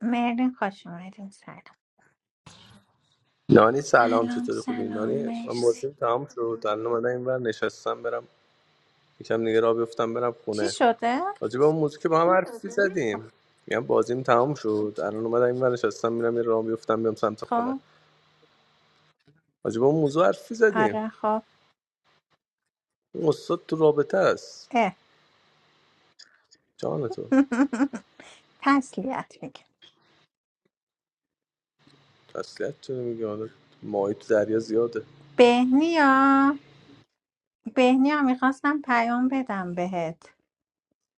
مرلین خوش اومدیم سلام نانی سلام سلام چطوری خوبی سلام نانی من مرسی بازیم تمام شد الان اومدم این بر نشستم برم یکم دیگه راه بیفتم برم چی خونه شده؟ راجع به اون موضوع که با هم حرفی زدیم میگم بازیم تمام شد الان اومدم این بر نشستم میرم یه راه بیفتم بیام سمت خونه خب راجع به اون موضوع حرفی زدیم آره خب اون استاد تو رابطه است اه جان تو تسلیت میگه تسلیت چرا میگه حالا ماهی تو دریا زیاده بهنیا بهنیا میخواستم پیام بدم بهت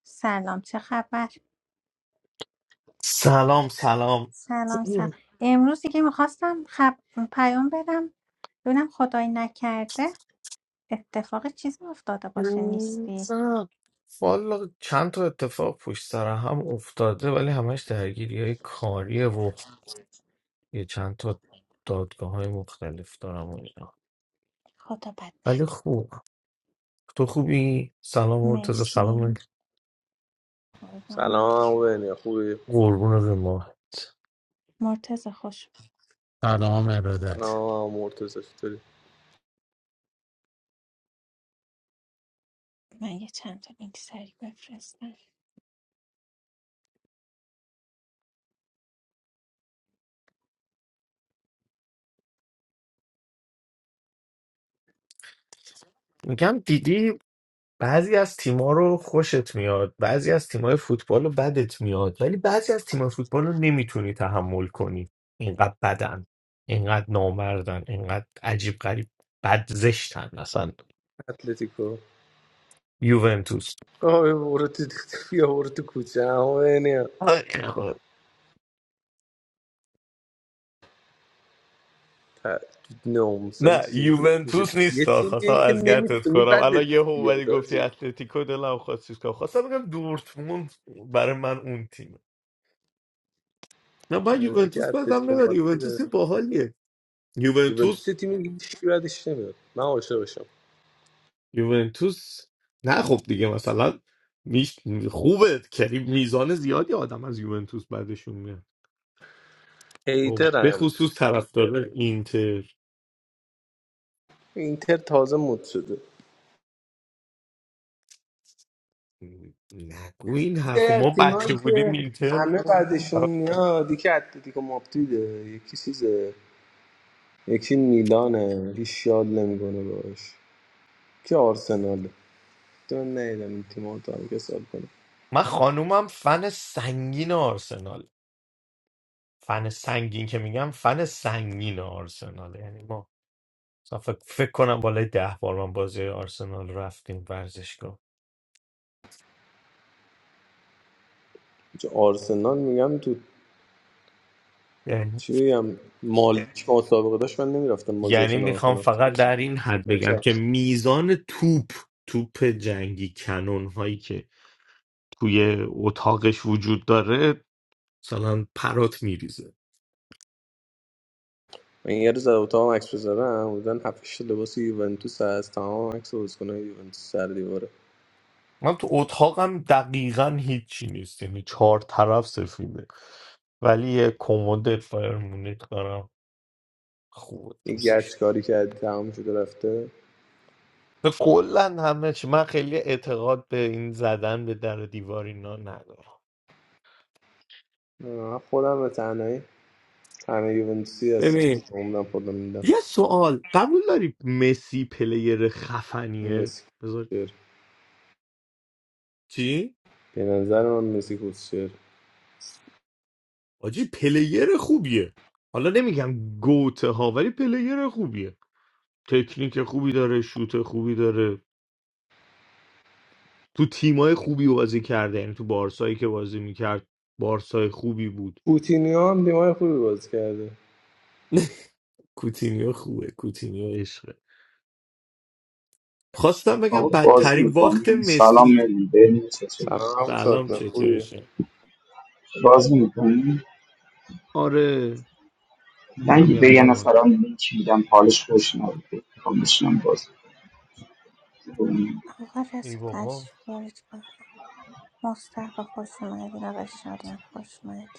سلام چه خبر؟ سلام سلام سلام سلام این امروز دیگه میخواستم خب... پیام بدم ببینم خدای نکرده اتفاق چیزی افتاده باشه نیستی روزم والا چند تا اتفاق پشت سر هم افتاده ولی همش درگیری های کاریه و یه چند تا دادگاه های مختلف دارم و اینا خدا بد ولی نده خوب تو خوبی؟ سلام مرتضی سلام مرسی قربانت سلام بنیا خوبی قربون به ماهت مرتضی خوش. It all matters. سلام مرتضی چطوری من یه چند تا لینک سریع بفرستم میگم دیدی بعضی از تیما رو خوشت میاد بعضی از تیمای فوتبال رو بدت میاد ولی بعضی از تیمای فوتبال رو نمیتونی تحمل کنی اینقدر بدن اینقدر نامردن اینقدر عجیب غریب بد زشتن اصلا اتلتیکو یوونتوس آه بیا برو تو بیا برو تو کوچه آی تأکید ناموسن نه چجور میشه یوونتوس یه نیست آه. خواستم تیمیه که از گرتت نمیتونی کنم الان بدت یه هم اومدی بیاد گفتی آجی اتلتیکو دلم خواست چیز کنم خواستم بگم دورتموند برای من اون تیمه نه من اه، یکی یوونتوس بدم اتلتیکو نمیاد مادرید یوونتوس یه باحالیه یوونتوس یوونتوس یه تیمیه که هیچکی بدش نمیاد من عاشقشم یوونتوس نه خب دیگه مثلا میش... خوبه کریم میزان زیادی آدم از یوونتوس بعدشون میاد خب به هیترن خصوص طرفدار اینتر اینتر تازه مد شده نگو این یه حرف از ما تیمایی بچه بودیم که اینتر همه بود. بعدشون میاد یکی اتلتیکو مادریده یکی چیزه یکی میلانه هیچ شاد نمیکنه باش که آرسناله تو نیدم این تیم‌ها رو تا هم که سال کنه من خانومم فن سنگین آرسنال فن سنگین که میگم فن سنگین آرسنال یعنی ما مثلا فکر, فکر کنم بالای ده بار من بازی آرسنال رفتیم ورزشگاه چه آرسنال میگم تو. یعنی چی بگم مالک که مسابقه داشت من نمیرفتم یعنی بازیاشو نگاه میخوام کنم چه فقط برسه در این حد به- بگم بچه‌ها. که میزان توپ توپ جنگی کنون هایی که توی اتاقش وجود داره مثلا پرات میریزه من یه روز در اتاقم عکس بذارم بودن هفتش لباس یوونتوس هست تمام عکس بازیکن‌های یوونتوس سر دیواره من تو اتاقم دقیقا هیچی نیست یعنی چهار طرف سفیده ولی یه کمد فرمونیت دارم خوب این دوستش گچ دارم کاری کردی تمام شده رفته به کلا همه چی من خیلی اعتقاد به این زدن به در و دیوار اینا ندارم آه، خودم به تنهایی تنها یوونتوسی هستم ببین عمرم خودم میدم یه سوال قبول داری مسی پلیر خفنیه مسی بذار کوسچر چی؟ به نظر من مسی کوسچر آجی پلیر خوبیه حالا نمیگم گوته ها ولی پلیر خوبیه تکنیک خوبی داره شوت خوبی داره تو تیمای خوبی بازی کرده یعنی تو بارسایی که بازی میکرد بارسای خوبی بود کوتینیو هم دماغ خوبی باز کرده کوتینیو خوبه کوتینیو عشقه خواستم آقا بگم بازی بدترین وقت میکنی سلام مسی میدونی بریم چطوری سلام سلام شاد خوبی چطورشه بازی میکنی آره من یه- همین به الان یه اومد نفرم لینک میدم حالش خوش نبود میخوام بشینم بازی کنم. آقا ای رضا بابا تشریف بیارید بالا مصطفی خوش اومدین آقا شادمن خوش اومدین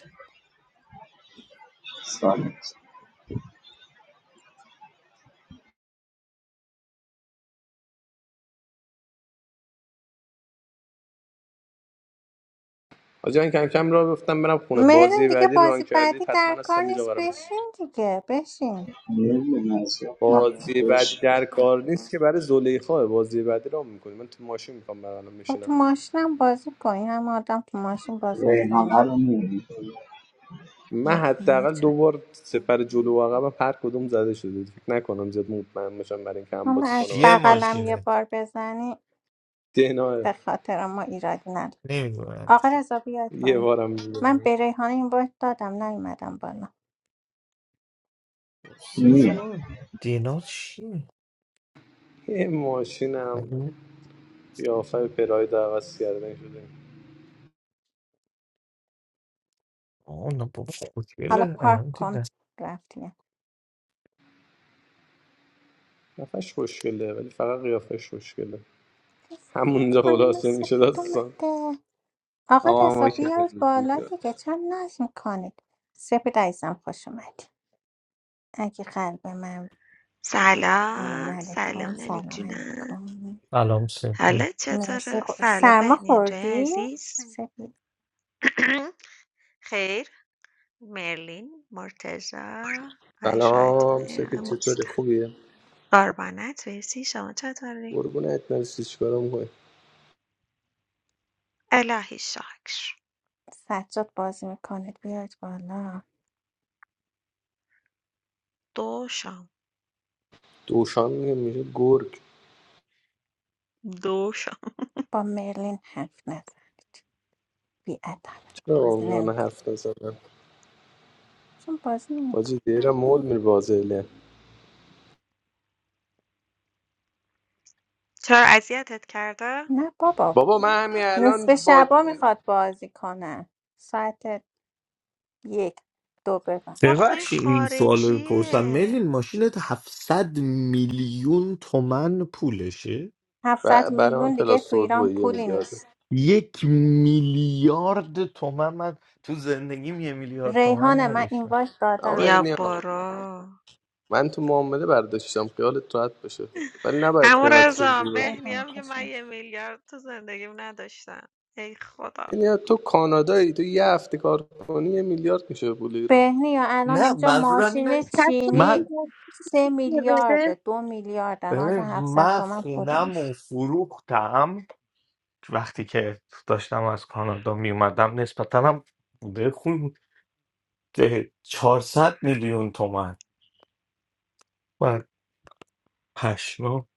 سلام آجان کم کم را گفتم برم خونه مریم بازی دیگه بعدی رو ران بازی کردید بعدی حتما در کار هستم اینجا نیست برام بشین دیگه بشین نمیدونم از یاد نکنم بازی بعدی بهش در کار نیست که برای زلیخا بازی بعدی ران میکنی من تو ماشین میخوام برام خب میشینم تو ماشینم بازی کن این همه آدم تو ماشین بازی میکنه ریحانه رو میدونی من حداقل دو بار سپر جلو و عقبم هر کدوم زده شده فکر نکنم زیاد مطمئن باشم برای اینکه هم حالا بازی از کنم هم چیه بخوام بغلم یه ماشینه بار بزنی دینا به خاطر ما ایرادی نداره نمیدونم آقا چی رضا بیاد یه بالا بارم دیگه. من به ریحانه این باید دادم نیومدم بالا میاد نمی‌دونم. دینا چیه یه ماشینم مگه قیافه پراید عوض کردن شده آنا بابا حالا خوشگله پارک الان کن دیدم رفتی قیافش خوشگله ولی فقط قیافش خوشگله همونجا خانم خلاصه میشه سپید داستان اومده آقا آقا رضا ما بیاید بالا که دیگه چرا ناز میکنید سپید عزیزم خوش اومدی اگه قلب من سلام سلام علیکم سلام ننی سلام جونم علیکم سلام سه حالت مرسی چطوره؟ خو- سلام سرما بهنی جای خوردی؟ عزیز سپید خیر مرلین مرتزا آی شاید سلام سپید مهران چطوری مستن خوبی؟ قربانت ویسی شما چطوری؟ قربونت مرسی چیکارم میکنی؟ الهی شکر سجاد بازی میکنید بیاید بالا دوشم دوشان میگه میشه گرگ دوشم با مرلین حرف نزنید بی ادب. چرا با بازی من نمیکن حرف نزدم چون بازی نمیکن باجی دیره مول میره بازیله چرا اذیتت کرده؟ نه بابا بابا من همین الان نصف با شبا میخواد بازی کنه ساعت یک دو ببند با خوی ببخشید این سوال رو بپرسم خارجیه میلین ماشینت 700 میلیون تومن پولشه ب- 700 برای من میلیون دیگه تو پلاستور ایران با یه پولی میلیارده نیست یک میلیارد تومن من تو زندگیم یه میلیارد تومن ریحان من نداشتم اینوایت آقا دادم بیا الیا، برو من تو معامله برداشتم خیالت راحت باشه ولی نباید اما قیمتش رضا اینجوری باشه بهنی ریحان هم که من کشم یه میلیارد تو زندگیم نداشتم ای خدا یعنی تو کانادایی تو یه هفته کار کنی یه میلیارد میشه پول ایران بهنی یا الان نه اینجا منظورم ماشین اینه صد تا چینی من می‌تونی سه بده میلیارد دو میلیارد الان اصلا ببین، 700 من تومن پولی خونم و نیست فروختم وقتی که داشتم از کانادا می اومدم نسبتا هم بوده خون ده- 400 میلیون تومن و پشما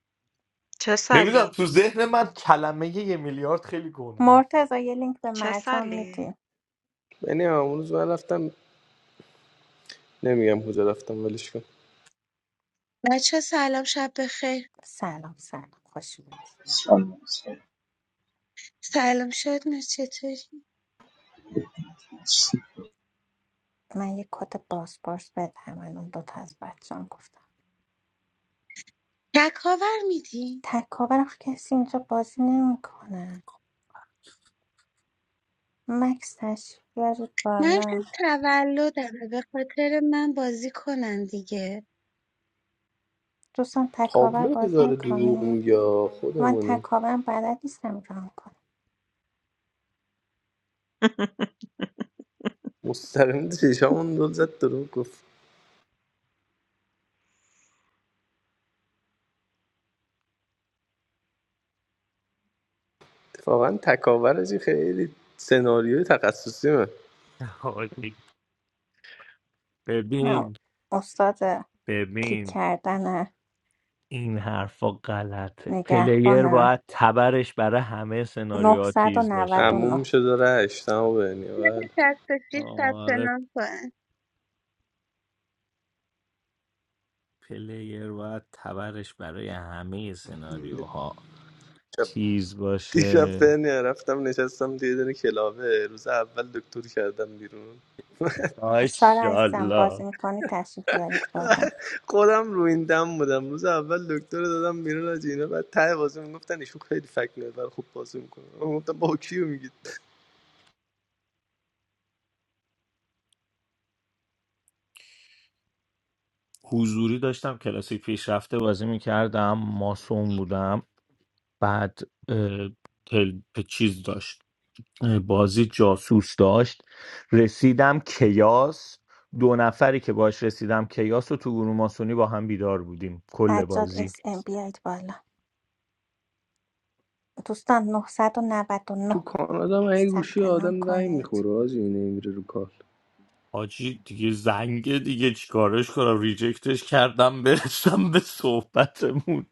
چه نمیدونم سالی؟ تو ذهن من کلمه یه میلیارد خیلی گنده است. مرتضی یه لینک به چه مرجان سالی؟ میدی یعنی اون روز من رفتم نمیگم کجا رفتم ولش کن بچه سلام شب بخیر سلام سلام خوش اومدید. سلام سلام. سلام شدنا چطوری من یه کد پاسپورت بدم الان دوتا از بچه‌ام گفتم تکاور میدی تکاور آخه کسی اینجا بازی نمیکنه مکس تشریف بیارید من بالا شب تولدمه به خاطر من بازی کنن دیگه دوستان تکاور تابلو بازی داره دروغ میکنه میگه من خودمونه تکاورم بلد نیستم ران کنم مستقیم چشامون دل زد دروغ گفت اتفاقا تکاورش خیلی سناریوی تخصصی من حاجی، من ببین استاد کیک ببین کردن این حرفا غلطه پلیر نگهبانم باید تبرش برای همه سناریوها تیز باشه عموم 999 شده رشت تمام بینی بده بله شست و شیش ثبت آره نام کن پلیر باید تبرش برای همه سناریوها شب- تیز دیشب باشه بینی رفتم نشستم دیگه دونه کلاوه روز اول دکتر کردم بیرون سارا عزیزم ماشاءالله بازی میکنی تشریف بیارید بالا خودم رو این دم بودم روز اول دکتر رو دادم بیرون از اینا بعد ته بازی میگفتن ایشون خیلی فکر بر خوب بازی میکنه من گفتم با کیو میگید حضوری داشتم کلاسی پیشرفته بازی میکردم ماسون بودم بعد اه، تل... چیز داشت اه، بازی جاسوس داشت رسیدم کیاس دو نفری که باش رسیدم کیاس و تو گروه ماسونی با هم بیدار بودیم کل سجاد بازی اس ام بیایید بالا دوستان نه صد و نود و نه تو کانادا من یه گوشی ثبت نام آدم زنگ کنید میخوره آجی نمیره رو کال آجی دیگه زنگ دیگه چیکارش کنم ریجکتش کردم برسم به صحبتمون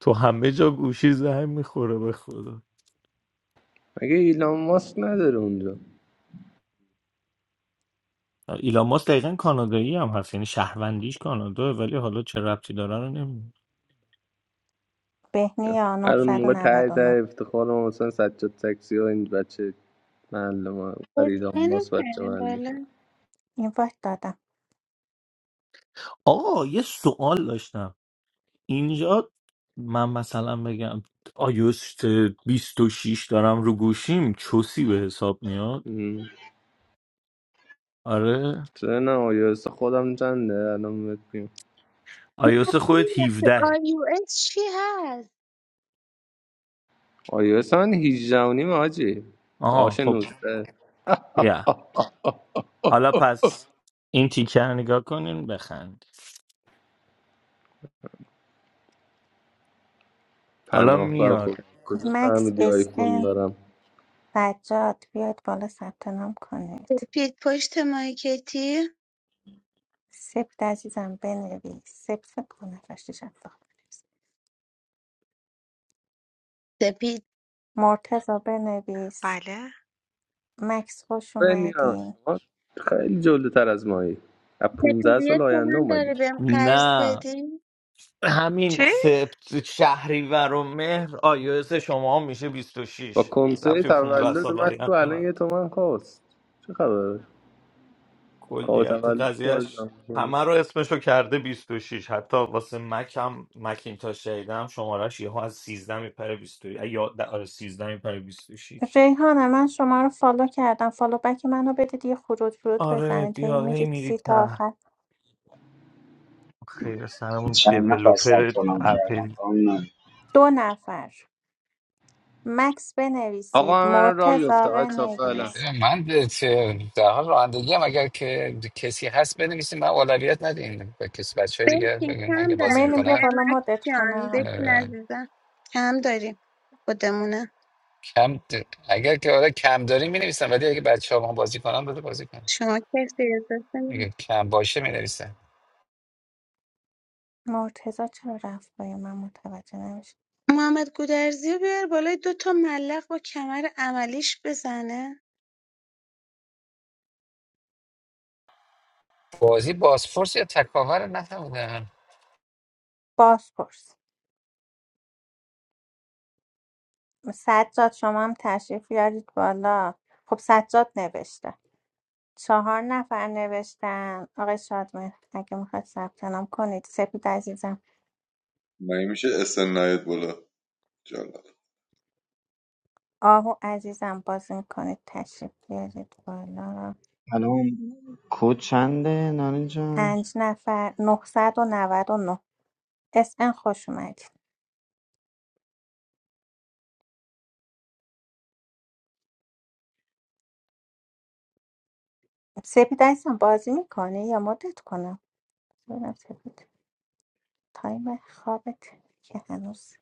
تو همه جا گوشی زنگ میخوره به خدا مگه ایلان ماسک نداره اونجا ایلان ماسک دقیقا کانادایی هم هست یعنی شهروندیش کانادا ولی حالا چه ربطی داره رو نمیدونم بهنیا نه. الان صد و موقع ته نود و نه ته افتخار ما مثلا سجاد تکسی و این بچه محل ما بر ایلان اسکنو ماسک بچه کردیم محلی بالا این وقت دادم آقا یه سوال داشتم اینجا من مثلا بگم آیوست 26 دارم رو گوشیم چوسی به حساب میاد شد آره چرا نه آیویس خودم چنده الان بهت میگم آیوس خودت 17 آی او اس چی هست آیویس من 18 و نیم آجی آها داش خب 19 بیا آه حالا پس این تیکر رو نگاه کنین بخند حالا پناهگار میاد خود کجا مکس فهمیدی اس آیفون ان دارم سجاد بیاید بالا ثبت نام کنید سپید پشت مایکتی سپت عزیزم بنویس سپت سپت کنه فشتی شد. سپید مرتضا بنویس بله مکس خوش بنیام اومدین شما خیلی جلوتر از مایی از سپید 15 سال یه آینده تومن داره اومدی بهم قرض نه بدی چی؟ همین سپت شهریور و مهر iOS شما هم میشه بیست و با شش کنسه رفت 15 تولد سال من تو آینده الان نداره. یه تومن کاست چه خبره کاو کلیت تولد قضیهش بازم کنه همه رو اسمشو کرده بیست و شش حتی واسه مک هم مکینتاش شنیدم شمارش یهو از 13 میپره 22 یا د- آره 13 میپره 26 ریحانه من شما رو فالو کردم فالو بک منو بدید یه خروج ورود آره بزنید هی بیا هی میرید میری سی تا ته آخر خیر سرمون چند نفر دیولوپر ثبت نام کردم اپل خانم نانی. دو نفر مکس بنویسید آقا منم را مرتضا بیفتم حتی فعلا بنویس من چه- در حال رانندگی هم اگر که کسی هست بنویسیم من اولویت ندیم به کسی بچه دیگه بشین بگیم کم اگه بازی داریم میلیم بیا میکنن بالا نعمت مدت جان کنم بشین اه، عزیزم کم داریم خودمونه کم د- اگر که آره کم داریم می نویسن، ولی اگه بچه ها با بازی کنن بده بازی کنن شما کسی اجازه اگه نمی‌دی. کم باشه می نویسن. مرتضا چرا رفت با من متوجه نمیشه محمد گودرزی رو بیار بالای دو تا ملق با کمر عملیش بزنه بازی بازپرس یا تکاور نفهمیدم باز پرس سجاد شما هم تشریف یارید بالا خب سجاد نوشته چهار نفر نوشتن آقای شادمهر اگه میخواید ثبت نام کنید سپید عزیزم مگه میشه اسن نیاد بالا جالب آهو عزیزم باز میکنید تشریف بیارید بالا سلام کد چنده نانی جان پنج نفر نهصد و نود و نه اس ان خوش اومدید سپید عزیزم بازی میکنه یا مدت کنم ببینم سپید تایم خوابت که هنوز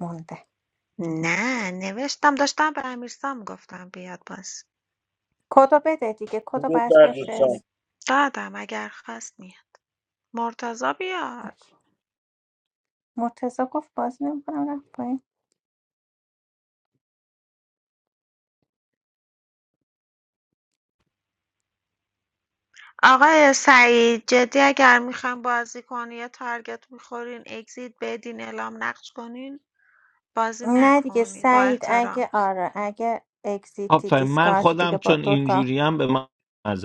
مونده نه نوشتم داشتم به امیرسام گفتم بیاد باز کدو بده دیگه کدو درود برش بر دوستان بفرست دادم اگر خواست میاد مرتضا بیاد مرتزا گفت بازی نمیکنم رفت آقای سعید جدی اگر میخوام بازی کنی یا تارگت میخورین اگزیت بدین اعلام نقش کنین بازی نه دیگه نکنید با سعید اگه احترام آره اگه اگزیتی آفرین من دیسکارت خودم دیگه با چون دوتا اینجوریم به من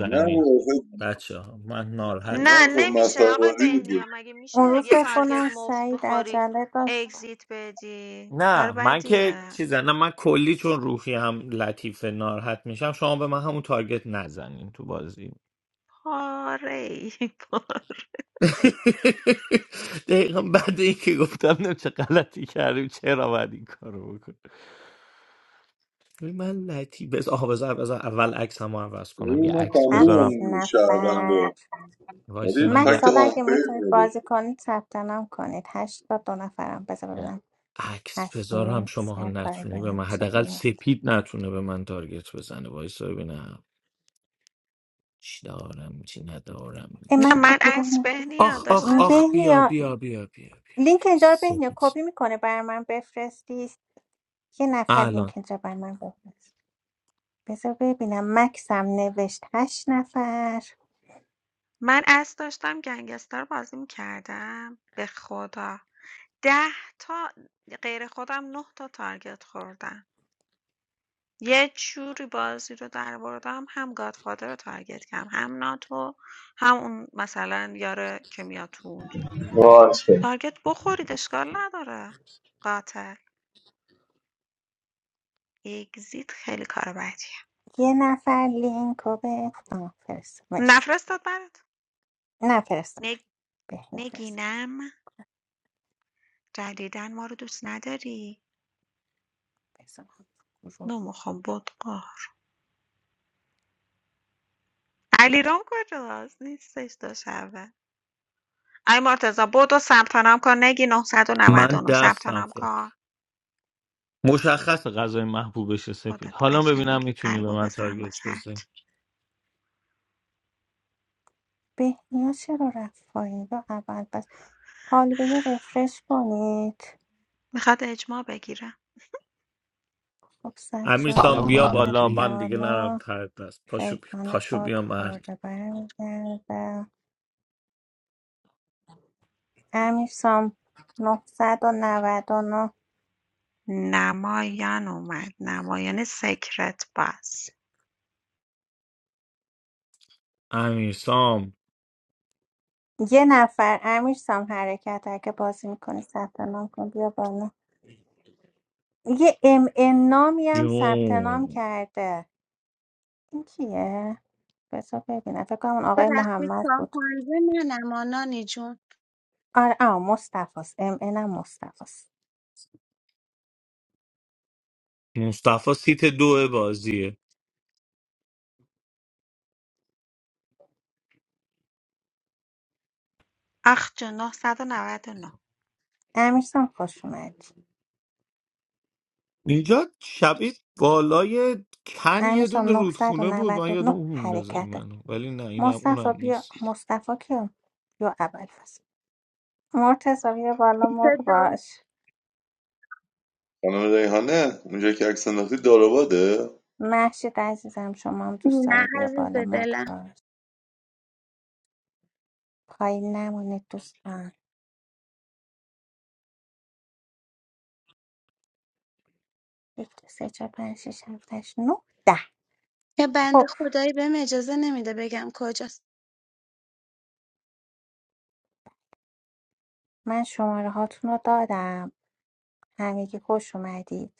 نه بابا، آخه بچه ها من ناراحت نه نه آخه نمیشه مسخره آقای بازی بود بهنیا مگه اون میشه روز یه فکر تارگت کنم مفت سعید بخوری عجله داشت اگزیت بدی کار نه من که بدیه چیزا نه من کلی چون روحی هم لطیفه ناراحت میشم شما به من همون تارگت نزنین تو بازی پاره‌ای پاره. ای بود. دقیقا بعد اینکه گفتم نمیشه چه غلطی کردیم چرا باید این کارو بکنیم ولی من لطیف بز... آها بذار بذار اول عکس هم عوض کنم یه این من عکس کاملی بذارم هفت بودم نفر شهرونده وایسی ولی من یه مکس فکت حالا اگه آنفیل میتونید میده بازی کنید ثبت نام کنید هشت تا دو نفرم بذار یه ببینم عکس بذارم حسونی شما ها سر کار نتونه اگه به من نمیشه حداقل بیاد سپید نتونه به من تارگت بزنه وایسا ببینم چی دارم چی ندارم ای نه من تو من گروه اصر م- بهنیا آخ آخ م، داشتم آخ بیا بهنیا بیا بیا بیا بیا لینک بیا اینجا رو بهنیا سپید کپی میکنه بر من بفرستی یه نفر لینک الان اینجا بر من بفرست بذار ببینم مکسم نوشت هشت نفر من اصر داشتم گنگستر بازی میکردم به خدا ده تا غیر خودم نه تا تارگت خوردم یه جوری بازی رو در بردم هم گادفادر رو تارگت کردم هم ناتو هم اون مثلا یاره که میاد تو اون. واسه تارگت بخورید اشکال نداره قاتل اگزیت خیلی کار بدیه یه نفر لینک رو به آه فرست مرسی نفرستاد برات نه فرست نگ... بهنیا فرست نگینم جدیداً ما رو دوست نداری؟ بزن گروه نمیخوام بدقاه علیرام کجاست؟ نیستش دو شبه ای مرتزا بدو ثبت نام کن نگی من 999 ثبت دستم نام خود کن مشخص غذای محبوبش سپید خودت حالا ببینم قشنگی میتونی به قلبو من بزنم تارگت واسهت بزنی بهنیا چرا رفت پایین رو اول بس حال به رفرش کنید میخواد اجماع بگیره خب سد امیرسام شدم سلام به بیا اومد بالا همگی من دیگه نرم بالا ترد دست پاشو بیا ریحان پاشو باک بیا مرد خورده برمیگرده امیر سام 999 نمایان اومد نمایان سکرت باز امیرسام یه نفر امیر سام حرکت هر که بازی میکنی ثبت نام کن بیا بالا یه ام ان نامی هم ثبت نام جون کرده این کیه؟ بذار ببینم فکر کنم اون یه آقای وقتی محمد بود شامپانزه منم آ نانی جون آره آه مصطفاست ام اینم مصطفاست مصطفی سیت دو بازیه اخ جون 999 امیرسام خوش اومدی اینجا شبیه بالای کن یه امیرسام دونه نهصد و رودخونه بود من نود و یادم نه اون میندازه این حرکته منو ولی نه اینم مصطفی اونم بیا نیست مصطفی کیه؟ یا اول فصل مرتضی بیا بالا مرد صدا- باش خانم ریحانه اونجا که عکس انداختی داروباده محشید عزیزم شما هم دوست نه داری بیا عزیز بالا مرد دلم باش پایین نمونید دوستان یک دو سه چهار پنج شیش هفت هشت نه ده یه بند خب خدایی بهم اجازه نمیده بگم کجاست من شماره هاتون رو دادم همگی خوش اومدید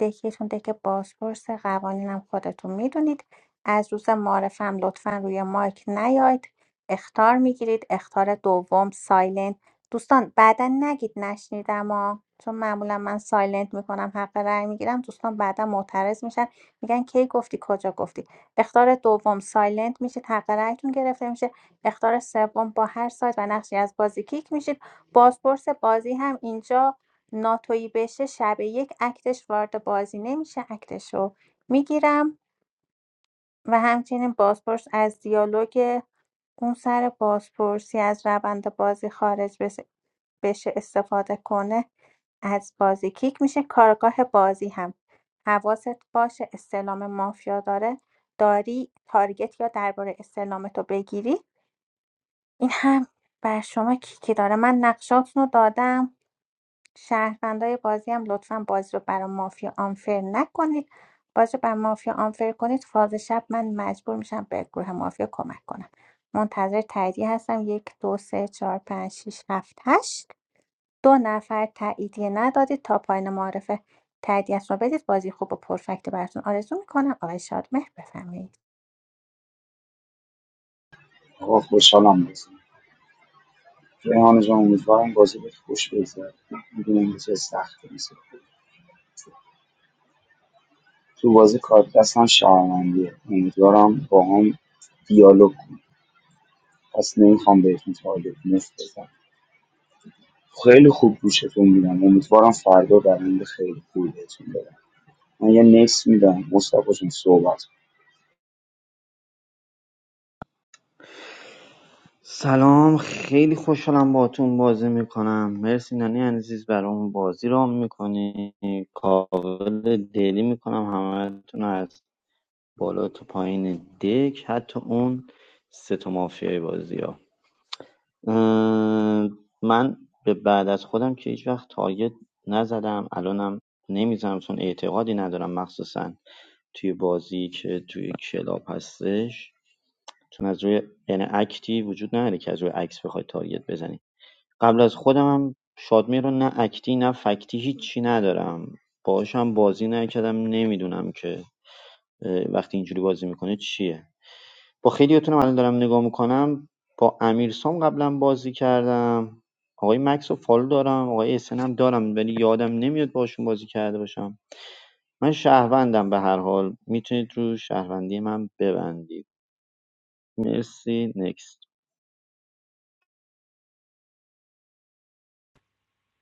دکتون دک بازپرس قوانینم خودتون میدونید از روز معرفم لطفا روی مایک نیاید اختار میگیرید اختار دوم سایلنت دوستان بعدا نگید نشنیدم ها چون معمولا من سایلنت میکنم حق رأی میگیرم دوستان بعدا معترض میشن میگن کی گفتی کجا گفتی اختار دوم سایلنت میشید حق رأیتون گرفته میشه اختار سوم با هر سایت و نقشی از بازی کیک میشید بازپرس بازی هم اینجا ناتویی بشه شب یک اکتش وارد بازی نمیشه اکتشو میگیرم و همچنین بازپرس از دیالوگ اون سر بازپرسی از روند بازی خارج بس- بشه استفاده کنه از بازی کیک میشه کارگاه بازی هم حواست باشه استلام مافیا داره داری تارگت یا درباره استلامتو بگیری این هم بر شما کیکی داره من نقشاتونو دادم شهروندای بازی هم لطفا بازی رو برای مافیا آنفر نکنید بازی رو برای مافیا آنفر کنید فاز شب من مجبور میشم به گروه مافیا کمک کنم منتظر تاییدیه هستم یک دو سه چهار پنج شیش هفت هشت دو نفر تاییدیه ندادید تا پایین معرفه تاییدیت رو بدید بازی خوب و پرفکت براتون آرزو میکنم آقای شادمهر بفرمایید آقا خوشحالم بازی ریحانه جان امیدوارم بازی بهت خوش بگذره میدونم که سخت نیست تو بازی کارت دستم شهروندیه امیدوارم باهام دیالوگ کنید پس نمیخوام بهتون تارگت مفت بزنم خیلی خوب گوشتون میدم امیدوارم فردا برنده خیلی خوبی بهتون بدم من یه نکس میدم مصطفی جون صحبت کن. سلام خیلی خوشحالم باهاتون بازی میکنم مرسی نانی عزیز برای بازی رام میکنی کاول دلی میکنم همتون رو از بالا تا پایین دک حتی اون سه تا مافیای بازی ها اه، من به بعد از خودم که هیچ وقت تارگت نزدم الانم نمیزنم چون اعتقادی ندارم مخصوصا توی بازی که توی کلاب هستش چون از روی یعنی اکتی وجود نداره که از روی عکس بخوای تارگت بزنی قبل از خودم هم شادمی رو نه اکتی نه فکتی هیچی ندارم باهاش هم بازی نکردم نمیدونم که وقتی اینجوری بازی میکنه چیه با خیلیاتونم الان دارم نگاه میکنم با امیرسام قبلا بازی کردم آقای مکس رو فالو دارم آقای اسن هم دارم ولی یادم نمیاد باشون بازی کرده باشم من شهروندم به هر حال میتونید رو شهروندی من ببندید مرسی نکس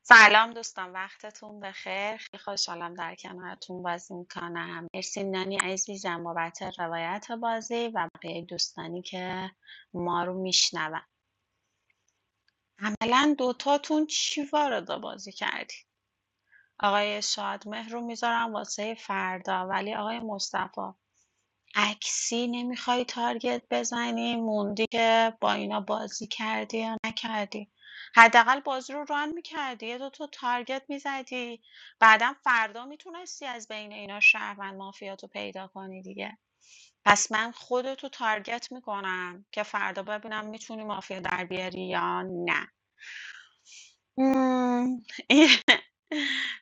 سلام دوستان وقتتون بخیر خیلی خوشحالم در کنارتون بازی میکنم مرسی نانی عزیزم بابت روایت بازی و بقیه دوستانی که ما رو میشنون عملا دوتاتون چی وارد بازی کردی آقای شادمهر رو میذارم واسه فردا ولی آقای مصطفی عکسی نمیخوای تارگت بزنی موندی که با اینا بازی کردی یا نکردی حداقل بازی رو ران میکردی یه دو تا تارگت میزدی بعدم فردا میتونستی از بین اینا شهروند مافیاتو پیدا کنی دیگه پس من خودتو تارگت میکنم که فردا ببینم میتونی مافیا در بیاری یا نه مم،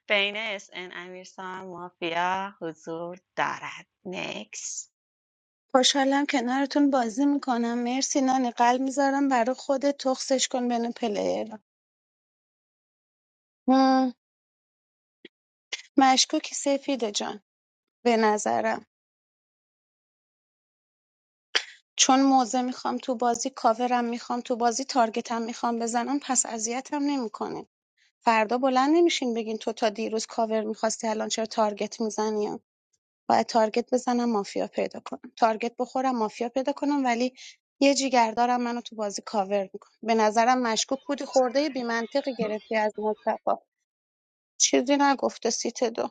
بین اس ان امیرسان مافیا حضور دارد نکس خوشحالم کنارتون بازی میکنم مرسی نانی قلب میذارم برا خودت تخصش کن بین پلیرها مشکوکی سفیده جان به نظرم چون موزه میخوام تو بازی کاورم میخوام تو بازی تارگتم میخوام بزنم پس اذیتم نمیکنه فردا بلند نمیشین بگین تو تا دیروز کاور میخواستی الان چرا تارگت میزنیم باید تارگت بزنم مافیا پیدا کنم تارگت بخورم مافیا پیدا کنم ولی یه جیگردارم منو تو بازی کاور میکنه به نظرم مشکوک بودی خورده بی منطقی گرفتی از مصطفی چیزی نگفته سیت دو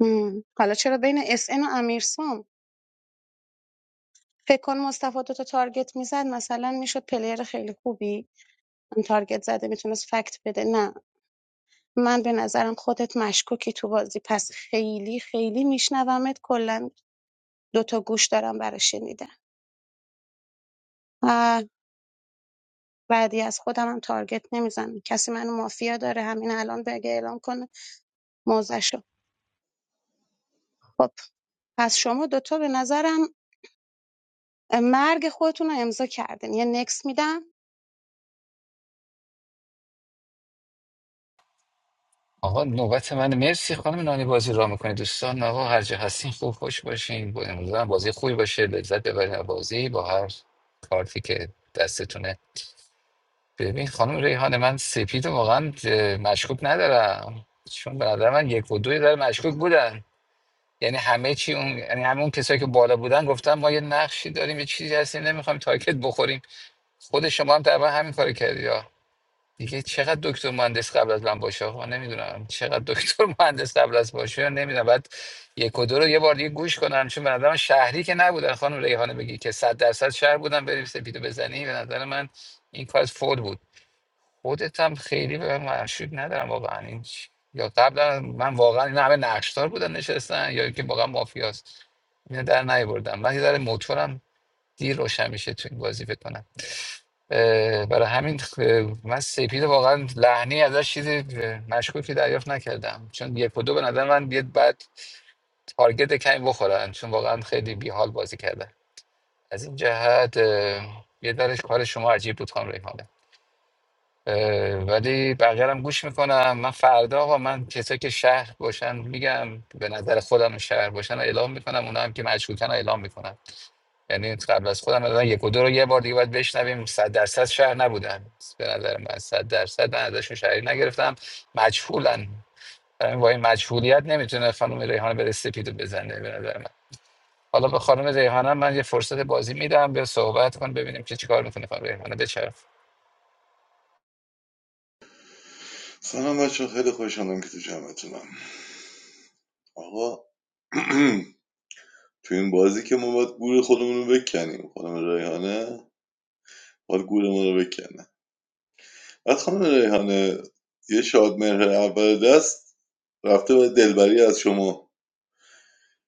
هم. حالا چرا بین اس ان و امیرسام فکر کن مصطفی دوتا تارگت میزد مثلا میشد پلیر خیلی خوبی هم تارگت زده میتونست فکت بده نه من به نظرم خودت مشکوکی تو بازی پس خیلی خیلی میشنومت کلا دو تا گوش دارم برای شنیدن آه بعدی از خودم هم تارگت نمیزنم کسی منو مافیا داره همین الان بگه اعلام کنه موزشو خب پس شما دوتا به نظرم مرگ خودتون رو امضا کردین یه نکس میدم آقا نوبت من مرسی خانم نانی بازی را میکنید دوستان آقا هر جا هستین خوب خوش باشین با- امیدوارم بازی خوبی باشه لذت ببرین از بازی با هر کارتی که دستتونه ببین خانم ریحانه من سپید رو واقعا اه، مشکوک ندارم چون به نظر من یک و دوی داره مشکوک بودن یعنی همه چی اون یعنی همه اون کسایی که بالا بودن گفتن ما یه نقشی داریم یه چیزی هستیم نمیخوایم تارگت بخوریم خود شما هم تقریبا همین کارو کردی یا دیگه چقدر دکتر مهندس قبل از من باشه آخه من نمیدونم چقدر دکتر مهندس قبل از باشه یا نمیدونم بعد یک و دو رو یه بار دیگه گوش کنن چون به نظر من شهری که نبودن خانم ریحانه بگی که صد درصد شهر بودن بریم سپیدو بزنی به نظر من این کار فول بود خودت هم خیلی به من مشروط ندارم واقعا این چ- یا قبلا من واقعا این همه نقشدار بودن نشستن یا اینکه واقعا مافیاست اینو در نیاوردم من یه ذره موتورم دیر روشن میشه تو این بازی فکر کنم اه، برای همین خ من سپید واقعا لحنی ازش چیزی اه، مشکوکی دریافت نکردم چون یک و دو به نظر من بیاد بعد تارگت کمی بخورن چون واقعا خیلی بیحال بازی کردن از این جهت اه، یه درش کار شما عجیب بود خانم ریحانه اه، ولی بقیه رو هم گوش میکنم من فردا آقا من کسایی که شهر باشن میگم به نظر خودم شهر باشن رو اعلام میکنم اونا هم که مشکوکن رو اعلام میکنم یعنی قبل از خودم مثلا یک و دو رو یه بار دیگه باید بشنویم صد درصد شهر نبودن به نظر من صد درصد من ازشون شهری نگرفتم مجهولن برای همین با این مجهولیت نمیتونه خانم ریحانه بره سپیدو بزنه به نظر من حالا به خانم ریحانه من یه فرصت بازی میدم بیا صحبت کن ببینیم که چیکار میکنه خانم ریحانه بچرخ سلام بچه خیلی خوش آمدم که تو جمعتونم آقا تو این بازی که ما باید گور خودمون رو بکنیم خانم ریحانه باید گور ما رو بکنه بعد خانم ریحانه یه شادمهر اول دست رفته و دلبری از شما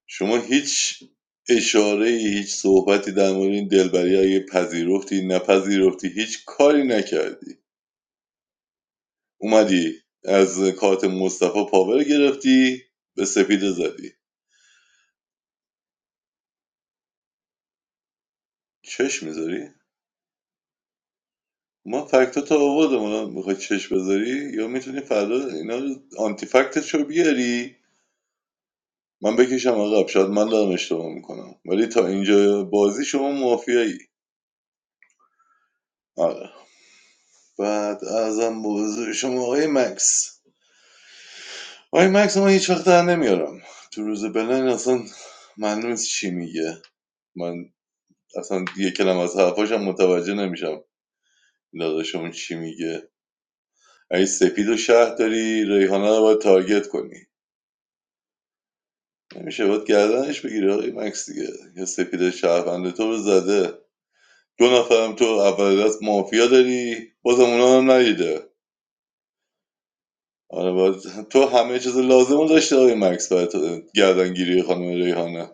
شما هیچ اشاره ای، هیچ صحبتی در مورد این دلبری اگه پذیرفتی نپذیرفتی هیچ کاری نکردی اومدی از کارت مصطفی پاور گرفتی به سپیده زدی چش میذاری ما فکت تا آوردم الان میخوای چش بذاری یا میتونی فردا اینا رو آنتی فکتش رو بیاری من بکشم عقب شاید من دارم اشتباه میکنم ولی تا اینجا بازی شما مافیایی آره بعد ازم بزرگ شما آقای مکس آقای مکس من هیچ وقت در نمیارم تو روز بلند اصلا معلوم نیست چی میگه من اصلا یه کلم از حرفاشم متوجه نمیشم داداش چی میگه اگه سپید و شهر داری ریحانه رو باید تارگت کنی نمیشه باید گردنش بگیری آقای مکس دیگه یا سپید شهروند تو رو زده دو نفرم تو اول دست مافیا داری بازم اونا هم ندیده آره باید تو همه چیز لازم رو داشته آقای مکس برای گردنگیری خانم ریحانه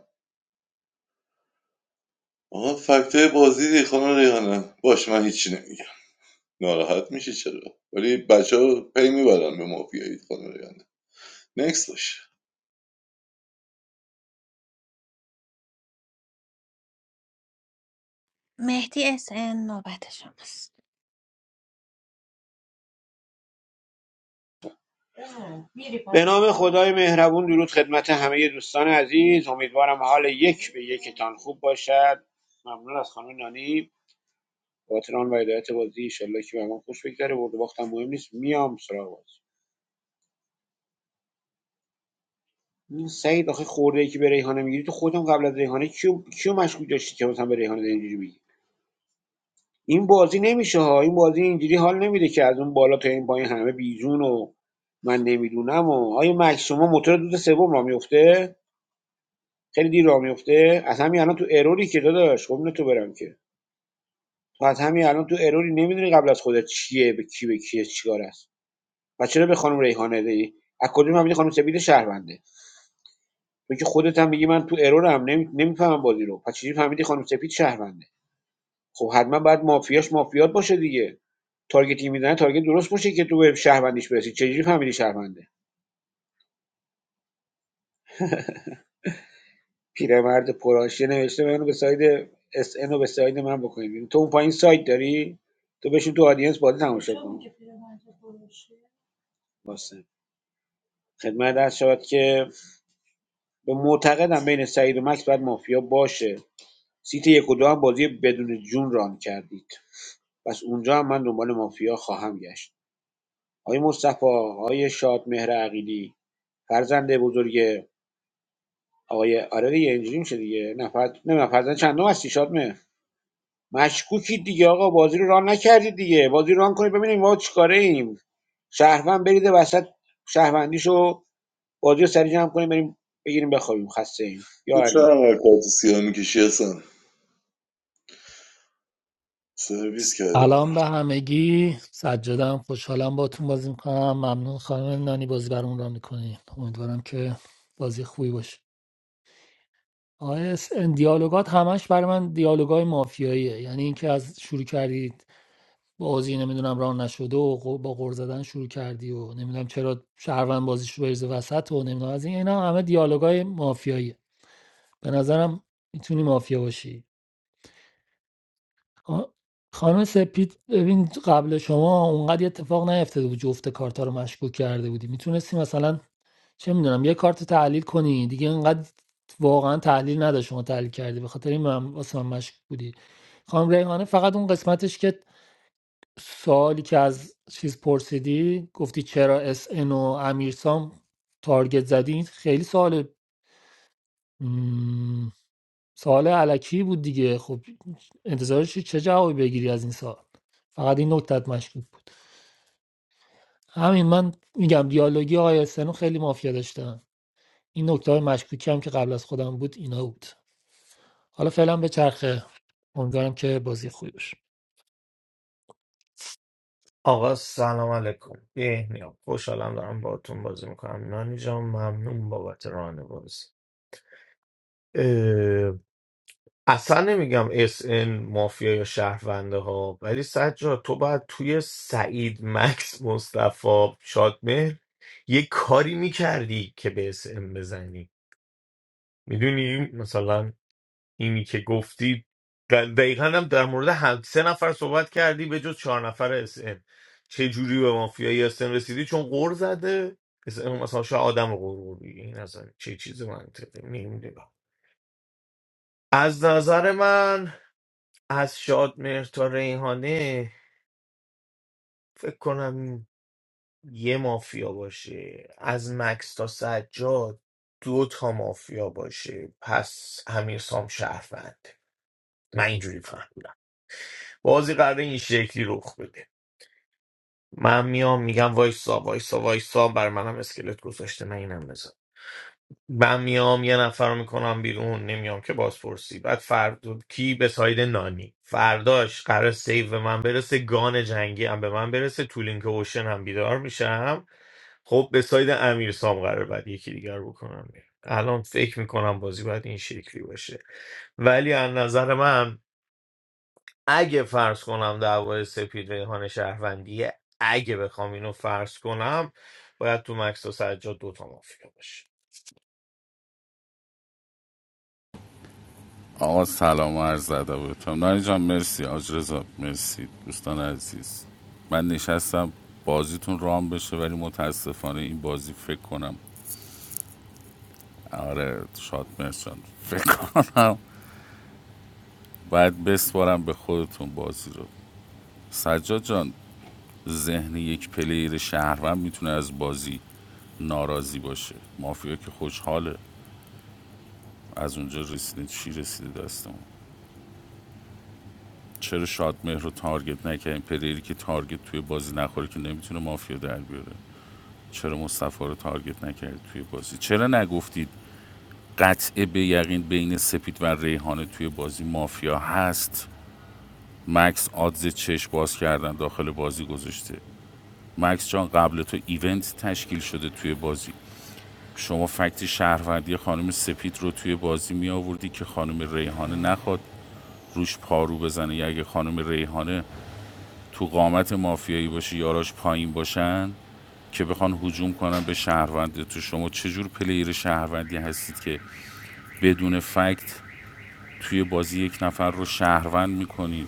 آقا فکتای بازی دی خانم ریحانه باش من هیچی نمیگم ناراحت میشه چرا ولی بچه ها پی میبرن به مافیایی خانم ریحانه نکس باشه مهدی اس ان نوبت شماست به نام خدای مهربون درود خدمت همه دوستان عزیز امیدوارم حال یک به یکتان خوب باشد ممنون از خانم نانی باتران و هدایت بازی ایشالله که به من خوش بگذره برد و باختم مهم نیست میام سراغ بازی این سعید آخه خورده ای که به ریحانه میگیری تو خودم قبل از ریحانه کیو کیو مشکوک داشتی که مثلا به ریحانه اینجوری میگی این بازی نمیشه ها این بازی اینجوری حال نمیده که از اون بالا تا این پایین همه بیجون و من نمیدونم و آیا مکس شما موتور دود سوم را میفته خیلی دیر راه میفته از همین الان تو اروری که داداش خب اینو تو برم که تو از همین الان تو اروری نمیدونی قبل از خودت چیه به کی به کیه چیکار است و چرا به خانم ریحانه دی از کدوم فهمیدی خانم سپید شهرونده تو که خودت هم میگی من تو ارورم نمی... نمیفهمم بازی رو پس چجوری فهمیدی خانم سپید شهرونده خب حتما باید مافیاش مافیات باشه دیگه تارگتی میزنه تارگت درست باشه که تو به شهروندیش برسی چجوری فهمیدی شهرونده پیرمرد پرآشیه نوشته منو به ساید اس و به ساید من بکنید تو اون پایین سایت داری تو بشین تو آدینس بازی تماشا کن واسه خدمت از شود که به معتقدم بین سعید و مکس باید مافیا باشه سیت یک و دو هم بازی بدون جون ران کردید پس اونجا هم من دنبال مافیا خواهم گشت آقای مصطفی آقای شاد مهر عقیلی فرزند بزرگ آقای آره دیگه اینجوری میشه دیگه نفر نه فرزند چندم هستی شاد مشکوکی دیگه آقا بازی رو ران نکردید دیگه بازی رو ران کنید ببینیم ما چیکاره ایم شهروند بریده وسط شهروندیشو بازی رو سریع جمع کنیم بریم بگیریم بخوابیم خسته ایم یا چرا علی انقدر کارت سیاه میکشی اصلا سرویس کردیم ما سلام رو به همگی سجادم خوشحالم باتون بازی میکنم ممنون خانم نانی بازی برام را میکنی امیدوارم که بازی خوبی باشه آیس این دیالوگات همش برای من دیالوگای مافیاییه یعنی اینکه از شروع کردید بازی نمیدونم ران نشده و غ- با غور زدن شروع کردی و نمیدونم چرا شهروند بازیشو بریزه وسط و نمیدونم از این اینا همه دیالوگای مافیاییه به نظرم میتونی مافیا باشی آ- خانم سپید ببین قبل شما اونقدر یه اتفاق نیفتاده بود جفت کارتا رو مشکوک کرده بودی میتونستی مثلا چه میدونم یه کارت تحلیل کنی دیگه اینقدر واقعا تحلیل نداشت شما تحلیل کردی به خاطر این من واسه من مشکوک بودی خانم ریحانه فقط اون قسمتش که سوالی که از چیز پرسیدی گفتی چرا اس ان و امیرسام تارگت زدی خیلی سوال سوال الکی بود دیگه خب انتظارش چی- چه جوابی بگیری از این سوال فقط این نکتت مشکوک بود همین من میگم دیالوگی آقای سنو خیلی مافیا داشتم این نکته های مشکوکی هم که قبل از خودم بود اینا بود حالا فعلا به چرخه امیدوارم که بازی خوبی باشه آقا سلام علیکم بهنیا خوشحالم دارم باهاتون بازی میکنم نانی جان ممنون بابت ران بازی اه، اصلا نمیگم اس ان مافیا یا شهرونده ها ولی سجاد تو باید توی سعید مکس مصطفی شادمهر یه کاری میکردی که به اس ان بزنی میدونی مثلا اینی که گفتی و دقیقا هم در مورد هم سه نفر صحبت کردی به جز چهار نفر اس ام چه جوری به مافیایی اس ام رسیدی چون قور زده اس ام مثلا شاید آدم رو قور قور بگی. این اصلا چه چیز منطقی نمیدونم از نظر من از شادمهر تا ریحانه فکر کنم یه مافیا باشه از مکس تا سجاد دو تا مافیا باشه پس امیر سام شهروند من اینجوری فهمیدم بازی قراره این شکلی رخ بده من میام میگم وایسا وایسا وایسا بر منم اسکلت گذاشته من اینم بزن من میام یه نفر رو میکنم بیرون نمیام که بازپرسی بعد فردا کی به ساید نانی فرداش قرار سیو به من برسه گان جنگی هم به من برسه تو لینک اوشن هم بیدار میشم خب به ساید امیر سام قرار بعد یکی دیگر بکنم بیرون. الان فکر میکنم بازی باید این شکلی باشه ولی از نظر من اگه فرض کنم دعوای سپید ریحان شهروندیه اگه بخوام اینو فرض کنم باید تو مکس و سجاد دوتا مافیا باشه آقا سلام و عرض ادب بهتون نانی جان مرسی آج رضا مرسی دوستان عزیز من نشستم بازیتون رام بشه ولی متاسفانه این بازی فکر کنم آره شاد مرسی فکر کنم باید بسپارم به خودتون بازی رو سجاد جان ذهن یک پلیر شهروند میتونه از بازی ناراضی باشه مافیا که خوشحاله از اونجا رسیده چی رسیده دستمون چرا شادمهر رو تارگت نکردیم پلیری که تارگت توی بازی نخوره که نمیتونه مافیا در بیاره چرا مصطفی رو تارگت نکرد توی بازی چرا نگفتید قطعه به یقین بین سپید و ریحانه توی بازی مافیا هست مکس آدز چشم باز کردن داخل بازی گذاشته مکس جان قبل تو ایونت تشکیل شده توی بازی شما فکت شهروندی خانم سپید رو توی بازی می آوردی که خانم ریحانه نخواد روش پارو بزنه یا اگه خانم ریحانه تو قامت مافیایی باشی یاراش پایین باشن که بخوان هجوم کنن به شهروند تو شما چجور پلیر شهروندی هستید که بدون فکت توی بازی یک نفر رو شهروند میکنید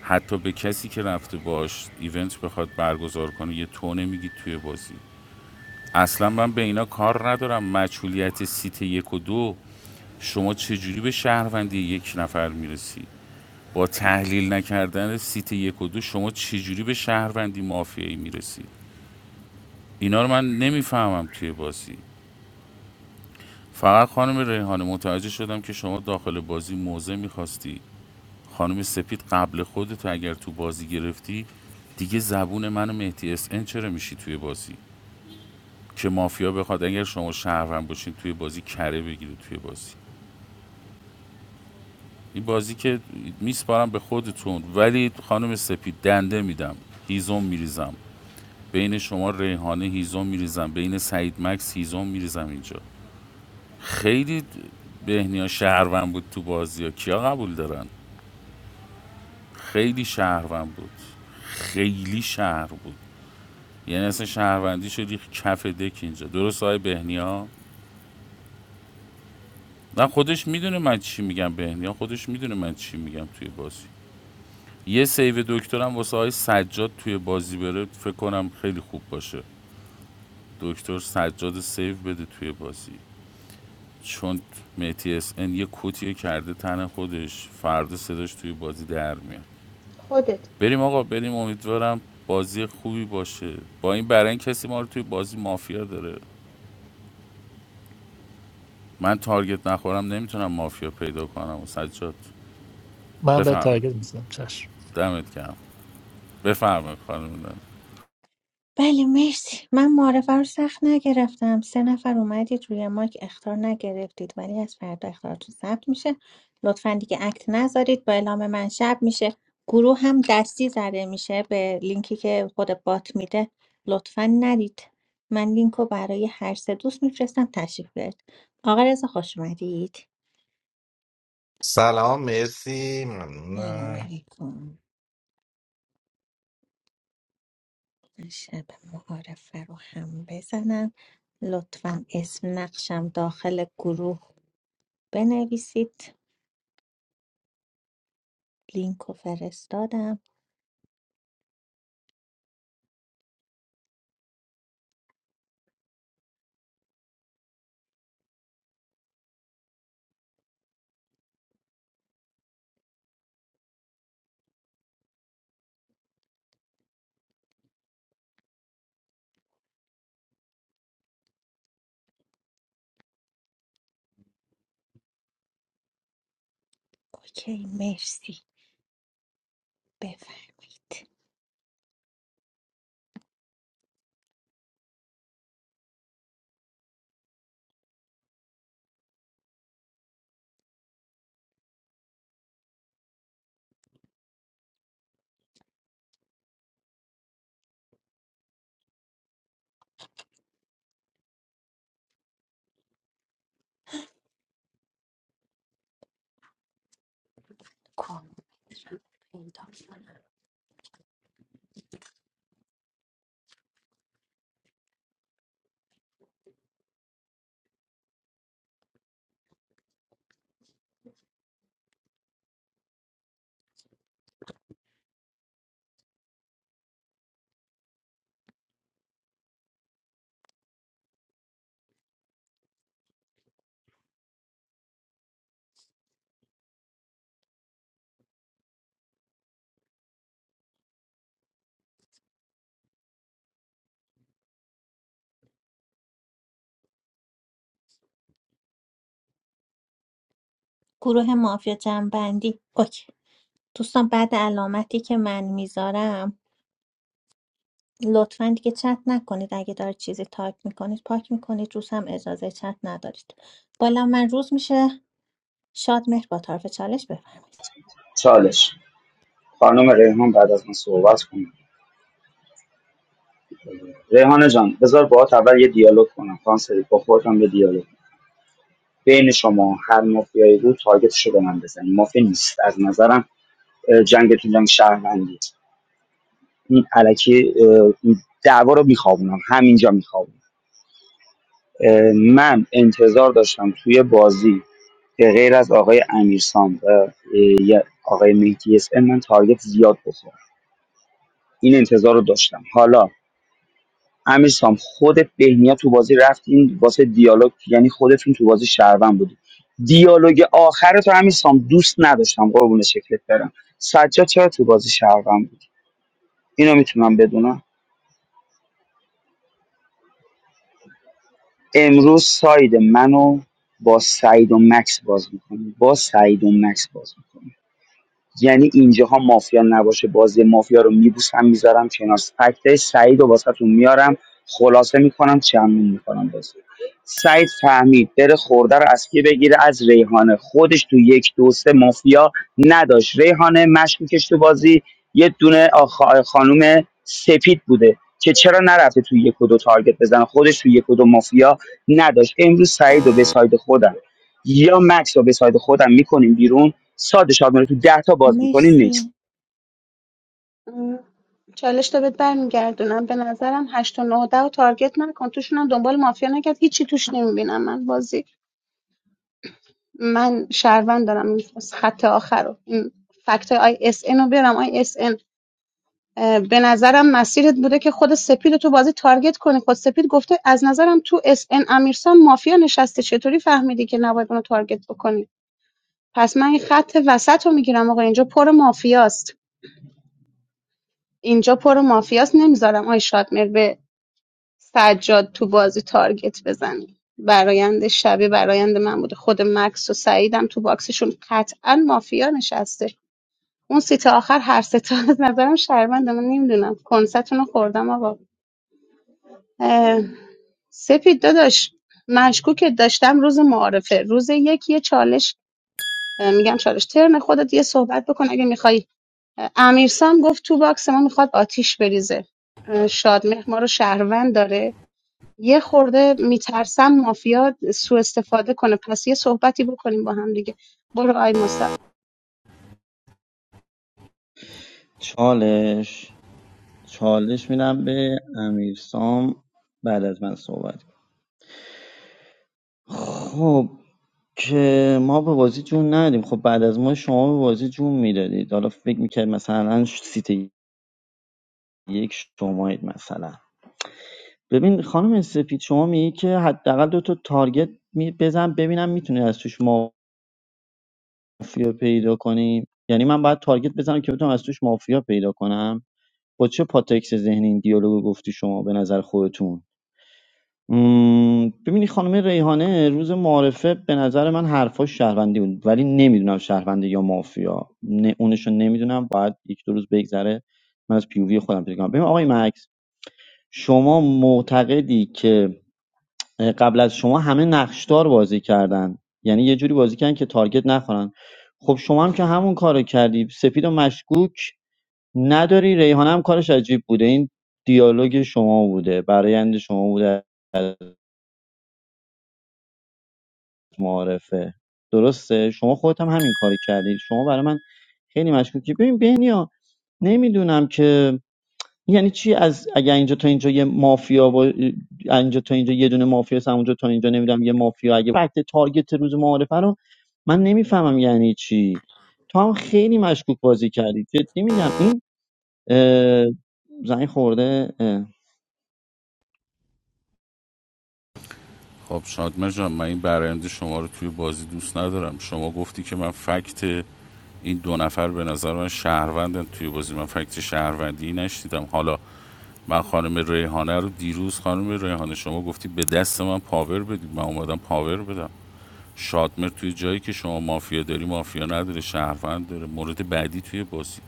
حتی به کسی که رفته باش ایونت بخواد برگزار کنه یه تو نمیگید توی بازی اصلا من به اینا کار ندارم مجهولیت سیت یک و دو شما چجوری به شهروندی یک نفر میرسی با تحلیل نکردن سیت یک و دو شما چجوری به شهروندی مافیایی میرسی اینا رو من نمیفهمم توی بازی فقط خانم ریحانه متوجه شدم که شما داخل بازی موزه میخواستی خانم سپید قبل خودتو اگر تو بازی گرفتی دیگه زبون من و مهدی اس ان چرا میشی توی بازی که مافیا بخواد اگر شما شهروند باشین توی بازی کره بگیرید توی بازی این بازی که میسپارم به خودتون ولی خانم سپید دنده میدم هیزم میریزم بین شما ریحانه هیزم میریزم بین سعید مکس هیزم میریزم اینجا خیلی بهنیا شهروند بود تو بازی ها کیا قبول دارن خیلی شهروند بود خیلی شهر بود یعنی اصلا شهروندی شدی کف دک اینجا درست های بهنیا نه خودش میدونه من چی میگم بهنیا خودش میدونه من چی میگم توی بازی یه سیو دکترم واسه های سجاد توی بازی بره فکر کنم خیلی خوب باشه دکتر سجاد سیو بده توی بازی چون متی اس ان یه کتیه کرده تن خودش فردا صداش توی بازی در میاد خودت بریم آقا بریم امیدوارم بازی خوبی باشه با این برای کسی ما رو توی بازی مافیا داره من تارگت نخورم نمیتونم مافیا پیدا کنم و سجاد من به بفرمایید تارگت میزنم چشم دمت گرم بفرمایید خانم نانی. بله مرسی من معارفه رو سخت نگرفتم سه نفر اومدید روی مایک اختار نگرفتید ولی از فردا اختارتون ثبت میشه لطفا دیگه اکت نذارید با اعلام من شب میشه گروه هم دستی زده میشه به لینکی که خود بات میده لطفا ندید من لینک رو برای هر سه دوست میفرستم تشریف بیارید آقا رضا خوش اومدید سلام مرسی سلام ممنونم علیکم شب معارفه رو هم بزنم لطفا اسم نقشم داخل گروه بنویسید لینک رو فرستادم اوکی مرسی بفرمایید کام پیدا کنم. گروه مافیا جنبندی اوکی دوستان بعد علامتی که من میذارم لطفا دیگه چت نکنید اگه دارید چیزی تایپ میکنید پاک میکنید روز هم اجازه چت ندارید بالا من روز میشه شاد مهر با طرف چالش بفرمایید چالش خانم ریحان بعد از من صحبت کنم ریحانه جان بذار باهات اول یه دیالوگ کنم کانسری با خودم یه دیالوگ کنم. بین شما هر مافیایی بود تارگتشو به من بزنی مافیا نیست از نظرم اه، جنگتون جنگ شهروندی این علکی این دعوا رو میخوابونم همینجا میخوابونم من انتظار داشتم توی بازی به غیر از آقای امیرسام و آقای مهدی اس ام، من تارگت زیاد بخورم این انتظار رو داشتم حالا امیرسام خودت بهنیا تو بازی رفتین واسه دیالوگ یعنی خودت خودتون تو بازی شهروند بودی دیالوگ آخر تو امیرسام دوست نداشتم قربون شکلت برم سجاد چرا تو بازی شهروند بود اینو میتونم بدونم امروز ساید منو با سعید و مکس باز می‌کنی با سعید و مکس باز می‌کنی یعنی اینجاها مافیا نباشه بازی مافیا رو میبوسم میذارم کنار فکتای سعید رو واسهتون میارم خلاصه میکنم چمون میکنم بازی سعید فهمید بره خورده رو از کی بگیره از ریحانه خودش تو یک دو سه مافیا نداشت ریحانه مشکوکش تو بازی یه دونه آخ- خانم سپید بوده که چرا نرفته تو یک و دو تارگت بزنه خودش تو یک و دو مافیا نداشت امروز سعید رو به ساید خودم یا مکس رو به ساید خودم میکنیم بیرون ساده شاد میره تو ده تا باز میکنی نیست مرسی م، چالش تا بهت برمیگردونم به نظرم هشت و 9 و ده رو تارگت نکن توشون هم دنبال مافیا نکرد هیچی توش نمیبینم من بازی من شهروند دارم این خط آخر رو این فکت آی اس ان رو بیارم آی اس ان به نظرم مسیرت بوده که خود سپید رو تو بازی تارگت کنی خود سپید گفته از نظرم تو اس ان امیرسان مافیا نشسته چطوری فهمیدی که نباید اونو تارگت بکنی پس من این خط وسط رو میگیرم آقا اینجا پر مافیاست اینجا پر مافیاست نمیذارم آی شادمر به سجاد تو بازی تارگت بزنه برایند شبیه برایند من بوده خود مکس و سعیدم تو باکسشون قطعا مافیا نشسته اون سیت آخر هر ستا از نظرم شرمنده من نمیدونم کنستون رو خوردم آقا اه، سپید داداش مشکوکت داشتم روز معارفه روز یک یه چالش اه، میگم چالش ترن خودت یه صحبت بکن اگه میخوای امیرسام گفت تو باکس ما میخواد آتیش بریزه اه، شادمهر ما رو شهروند داره یه خورده میترسم مافیا سوء استفاده کنه پس یه صحبتی بکنیم با هم دیگه برو آی مصطفی چالش چالش میدم به امیرسام بعد از من صحبت کن. خب که ما به بازی جون ندیم خب بعد از ما شما به بازی جون میدادید حالا فکر میکرد مثلا ش- سیت یک شمایید مثلا ببین خانم سپید شما میگی که حداقل دو تا تارگت می بزن ببینم میتونی از توش مافیا پیدا کنی یعنی من باید تارگت بزنم که بتونم از توش مافیا پیدا کنم با چه پاتکس ذهنی این دیالوگو گفتی شما به نظر خودتون مم، ببینی خانم ریحانه روز معارفه به نظر من حرفاش شهروندی بود ولی نمیدونم شهرونده یا مافیا نه اونشو نمیدونم باید یک دو روز بگذره من از پیووی خودم پیدا کنم ببین آقای مکس شما معتقدی که اه، قبل از شما همه نقشدار بازی کردن یعنی یه جوری بازی کردن که تارگت نخورن خب شما هم که همون کارو کردی سپید و مشکوک نداری ریحانه هم کارش عجیب بوده این دیالوگ شما بوده برایند شما بوده معارفه درسته شما خودت هم همین کاری کردی شما برای من خیلی مشکوکی ببین بهنیا نمیدونم که یعنی چی از اگر اینجا تا اینجا یه مافیا با اینجا تا اینجا یه دونه مافیا هست اونجا تا اینجا نمیدونم یه مافیا اگه فکت تارگت روز معارفه رو من نمیفهمم یعنی چی تو هم خیلی مشکوک بازی کردی جدی میگم این اه، زنگ خورده اه. خب شادمه جان من این برنده شما رو توی بازی دوست ندارم شما گفتی که من فکت این دو نفر به نظر من شهروندن توی بازی من فکت شهروندی نشدیدم حالا من خانم ریحانه رو دیروز خانم ریحانه شما گفتی به دست من پاور بدید من اومدم پاور بدم شادمر توی جایی که شما مافیا داری مافیا نداره شهروند داره مورد بعدی توی بازی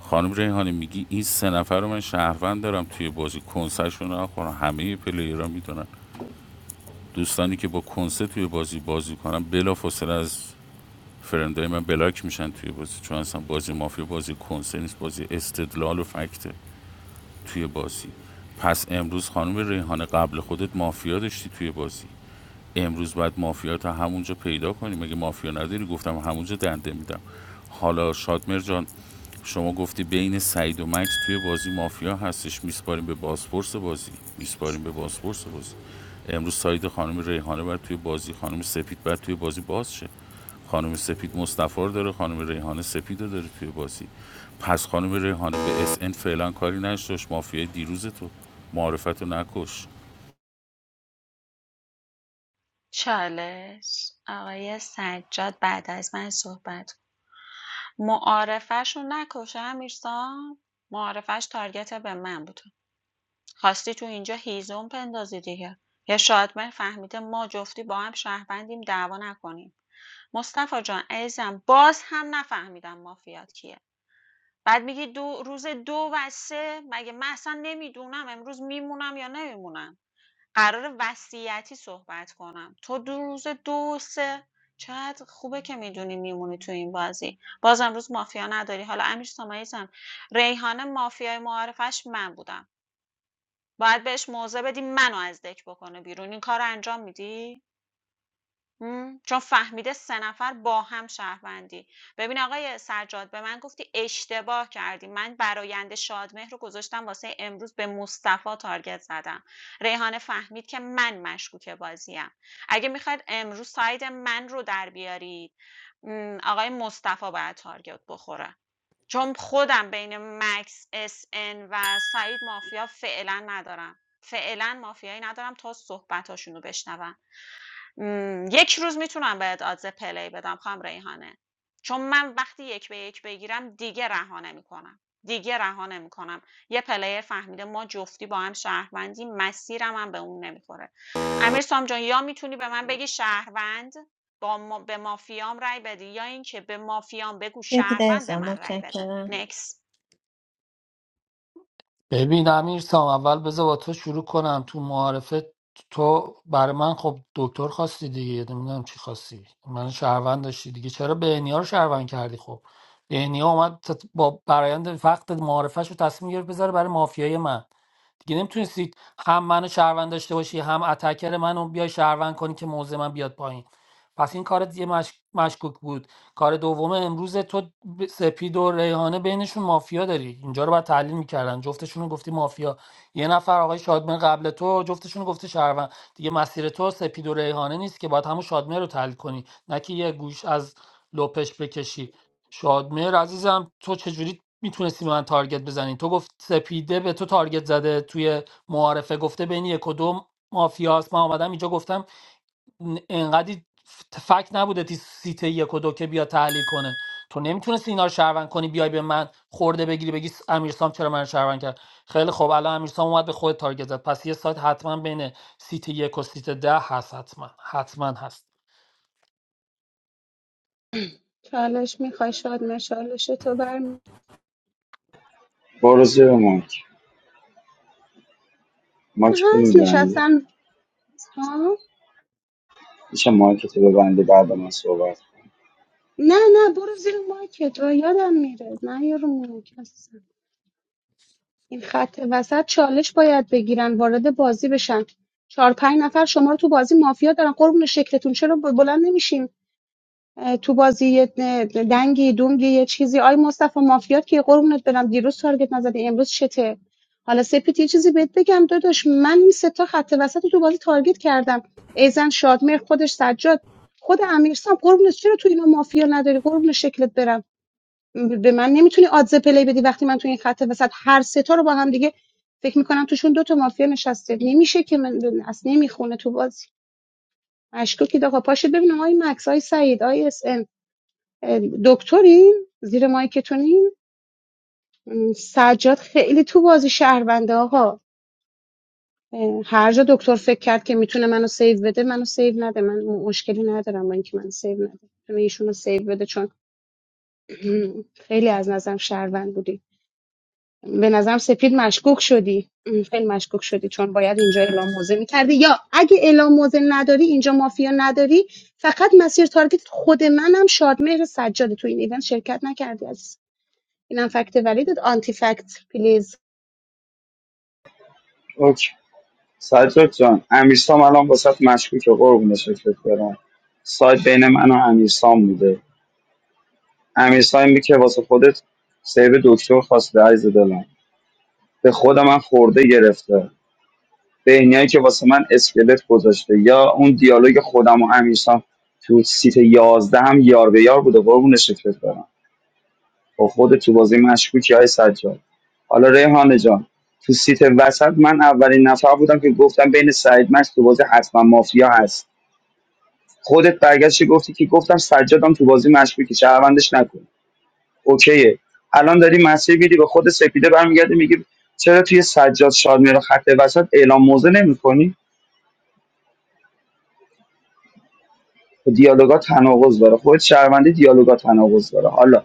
خانم ریحانه میگی این سه نفر رو من شهروند دارم توی بازی کنسرشون رو نخورم همه پلیرها میدونن دوستانی که با کنسه توی بازی بازی کنن بلافاصله از فرندای من بلاک میشن توی بازی چون اصلا بازی مافیا بازی کنسه نیست بازی استدلال و فکته توی بازی پس امروز خانم ریحانه قبل خودت مافیا داشتی توی بازی امروز باید مافیا تا همونجا پیدا کنیم اگه مافیا نداری گفتم همونجا دنده میدم حالا شادمر جان شما گفتی بین سعید و مکس توی بازی مافیا هستش میسپاریم به بازپرس بازی میسپاریم به بازپرس بازی امروز سعید خانم ریحانه باید توی بازی خانم سپید باید توی بازی باز شه خانم سپید مصطفی رو داره خانم ریحانه سپید رو داره توی بازی پس خانم ریحانه به اس ان فعلا کاری نشدش مافیای دیروز تو معرفت نکش چالش آقای سجاد بعد از من صحبت کن. معارفه‌شون نکشه امیرسام معارفش تارگت به من بود خواستی تو اینجا هیزم پندازی دیگه یا شادمهر فهمیده ما جفتی با هم شهروندیم دعوا نکنیم مصطفی جان عزیزم باز هم نفهمیدم مافیات کیه بعد میگی دو روز دو و سه مگه من اصلا نمیدونم امروز میمونم یا نمیمونم قرار وصیتی صحبت کنم تو دو روز ۲، ۳ چقدر خوبه که می‌دونی میمونی تو این بازی. باز امروز مافیا نداری. حالا امیر سام عزیزم، ریحانه مافیای معارفش من بودم. باید بهش موضع بدی منو از دک بکنه بیرون. این کار انجام میدی؟ امم، چون فهمیده 3 نفر با هم شهروندی. ببین آقای سجاد به من گفتی اشتباه کردی. من برآیند شادمهر رو گذاشتم واسه امروز به مصطفی تارگت زدم. ریحانه فهمید که من مشکوک بازیم. اگه میخواید امروز ساید من رو در بیارید م، آقای مصطفی باید تارگت بخوره. چون خودم بین مکس اس ان و سعید مافیا فعلا ندارم. فعلا مافیایی ندارم تا صحبتاشون رو بشنوم. م، یک روز میتونم بهت آدز پلی بدم خانم ریحانه چون من وقتی یک به یک بگیرم دیگه رها نمیکنم دیگه رها نمیکنم یه پلیر فهمیده ما جفتی با هم شهروندی مسیرم هم به اون نمیخوره امیر سام جان یا میتونی به من بگی شهروند با ما به مافیام رای بدی یا اینکه به مافیام بگو سپید شهروند به عزیزم من رای بده متشکرم نکس ببین امیر سام اول بذار با تو شروع کنم تو معارفه تو برای من خب دکتر خواستی دیگه نمیدونم چی خواستی من شهروند داشتی دیگه چرا بهنیا رو شهروند کردی خب بهنیا اومد تا- با برایند وقت معارفهش رو تصمیم گرفت بذاره برای مافیای من دیگه نمیتونستید هم منو شهروند داشته باشی هم اتکر منو بیای شهروند کنی که موضع من بیاد پایین پس این کار دیگه مش... مشکوک بود کار دوم امروز تو ب- سپید و ریحانه بینشون مافیا داری اینجا رو باید تحلیل میکردن جفتشون رو گفتی مافیا یه نفر آقای شادمه قبل تو جفتشون رو گفته شهروند دیگه مسیر تو سپید و ریحانه نیست که باید همون شادمه رو تحلیل کنی نه که یه گوش از لپش بکشی شادمهر عزیزم تو چجوری میتونستی به من تارگت بزنی تو گفت سپیده به تو تارگت زده توی معارفه گفته بین یک و دو مافیاست من آمدم اینجا گفتم ن- انقدی ف- فکت نبوده تی سیت یک و دو که بیا تحلیل کنه تو نمیتونستی اینا رو شهروند کنی بیای به من خورده بگیری بگی س- امیرسام چرا من رو شهروند کرد خیلی خوب الان امیرسام اومد به خود تارگت زد پس یه سایت حتما بین سیت یک و سیت ده هست حتما حتما هست چالش میخوای شاد مشالش تو برمی برو زیر مایک مایک تو هست میبندی نشستن ها میشه مایک تو ببندی بعد من صحبت نه نه برو زیر مایکت رو یادم میره نه یارو مایک هستم. این خط وسط چالش باید بگیرن وارد بازی بشن چهار پنج نفر شما رو تو بازی مافیا دارن قربون شکلتون چرا بلند نمیشیم تو بازی یه دنگی دونگی یه چیزی آی مصطفی مافیات که قربونت برم دیروز تارگت نزدی امروز چته حالا سپید یه چیزی بهت بگم داداش من این سه تا خط وسط رو تو بازی تارگت کردم ایزن شادمهر خودش سجاد خود امیرسام قربونت چرا تو اینا مافیا نداری قربون شکلت برم به من نمیتونی آدزه پلی بدی وقتی من تو این خط وسط هر سه تا رو با هم دیگه فکر میکنم توشون دو تا مافیا نشسته نمیشه که من اصلا نمیخونه تو بازی مشکوکی آقا پاشو ببینم آی مکس آی سعید آی اس دکترین زیر مایکتونین سجاد خیلی تو بازی شهرونده آقا هر جا دکتر فکر کرد که میتونه منو سیو بده منو سیو نده من مشکلی ندارم با اینکه من سیو نده میتونه ایشونو سیو بده چون خیلی از نظرم شهروند بودی به نظرم سپید مشکوک شدی خیلی مشکوک شدی چون باید اینجا اعلام موزه میکردی یا اگه اعلام موزه نداری اینجا مافیا نداری فقط مسیر تارگت خود منم شادمهر سجاده تو این ایونت شرکت نکردی عزیزم. اینم فکت ولیدت آنتی فکت پلیز کن. اوکی سجاد جان امیرسام الان واسه مشکوکه قربون شکلت برم سایت بین من و امیرسام بوده امیرسامی که واسه خودت سیب دکتر خواسته عزیز دلم به خودم من خورده گرفته بهنیایی که واسه من اسکلت گذاشته یا اون دیالوگ خودم و امیرسام تو سیت یازده هم یار به یار بوده قربون شکلت برم با خودت تو بازی مشکوکی های سجاد حالا ریحانه جان تو سیت وسط من اولین نفر بودم که گفتم بین سعید مش تو بازی حتما مافیا هست خودت برگشتی گفتی که گفتم سجادم تو بازی مشکوکی شهروندش نکن اوکیه الان داری مسیر میری به خود سپیده برمیگردی میگی چرا توی سجاد شادمیرا خط وسط اعلام موضع نمیکنی دیالوگا تناقض داره خود شهروندی دیالوگا تناقض داره حالا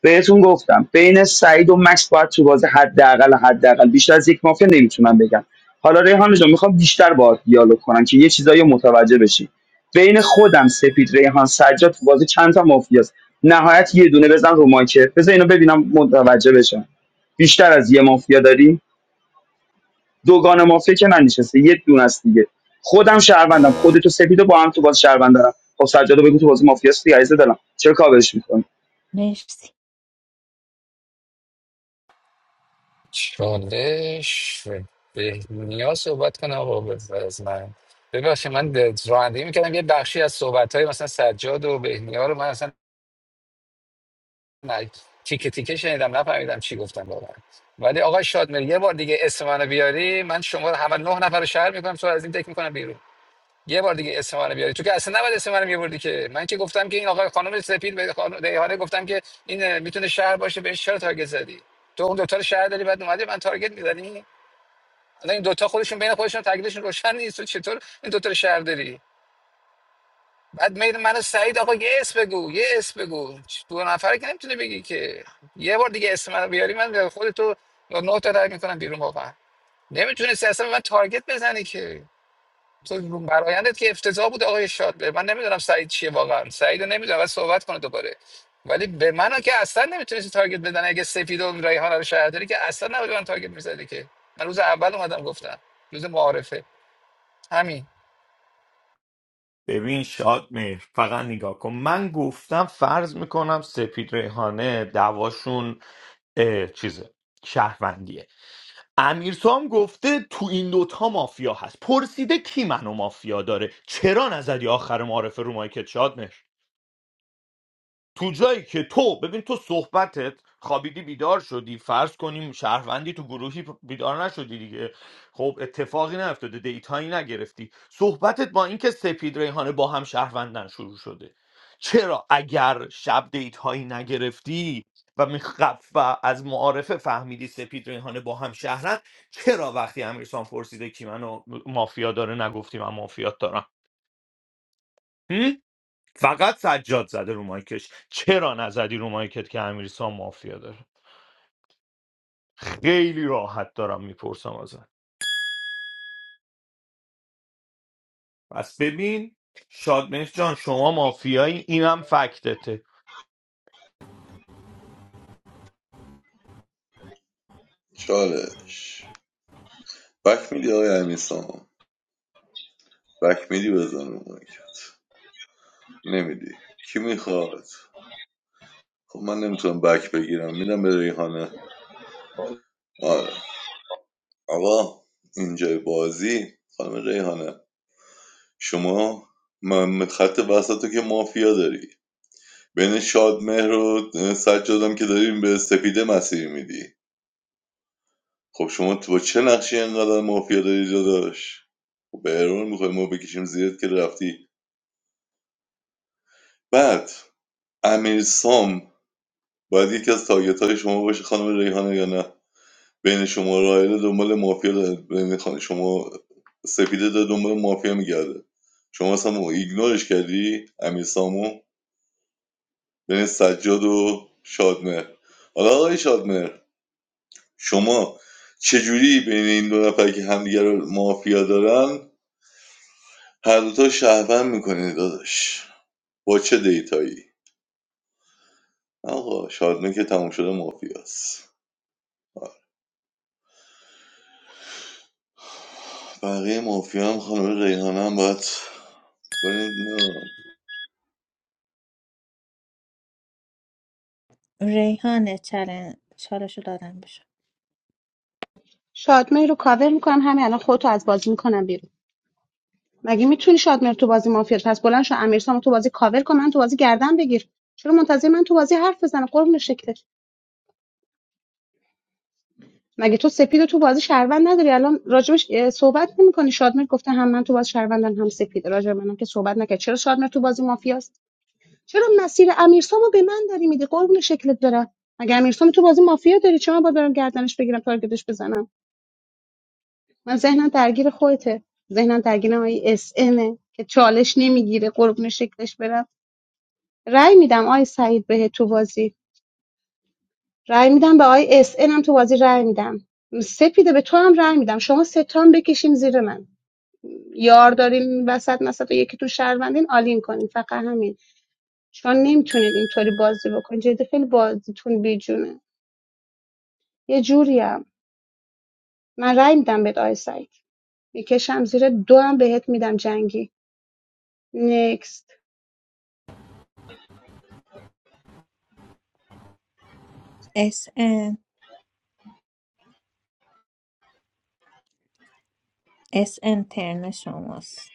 بهتون گفتم بین سعید و مکس باید تو بازی حداقل حداقل بیشتر از یک مافیا نمیتونم بگم حالا ریحان جان میخوام بیشتر باهات دیالوگ کنم که یه چیزایی رو متوجه بشی بین خودم سپید ریحان سجاد تو بازی چند تا مافیاست نهایت یه دونه بزن رو مایکه بزن اینو ببینم متوجه بشم بیشتر از یه مافیا داریم دوگان مافیا که ننشسته یه دونه است دیگه خودم شهروندم خودتو سپیدو با هم تو باز شهروند دارم خب سجادو بگو تو بازی مافیاست دیگه عزیز دلم چرا کاورش می‌کنی مرسی چالش بهنیا صحبت کنه آقا بعد از من ببخشید من د- رانندگی میکردم یه بخشی از صحبت های مثلا سجاد و بهنیا رو من اصلا ن- تیکه تیکه شنیدم نفهمیدم چی گفتم واقعا ولی آقا شادمر یه بار دیگه اسم منو بیاری من شما رو همه نه نفر رو شهر میکنم تو رو از این تک میکنم بیرون یه بار دیگه اسم منو بیاری تو که اصلا نباید اسم منو میبردی که من که گفتم که این آقا خانم سپید به خانم ریحانه گفتم که این اه، میتونه شهر باشه بهش چرا تارگت زدی تو اون دو تا رو شهر داری بعد اومدی من تارگت میزنی الان این دوتا خودشون بین خودشون تکلیفشون روشن نیست تو چطور این دوتا رو شهر داری بعد میل منو سعید آقا یه اسم بگو یه اسم بگو دو نفره که نمیتونه بگی که یه بار دیگه اسم منو بیاری من خودتو با نه تا رای میکنم بیرون واقعا نمیتونستی اصلا به من تارگت بزنی که تو برایندت که افتضاح بود آقای شاد من نمیدونم سعید چیه واقعا سعید رو نمیدونم بعد صحبت کنه دوباره ولی به منو که اصلا نمیتونستی تارگت بدن اگه سپید و ریحانه رو شهر داری که اصلا نباید به من تارگت میزدی که من روز اول اومدم گفتم روز معارفه همین ببین شاد میر فقط نگاه کن من گفتم فرض میکنم سپید ریحانه دعواشون اه، چیزه شهروندیه امیر تو هم گفته تو این دوتا مافیا هست پرسیده کی منو مافیا داره چرا نزدی آخر معارف رو مایکت شاد تو جایی که تو ببین تو صحبتت خوابیدی بیدار شدی فرض کنیم شهروندی تو گروهی بیدار نشدی دیگه خب اتفاقی نیفتاده دیتایی نگرفتی صحبتت با اینکه سپید ریحانه با هم شهروندن شروع شده چرا اگر شب دیتایی نگرفتی و میخ- و از معارفه فهمیدی سپید ریحانه با هم شهرن چرا وقتی امیرسان پرسیده کی منو مافیا داره نگفتی من مافیات دارم فقط سجاد زده رو مایکش چرا نزدی رو مایکت که امیرسان مافیا داره خیلی راحت دارم میپرسم ازت پس ببین شادمهر جان شما مافیایی اینم فکتته چالش بک میدی آقای امیسان بک میدی بزن رو مایکت نمیدی کی میخواد خب من نمیتونم بک بگیرم میدم به ریحانه آره آقا اینجای بازی خانم ریحانه شما من خط وسط رو که مافیا داری بین شادمهر و سجادم که داریم به سپیده مسیر میدی خب شما تو با چه نقشی انقدر مافیا داری داداش خب به ارور میخوای ما بکشیم زیرت که رفتی بعد امیر سام باید یکی از تارگت های شما باشه خانم ریحانه یا نه بین شما رایل دنبال مافیا داره بین خان- شما سپیده داره دنبال مافیا میگرده شما اصلا مو- ایگنورش کردی امیر سامو بین سجاد و شادمهر حالا آقای شادمهر شما چجوری بین این دو نفر که همدیگه رو مافیا دارن هر دوتا شهروند میکنه داداش با چه دیتایی آقا شادمه که تموم شده مافیاست بقیه مافیا هم خانم ریحانه هم باید ولی ریحان چالش چالشو دادم بشه شادمهر رو کاور میکنم همین الان خودتو از بازی میکنم بیرون مگه میتونی شادمهر تو بازی مافیا پس بلند شو امیرسامو تو بازی کاور کن من تو بازی گردن بگیر چرا منتظر من تو بازی حرف بزنه قربون شکلت مگه تو سپید تو بازی شهروند نداری الان راجبش اه، صحبت نمیکنی شادمهر گفته هم من تو بازی شهروندم هم سپید راجب منم که صحبت نکرد چرا شادمهر تو بازی مافیاست چرا مسیر امیرسامو به من داری میدی قربون شکلت دارم مگه امیرسامو تو بازی مافیا داری چرا من باید برم گردنش بگیرم تارگتش بزنم من ذهنم درگیر خودته ذهنم درگیر آقای اس امه که چالش نمیگیره قربون شکلش برم رأی میدم آقای سعید بهت تو بازی رأی میدم به آقای اس هم تو بازی رأی میدم سپیده به تو هم رأی میدم شما سه تا هم بکشین زیر من یار داریم وسط مثلا یکی تو شهروندین آلین کنین فقط همین چون نمیتونین اینطوری بازی بکنین جدی خیلی بازیتون بیجونه یه جوریم من رأی میدم به آقای سعید میکشم زیر دو هم بهت میدم جنگی نکست اس اس ان ترن شماست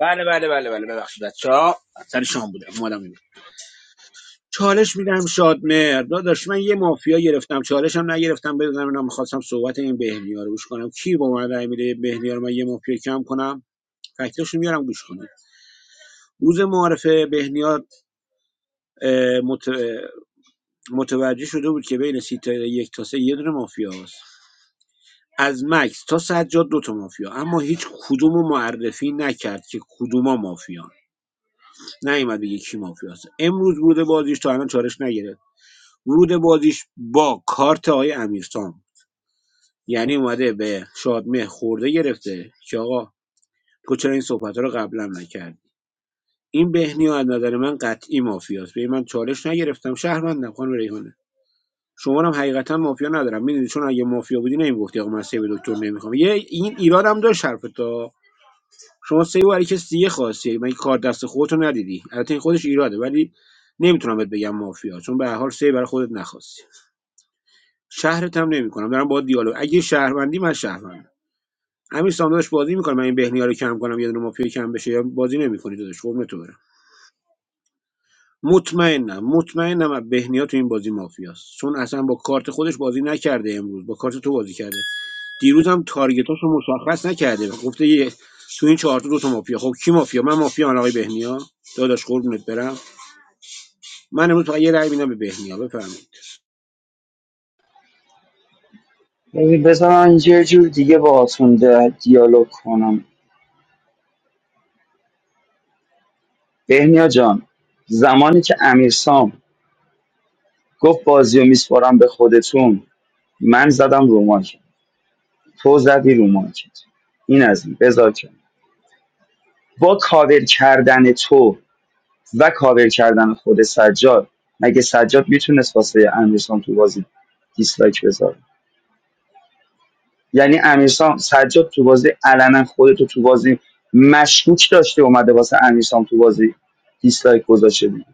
بله بله بله بله ببخشید بچه ها سر شام بوده اومدم اینو چالش میدم شادمر داداش من یه مافیا گرفتم چالش هم نگرفتم بدونم اینا میخواستم صحبت این بهنیا رو گوش کنم کی با من رای میده بهنیا رو من یه مافیا کم کنم فکتاشو میارم گوش کنم روز معارفه بهنیا اه، مت... متوجه شده بود که بین سیت یک تا سه یه دونه مافیا هست. از مکس تا سجاد دو تا مافیا اما هیچ کدومو معرفی نکرد که کدوما مافیا نیومد بگه کی مافیا هست امروز ورود بازیش تا الان چالش نگرفت ورود بازیش با کارت آقای امیرسام یعنی اومده به شادمه خورده گرفته که آقا تو چرا این صحبت رو قبلا نکردی این بهنی و از نظر من قطعی مافیاست به من چالش نگرفتم شهروندم خانم ریحانه شما رو هم حقیقتا مافیا ندارم میدونی چون اگه مافیا بودی نمیگفتی آقا من سیو دکتر نمیخوام یه این ایرادم داشت حرفت ها. شما سیو برای کسی دیگه خواستی من کار دست خودتو ندیدی البته این خودش ایراده ولی نمیتونم بهت بگم مافیا چون به هر حال سیو برای خودت نخواستی شهرت هم نمیکنم دارم با دیالوگ اگه شهروندی من شهروندم همین سامداش بازی میکنم من این بهنیا رو کم کنم یه دونه مافیا کم بشه یا بازی نمیکنی داداش قربونت برم مطمئنم مطمئنم بهنیا تو این بازی مافیاست چون اصلا با کارت خودش بازی نکرده امروز با کارت تو بازی کرده دیروز هم تارگتاشو مشخص نکرده گفته یه تو این چهار تا دو تا مافیا خب کی مافیا من مافیا آقای بهنیا داداش قربونت برم من امروز فقط یه رأی میدم به بهنیا بفرمایید ببین بذار من یه جور دیگه باهاتون ده- دیالوگ کنم بهنیا جان زمانی که امیرسام سام گفت بازی و میسپارم به خودتون من زدم رو مارکت تو زدی رو مارکت این از این بذار که با کاور کردن تو و کاور کردن خود سجاد مگه سجاد میتونست واسه امیرسام تو بازی دیسلایک بذاره یعنی امیرسام سجاد تو بازی علنا خودتو تو بازی مشکوک داشته اومده واسه امیرسام تو بازی دیسلایک گذاشته دیگه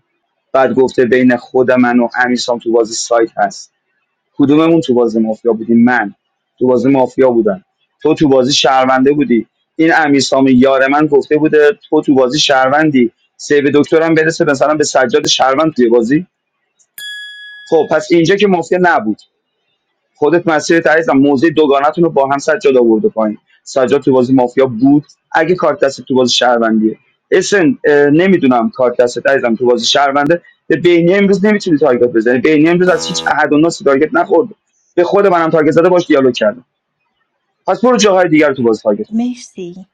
بعد گفته بین خود من و امیرسام تو بازی سایت هست کدوممون تو بازی مافیا بودی من تو بازی مافیا بودم تو تو بازی شهرونده بودی این امیرسام یار من گفته بوده تو تو بازی شهروندی سیو دکترم برسه مثلا به سجاد شهروند توی بازی خب پس اینجا که مافیا نبود خودت مسیرت عزیزم موضع دوگانتون رو با هم سجاد آورده پایین سجاد تو بازی مافیا بود اگه کارت دست تو بازی شهروندیه اسن نمیدونم کارت دست عزیزم تو بازی شهرونده به بینی امروز نمیتونی تارگت بزنی بینی امروز از هیچ احد و ناسی تارگت نخورد به خود منم تارگت زده باش دیالوگ کردم پس برو جاهای دیگر رو تو بازی تارگت کن. مرسی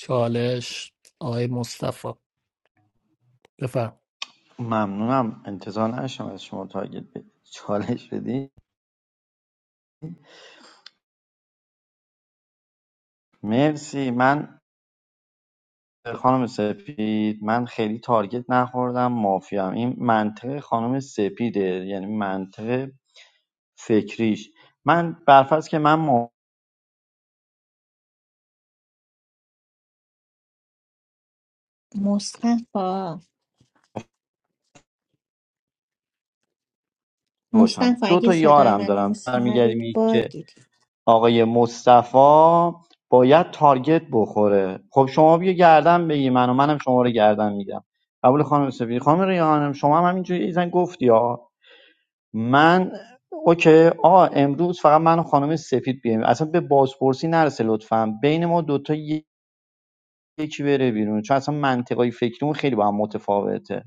چالش آقای مصطفی بفرم ممنونم انتظار نشم از شما تارگت بدید چالش بدی مرسی من خانم سپید من خیلی تارگت نخوردم مافیام این منطق خانم سپیده یعنی منطق فکریش من برفرض که من مافیا مصطفا باشم مصطفا دو اگه تا صدای یارم منو دارم میشنوید برمیگردیم که باگید آقای مصطفی باید تارگت بخوره خب شما بیا گردن بگی منو منم شما رو گردن میگم قبول خانم سپید خانم ریحانم شما هم همینجوری ایزن گفتی ها. من اوکی آقا امروز فقط من و خانم سفید بیایم اصلا به بازپرسی نرسه لطفا بین ما دوتا ی- یکی بره بیرون چون اصلا منطقای فکریمون خیلی با هم متفاوته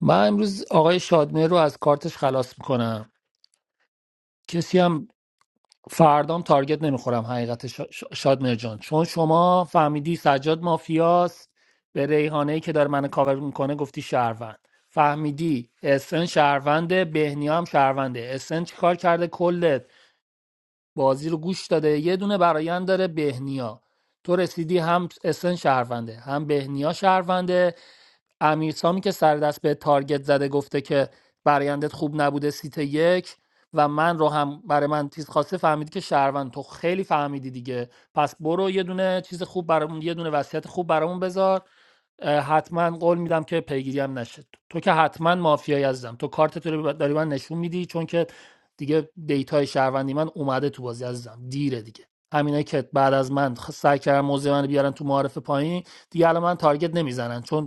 من امروز آقای شادمه رو از کارتش خلاص میکنم کسی هم فردام تارگت نمیخورم حقیقت شا- شا- جان چون شما فهمیدی سجاد مافیاست به ریحانه که داره منو کاور میکنه گفتی شهروند فهمیدی اسن شهرونده بهنیا هم شهرونده اسن چیکار کرده کلت بازی رو گوش داده یه دونه برایند داره بهنیا تو رسیدی هم اسن شهرونده هم بهنیا شهرونده امیرسامی که سر دست به تارگت زده گفته که برایندت خوب نبوده سیت یک و من رو هم برای من تیز خواسته فهمید که شهروند تو خیلی فهمیدی دیگه پس برو یه دونه چیز خوب برامون یه دونه وصیت خوب برامون بذار اه، حتما قول میدم که پیگیری هم نشه تو که حتما مافیایی عزیزم تو کارت تو رو داری من نشون میدی چون که دیگه دیتای شهروندی من اومده تو بازی عزیزم دیره دیگه همینه که بعد از من خ- سعی کردن موضوع من رو بیارن تو معارف پایین دیگه الان من تارگت نمیزنن چون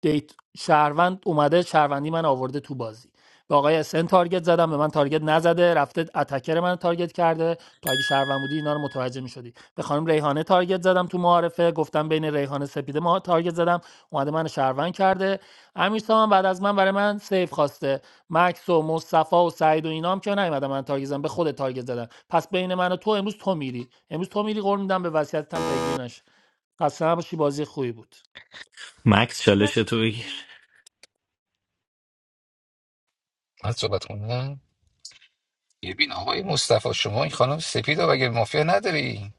دیت شهروند اومده شهروندی من آورده تو بازی به آقای اسن تارگت زدم به من تارگت نزده رفته اتکر من تارگت کرده تو اگه شهروند بودی اینا رو متوجه میشدی به خانم ریحانه تارگت زدم تو معارفه گفتم بین ریحانه سپیده ما تارگت زدم اومده من شهروند کرده امیر هم بعد از من برای من سیف خواسته مکس و مصطفی و سعید و اینام که نیومدن من تارگت زدم به خود تارگت زدم پس بین من و تو امروز تو میری امروز تو میری قول میدم به وصیتتم پیگیر نشه خسته نباشی بازی خوبی بود مکس چالش تو بگیر من صحبت کنم ببین آقای مصطفی شما این خانم سپید رو بگه مافیا نداری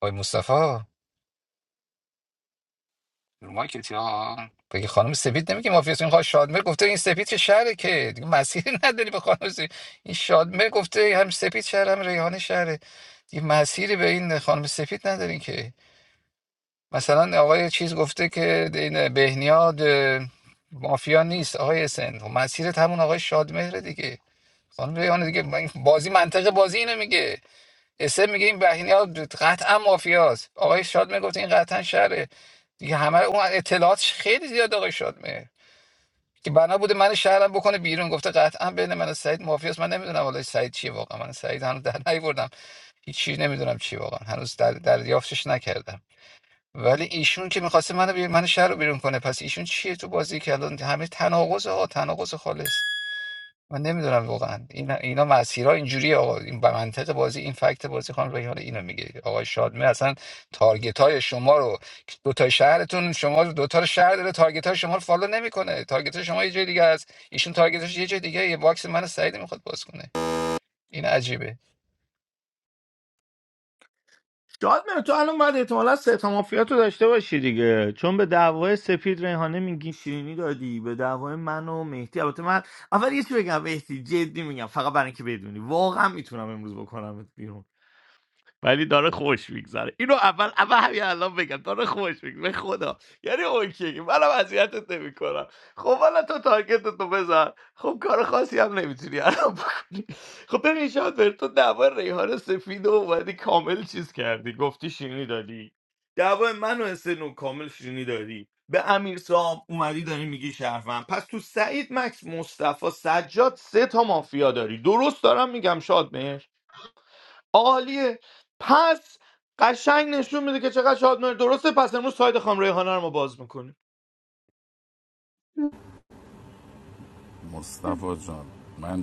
آقای مصطفی رو مایکت ها بگه خانم سپید نمیگه مافیا این خانم شادمر گفته این سپید که شهره که دیگه مسیری نداری به خانم سپید این شادمر گفته هم سپید شهر هم ریحانه شهره دیگه مسیری به این خانم سپید ندارین که مثلا آقای چیز گفته که این بهنیاد اه، مافیا نیست آقای اسن مسیرت همون آقای شادمهره دیگه خانم ریحانه دیگه من- بازی منطق بازی اینو میگه اسم میگه این بهینه قطعا مافیاست آقای شادمه گفت این قطعا شهره دیگه همه اون اطلاعاتش خیلی زیاد آقای شادمه که بنا بوده من شهرم بکنه بیرون گفته قطعا بین من و سعید مافیاست من نمیدونم حالا سعید چیه واقعا من سعید هنوز در نیوردم هیچ چیز نمیدونم چی واقعا هنوز در دریافتش نکردم ولی ایشون که میخواسته منو بیر... من شهر رو بیرون کنه پس ایشون چیه تو بازی که الان همه تناقض ها تناقض خالص من نمیدونم واقعا این اینا مسیرها اینجوریه آقا این به منطق بازی این فکت بازی خانم رحیم، اینو میگه آقای شادمه اصلا تارگت های شما رو دو تا شهرتون شما رو دو تا شهر داره تارگت های شما رو فالو نمیکنه تارگت های شما یه جای دیگه است ایشون تارگتش یه جای دیگه یه باکس من سعید میخواد باز کنه این عجیبه شادمهر تو الان باید احتمالا سه تا مافیا تو داشته باشی دیگه چون به دعوای سپید ریحانه میگی شیرینی دادی به دعوای من و مهدی البته من اول یه چی بگم مهدی جدی میگم فقط برای اینکه بدونی واقعا میتونم امروز بکنم بیرون. ولی داره خوش میگذره اینو اول اول همین الان بگم داره خوش میگذره به خدا یعنی اوکی منم اذیتت نمیکنم خب حالا تو تارگتت تو بزن خب کار خاصی هم نمیتونی الان بکنی خب ببین شاید بر تو دعوا ریحان سفید و اومدی کامل چیز کردی گفتی شیرینی دادی دعوا من و اسنو کامل شیرینی دادی به امیر صاحب اومدی داری میگی شرفم پس تو سعید مکس مصطفی سجاد سه تا مافیا داری درست دارم میگم شاد عالیه پس قشنگ نشون میده که چقدر شادمهر درسته پس امروز ساید خام ریحانه رو ما باز میکنیم مصطفی جان من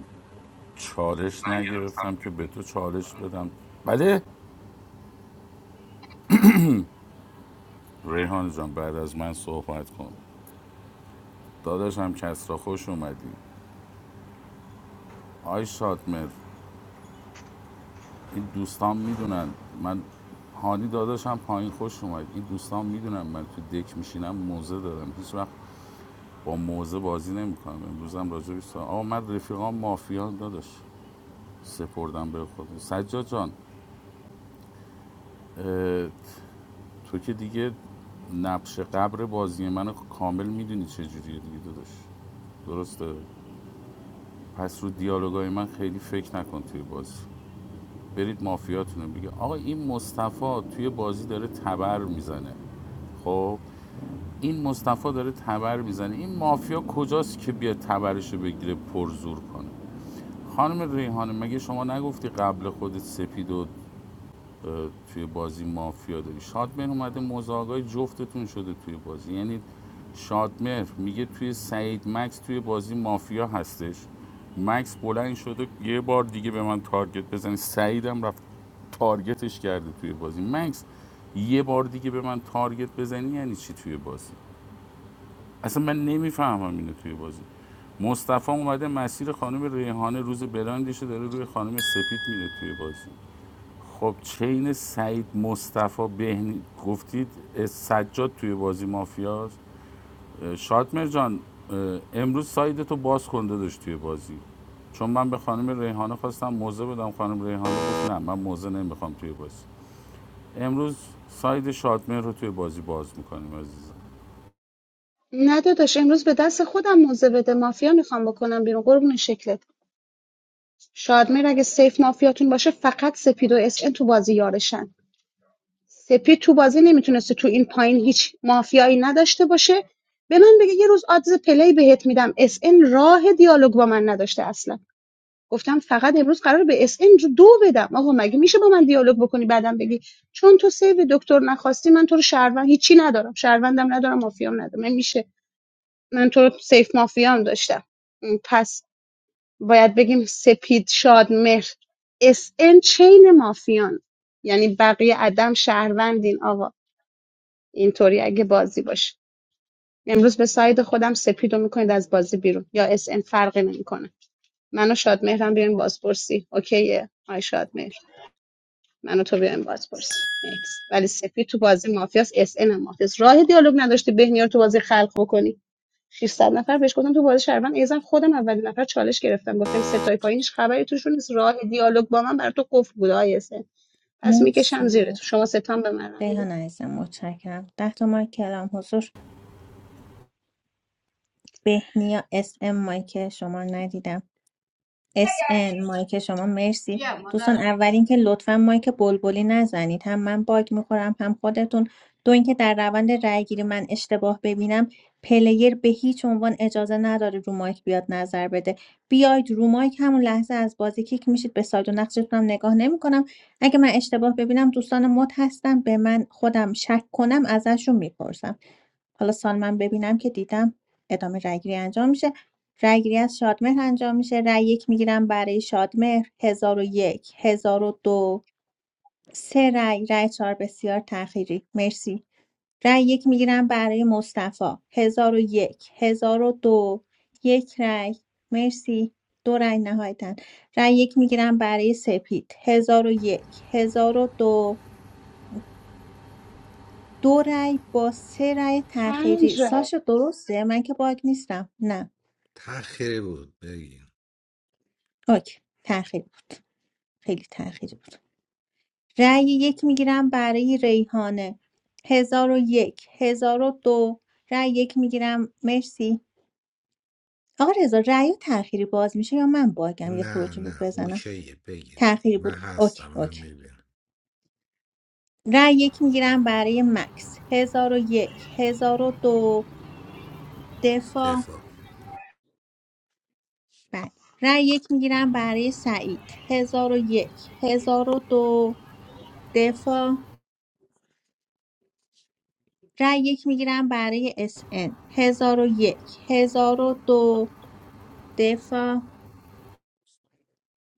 چالش نگرفتم که به تو چالش بدم بله ریحان جان بعد از من صحبت کن داداشم کس را خوش اومدی آی شادمر این دوستان میدونن من هانی داداشم پایین خوش اومد این دوستان میدونن من تو دک میشینم موزه دارم هیچ وقت با موزه بازی نمیکنم امروزم راجع به آقا من رفیقام مافیا داداش سپردم به خود سجاد جان اه، تو که دیگه نقش قبر بازی من کامل میدونی چه جوریه دیگه داداش درسته پس رو دیالوگای من خیلی فکر نکن توی بازی برید مافیاتونو رو بگه آقا این مصطفی توی بازی داره تبر میزنه خب این مصطفی داره تبر میزنه این مافیا کجاست که بیاد تبرش بگیره پرزور کنه خانم ریحانه مگه شما نگفتی قبل خودت سپید و توی بازی مافیا داری شادمهر اومده مزاقای جفتتون شده توی بازی یعنی شادمهر میگه توی سعید مکس توی بازی مافیا هستش مکس بلند شده یه بار دیگه به من تارگت بزنی سعیدم رفت تارگتش کرده توی بازی مکس یه بار دیگه به من تارگت بزنی یعنی چی توی بازی اصلا من نمیفهمم اینو توی بازی مصطفی اومده مسیر خانم ریحانه روز برندش داره روی خانم سپید میره توی بازی خب چین سعید مصطفی بهنی گفتید اه، سجاد توی بازی مافیاست اه، شادمر جان امروز ساید تو باز کنده داشت توی بازی چون من به خانم ریحانه خواستم موزه بدم خانم ریحانه گفت نه من موزه نمیخوام توی بازی امروز ساید شادمر رو توی بازی باز میکنیم عزیزم نه داداش امروز به دست خودم موزه بده مافیا میخوام بکنم بیرون قربون شکلت شادمهر اگه سیف مافیاتون باشه فقط سپید و اس ان تو بازی یارشن سپید تو بازی نمیتونسته تو این پایین هیچ مافیایی نداشته باشه به من بگه یه روز آدز پلی بهت میدم اس ان راه دیالوگ با من نداشته اصلا گفتم فقط امروز قرار به اس ان دو بدم آقا مگه میشه با من دیالوگ بکنی بعدم بگی چون تو سیو دکتر نخواستی من تو رو شهروند هیچی ندارم شهروندم ندارم مافیام ندارم مگه میشه من تو رو سیف مافیا هم داشتم پس باید بگیم سپید شاد مهر اس ان چین مافیان یعنی بقیه عدم شهروندین آقا اینطوری اگه بازی باشه امروز به ساید خودم سپید رو میکنید از بازی بیرون یا اس ان فرقی نمیکنه منو شاد مهرم بیایم بازپرسی اوکیه آی شاد مهر منو تو بیایم بازپرسی نکس ولی سپید تو بازی مافیاس اس ان هم مافیاس راه دیالوگ نداشتی بهنیا رو تو بازی خلق بکنی 600 نفر بهش گفتم تو بازی شهروند ایزن خودم اولین نفر چالش گرفتم گفتم ستای پایینش خبری توشون نیست راه دیالوگ با من بر تو قفل بوده آیه پس میکشم زیر مرسی تو شما ستان به من رای بده. ریحان عزیزم متشکرم ده تا مایک کلام حضور بهنیا اس ام مایک شما رو ندیدم اس ان مایک شما مرسی دوستان اول اینکه لطفا مایک بلبلی نزنید هم من باگ میخورم هم خودتون دو اینکه در روند رای گیری من اشتباه ببینم پلیر به هیچ عنوان اجازه نداره رو مایک بیاد نظر بده بیاید رو مایک همون لحظه از بازی کیک میشید به سایت و نقشتونم نگاه نمیکنم اگه من اشتباه ببینم دوستان مد هستن به من خودم شک کنم ازشون میپرسم حالا سالمن ببینم که دیدم ادامه رأیگیری انجام میشه رأیگیری از شادمهر انجام میشه رأی یک میگیرم برای شادمهر هزار و یک هزار و دو سه رأی رأی چهار بسیار تأخیری مرسی رأی یک میگیرم برای مصطفی هزار و یک هزار و دو یک رأی مرسی دو رأی نهایتا رأی یک میگیرم برای سپید هزار و یک هزار و دو دو رأی با سه رأی تأخیری پنج رای. ساشا درسته من که باگ نیستم نه تأخیری بود بگین اوکی تأخیری خیلی تأخیری بود رأی یک میگیرم برای ریحانه هزار و یک هزار و دو رأی یک میگیرم مرسی آقا رضا رأی تأخیری باز میشه یا من باگم یه نه خروج بود نه بزنم اوکیه بگین تأخیری من بود اوکی هستم من اوکی میبینم رأی یک میگیرم برای مکس هزار و یک هزار و دو دفاع دفاع بله رأی یک میگیرم برای سعید هزار و یک هزار و دو دفاع رای یک میگیرم برای اس ان 1001 دو دفاع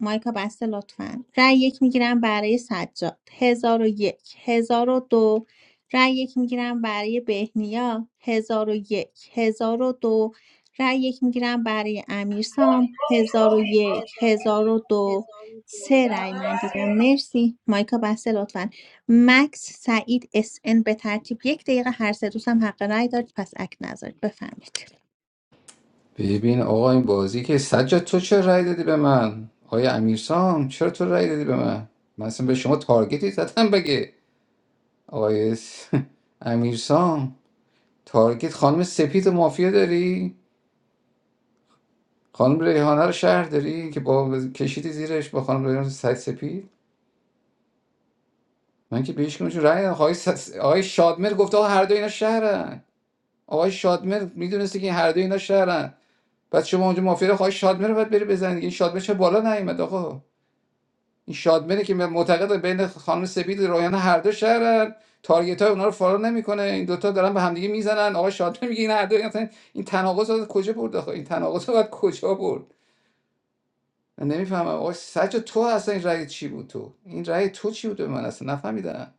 مایکا بسته لطفا رأی یک میگیرم برای سجاد هزار و یک هزار و دو رأی یک میگیرم برای بهنیا هزار و یک هزار و دو رأی یک میگیرم برای امیرسام هزار و یک هزار و دو سه رأی من دیدم مرسی مایکا بسته لطفا مکس سعید اس ان به ترتیب یک دقیقه هر سه دوستم حق رأی دارید پس اک نذارید بفرمایید ببین آقا این بازی که سجاد تو چرا رأی دادی به من آقای امیرسام چرا تو رأی دادی به من من اصلا به شما تارگتی زدم بگه آقای امیرسام تارگت خانم سپید مافیا داری خانم ریحانه رو شهر داری که با کشیدی زیرش با خانم ریحانه سگ سپید من که بهش کنم چون رأی ندادم. آقای, س- آقای شادمر گفته آقا هر دو اینا شهرن آقای شادمر میدونسته که این هر دو اینا شهرن بعد شما اونجا مافیا رو آقای شادمر رو باید بری بزنید این شادمر چه بالا نیومد آقا این شادمره که معتقد بین خانم سپید و ریحانه هر دو شهرن تارگت های اونا رو فالو نمیکنه این دوتا دارن به همدیگه میزنن آقای شادمر میگه این هر دو اینا این تناقض رو از کجا برد آخه این تناقض رو از کجا برد من نمیفهمم آقا سجا تو اصلا این رأی چی بود تو این رأی تو چی بود به من اصلا نفهمیدم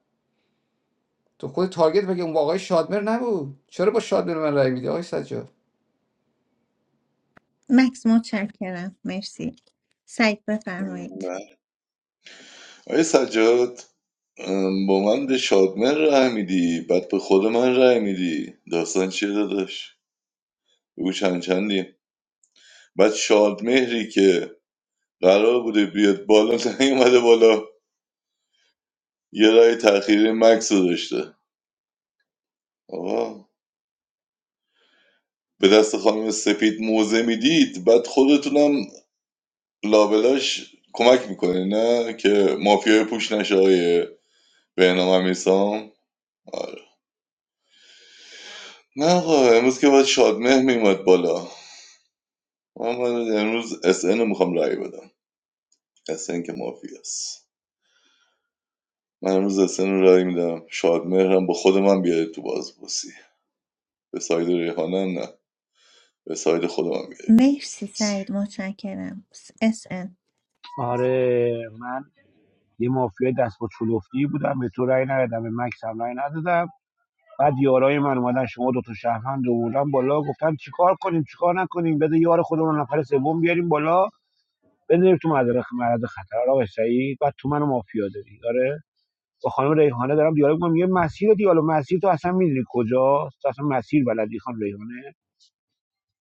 تو خود تارگت مگه اون با آقای شادمر نبود چرا با شادمر به من رأی میدی آقای سجاد مکس متشکرم مرسی سعید بفرمایید نه. آقای سجاد ام، با من به شادمه رای میدی بعد به خود من رای میدی داستان چیه داداش بگو چند چندی بعد شادمهری که قرار بوده بیاد بالا نیومده بالا یه رای تأخیری مکس رو داشته آقا به دست خانم سپید موزه میدید بعد خودتونم لابلاش کمک میکنه نه که مافیای پوش نشه های بهنام امیرسام آره. نه آقا امروز که باید شادمه میومد بالا من, من امروز اس ان رو میخوام رای بدم اس ان که مافیاست من امروز اس ان رو رای میدم شادمهر هم با خود من بیاره تو بازپرسی به ساید ریحانه هم نه به ساید خودم هم بیاره تو مرسی بازپرسی سعید متشکرم اس ان آره من یه مافیا دست با چلفتی بودم به تو رأی ندادم به مکس هم رأی ندادم بعد یارای من اومدن شما دو تا شهروند آوردن بالا گفتن چیکار کنیم چیکار نکنیم بده یار خودمون نفر سوم بیاریم بالا بذاریم تو مدرخ معرض خطر آقا سعید بعد تو منو مافیا داری آره با خانم ریحانه دارم دیالوگ می‌کنم یه مسیر دیالوگ مسیر تو اصلا میدونی کجاست تو اصلا مسیر بلدی خانم ریحانه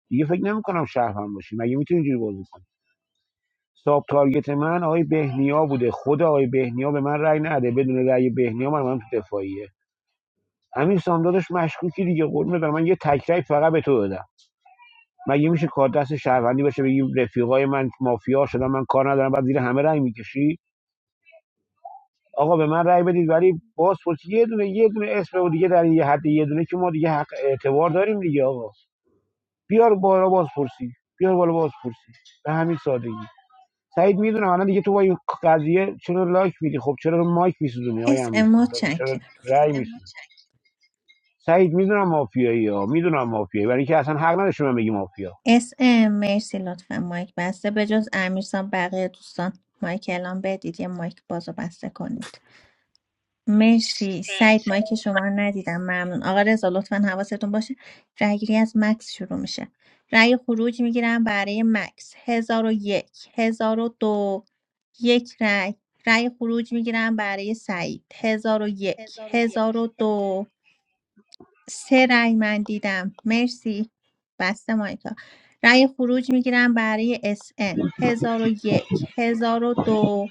دیگه فکر نمی‌کنم شهروند باشی مگه میتونی اینجوری بازی کنی ساب تارگت من آقای بهنیا بوده خود آقای بهنیا به من رأی نده بدون رأی بهنیا من من تو دفاعیه همین سامدادش مشکوکی دیگه قول دارم من یه تکرای فقط به تو دادم مگه میشه کار دست شهروندی باشه بگی رفیقای من مافیا شدن من کار ندارم بعد زیر همه رأی میکشی آقا به من رأی بدید ولی بازپرسی پرس یه دونه یه دونه اسم و دیگه در یه حد یه دونه که ما دیگه حق اعتبار داریم دیگه آقا بیار بالا بازپرسی پرسی بیار بالا باز به همین سادگی سعید میدونم الان دیگه تو با این قضیه چرا لایک میدی خب چرا مایک میسوزونی های اس ام امیرسان داداش؟ چرا متشکرم رأی میسوزونی سعید میدونم مافیایی ها میدونم مافیایی برای اینکه اصلا حق نداشت به من بگی مافیا اس ام مرسی لطفا مایک بسته به جز امیرسان بقیه دوستان مایک اعلام بدید یه مایک بازو بسته کنید مرسی سعید مایک شما رو ندیدم ممنون آقا رضا لطفا حواستون باشه رأیگیری از مکس شروع میشه رأی خروج میگیرم برای مکس هزار و یک هزار و دو یک رأی رأی خروج میگیرم برای سعید هزار و یک هزار و دو سه رأی من دیدم مرسی بسته مایکا رأی خروج میگیرم برای اس ان هزار و یک هزار و دو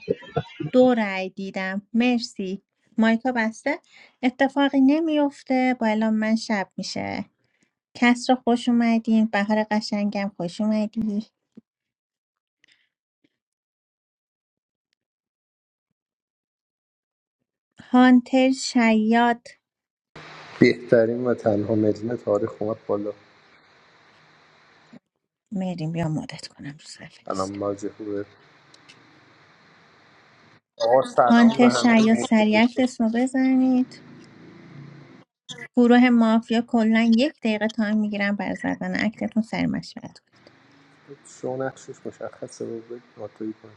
دو رأی دیدم مرسی مایکا بسته اتفاقی نمیفته با اعلام من شب میشه کس رو خوش اومدین بهار قشنگم خوش اومدی هانتر شیاد بهترین و تنها مدین تاریخ اومد بالا مریم بیا مدت کنم رو صفحه الان نیست ماجه خوبه آقا سلام به هانتر همه شیاد سریع اسمو بزنید گروه مافیا کلا یک دقیقه تایم میگیرن بر زدن اکتتون سر مشورت کنید شو نقشش مشخصه رو بگید ناتوی کن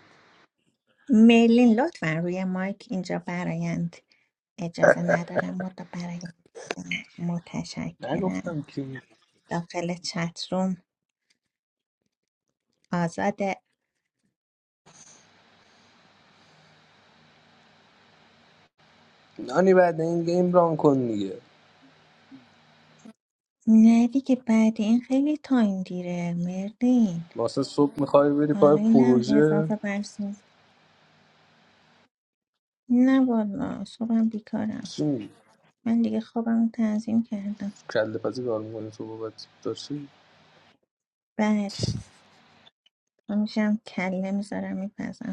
مرلین لطفا روی مایک اینجا برایند اجازه ندارم مدا برایند متشکرم نگفتم که داخل چت روم آزاده نانی بعد این گیم ران کن دیگه نه دیگه بعد این خیلی تایم دیره مرلین واسه صبح میخوای بری حالا پای اینم پروژه اضافه برسون نه والا صبحم بیکارم چی میگی من دیگه خوابم تنظیم کردم کله پزی کار میکنی تو بابت داشتی بله میشم کله میذارم میپزم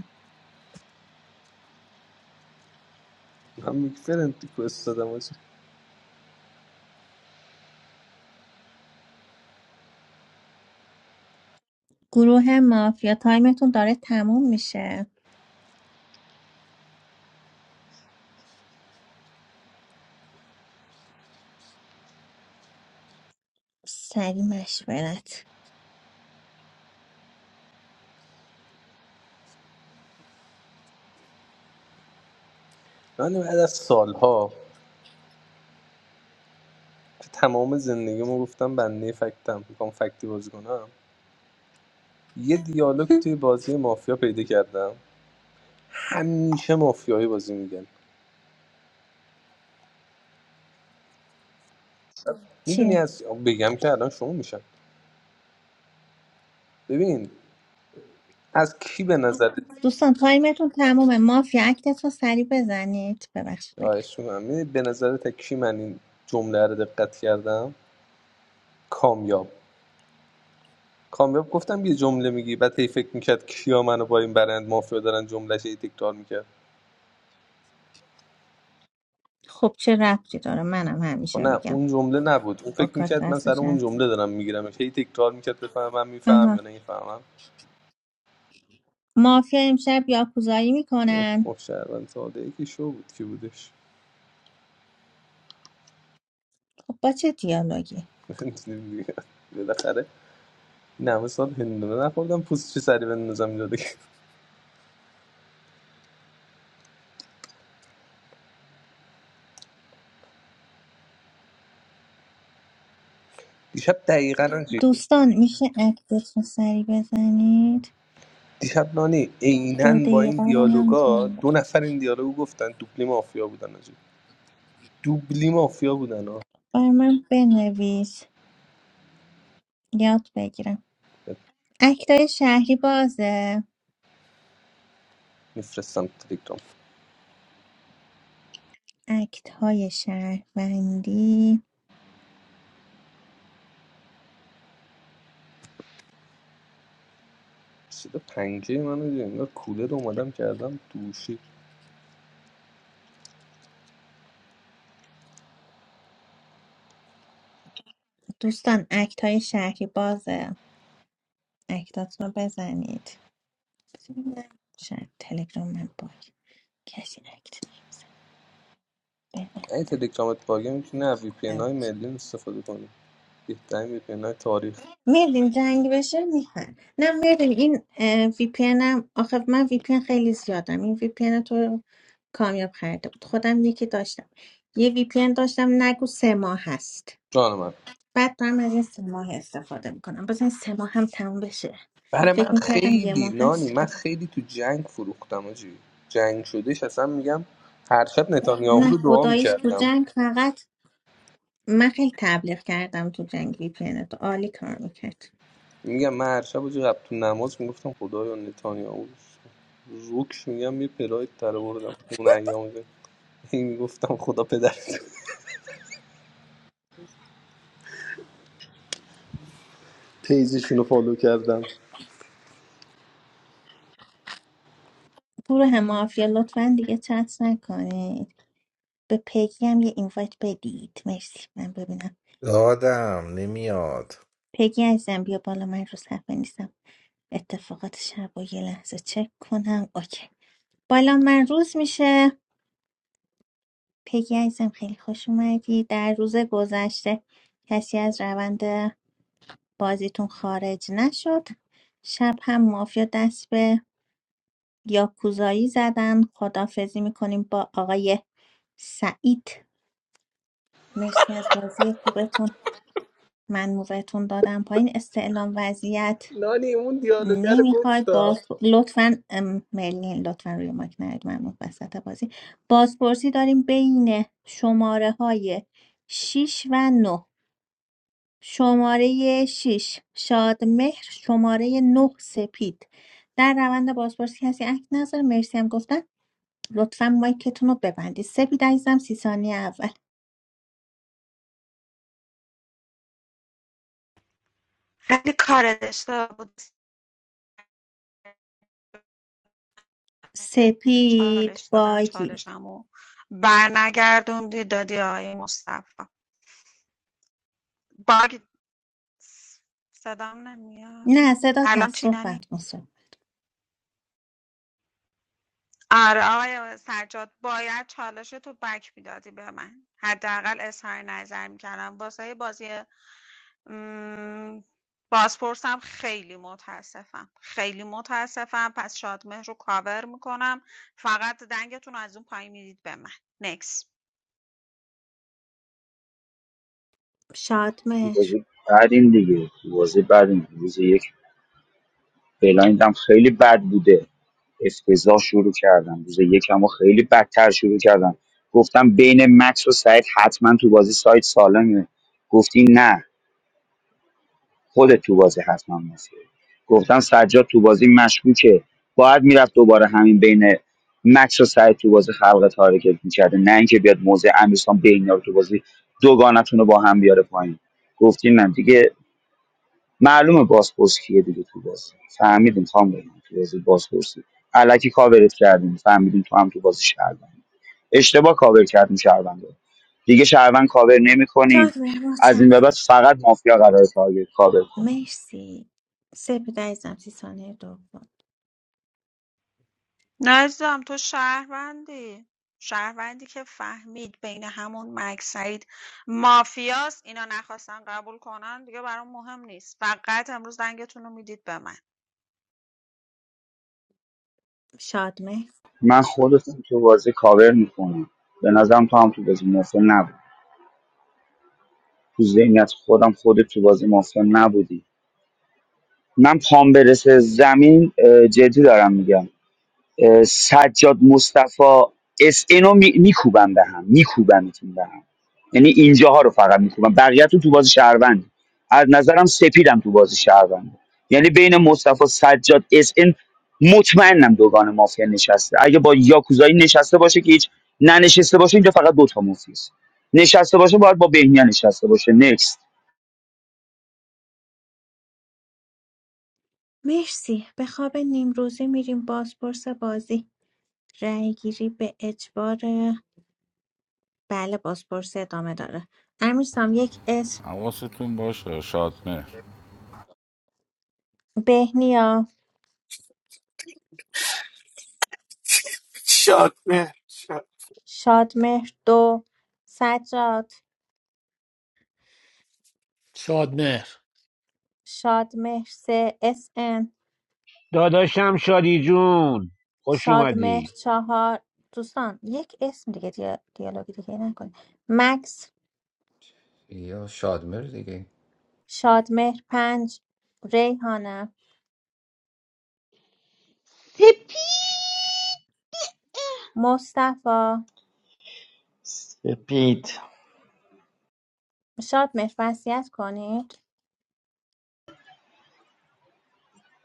من میگی فرنتی کوست دادم آجی. گروه مافیا تایمتون داره تموم میشه سری مشورت نانی بعد از سالها تو تمام زندگیمو گفتم بنده فکتم میخوام فکتی بازی کنم یه دیالوگ توی بازی مافیا پیدا کردم همیشه مافیایی بازی میگن میدونی چیه از بگم که الان شما میشم ببین از کی به نظر دوستان تایمتون تمومه مافیا اکتتون سری بزنید ببخشید میل خواهش می‌کنم. می‌دونی به نظر تا کی من این جمله رو دقت کردم کامیاب کامیاب گفتم یه جمله میگی بعد هی فکر میکرد کیا منو با این برند مافیا دارن جملهش هی تکرار میکرد خب چه ربطی داره منم خب همیشه نه میگم اون جمله نبود اون با فکر کارت میکرد من سر دستش اون حرف می‌زنم. جمله دارم میگیرم هی تکرار میکرد بفهمم من میفهم آها یا نمیفهمم مافیا امشب یاکوزایی اوه میکنن اوه، شهروند ساده ای که شو بود که بودش خب با چه دیالوگی بالاخره این همه سال هندونه نخوردم پوست چه سری بندازم اینجا دیگه. دیشب دقیقا آنچه- دوستان میشه اکتتون سری بزنید دیشب نانی دو عینا با این دقیقه رو هم دیالوگا تایم دو دارم. نفر این دیالوگو گفتن دوبلی مافیا بودن آجی دوبلی مافیا بودن ها بر من بنویس یاد بگیرم اکتای شهری بازه میفرستم تلگرام اکت های شهروندی چرا پنجه منو انگار کولر اومدم کردم دوشه دوستان اکت های شهری بازه اکتاتون رو بزنید بزنید. شاید تلگرام من باگ کسی اکت نمیزن این ببندم تلگرامت باگه میتونی از وی پی ان های کنم چی؟ ملی استفاده کنی بهترین وی پی ان های تاریخ میریم جنگ بشه میخوان نه میریم این وی پی هم آخه من وی پی خیلی زیادم این وی پی تو کامیاب خریده بود خودم یکی داشتم یه وی پی داشتم نگو سه ماه هست جان من بعد دارم از این سه ماه استفاده میکنم بزن این سه ماه هم تموم بشه برای فکر من میکردم یه خیلی ماه نانی هست من خیلی تو جنگ فروختم آجی جنگ شدهش اصلا میگم هر شب نتانیاهو نه رو دعا خداییش تو میکردم جنگ فقط من خیلی تبلیغ کردم تو جنگ وی پی تو عالی کار میکرد میگم من هر شب آجی قبل تو نماز میگفتم خدایا نتانیاهو روکش میگم یه پلاید تر بردم اون ایام این میگفتم خدا پدر پیزشون رو فالو کردم گروه مافیا لطفا دیگه چت نکنید به پگی هم یه اینوایت بدید مرسی من ببینم دادم نمیاد پگی عزیزم بیا بالا من رو صفحه نیستم اتفاقات شب و یه لحظه چک کنم اوکی بالا من روز میشه پگی عزیزم خیلی خوش اومدی در روز گذشته کسی از روند بازیتون خارج نشد شب هم مافیا دست به یاکوزایی زدن خدافزی میکنیم با آقای سعید مرسی از بازی خوبتون من موقعتون دادم پایین استعلام وضعیت نانی اون دیالوگر نمیخواید گفتا باز لطفا ام، مرلین لطفا روی ماک نرید من اون وسط بازی بازپرسی داریم بین شماره های 6 و نه شماره 6 شادمهر شماره 9 سپید در روند بازپرسی کسی اک نظر مرسی هم گفتن لطفا مایکتون رو ببندید سپید عزیزم سی ثانیه اول خیلی کار داشته بود سپید چالش دادم باگی چالشمو برنگردوندی دادی آقای مصطفی باگ صدام نمیاد نه صدات الان هست چی ننی صحبت کن صحبت. آره آقای سجاد باید چالش تو بک میدادی به من حداقل اظهار نظر میکردم واسه بازی م، بازپرسم خیلی متاسفم خیلی متاسفم پس شادمهر رو کاور میکنم فقط دنگتون رو از اون پایین میدید به من نکس تو شادمهر بازی بعدیم دیگه تو بازی بعدیم روز یک فعلا این بلایندم خیلی بد بوده افتضاح شروع کردن روز یکم و خیلی بدتر شروع کردن گفتم بین مکس و سعید حتما تو بازی سایت سالمه گفتی نه خودت تو بازی حتما مافیه گفتم سجاد تو بازی مشکوکه باید میرفت دوباره همین بین مکس و سعید تو بازی خلق تارکت میکرده نه اینکه بیاد موزه امیرسان بین رو تو بازی دوگانتون رو با هم بیاره پایین گفتی نه دیگه معلومه بازپرس کیه دیگه تو بازی فهمیدیم خام بگم تو بازی بازپرسی الکی کاورت کردیم فهمیدیم تو هم تو بازی شهروند اشتباه کاور کردیم شهروند رو. دیگه شهروند کاور نمی‌کنیم شادمهر از مچم این به بعد فقط مافیا قرار تارگت کاور کنم مرسی سپید عزیزم سی ثانیه دوم نه عزیزم تو شهروندی شهروندی که فهمید بین همون مک سعید مافیاست اینا نخواستن قبول کنن دیگه برام مهم نیست فقط امروز دنگتون رو میدید به من شادمهر من خودتون تو بازی کاور میکنم به نظرم تو هم تو بازی مافیا نبود تو ذهنیت خودم خودت تو بازی مافیا نبودی من پام برسه زمین اه، جدی دارم میگم اه، سجاد مصطفی اس اینو می- میکوبن به هم میکوبنتون به هم یعنی اینجاها رو فقط میکوبن بقیه‌تون تو بازی شهروند از نظرم سپیدم تو بازی شهروند یعنی بین مصطفی سجاد اس این مطمئنم دوگان مافیا نشسته اگه با یاکوزایی نشسته باشه که هیچ ننشسته باشه اینجا فقط دوتا مافیاست نشسته باشه باید با بهنیا نشسته باشه نکست مرسی به خواب نیمروزی میریم بازپرس بازی رأی گیری به اجبار بله بازپرسی ادامه داره امیرسام یک اسم حواستون باشه شادمهر بهنیا شاد شادمهر دو سجاد شادمهر. شادمهر سه اس ان داداشم شادی جون خوش شادمهر اومدی چهار دوستان یک اسم دیگه دیا- دیالوگی دیگه نکن مکس یا شادمر دیگه شادمهر پنج ریحانه سپی مصطفی سپید شادمهر وصیت کنید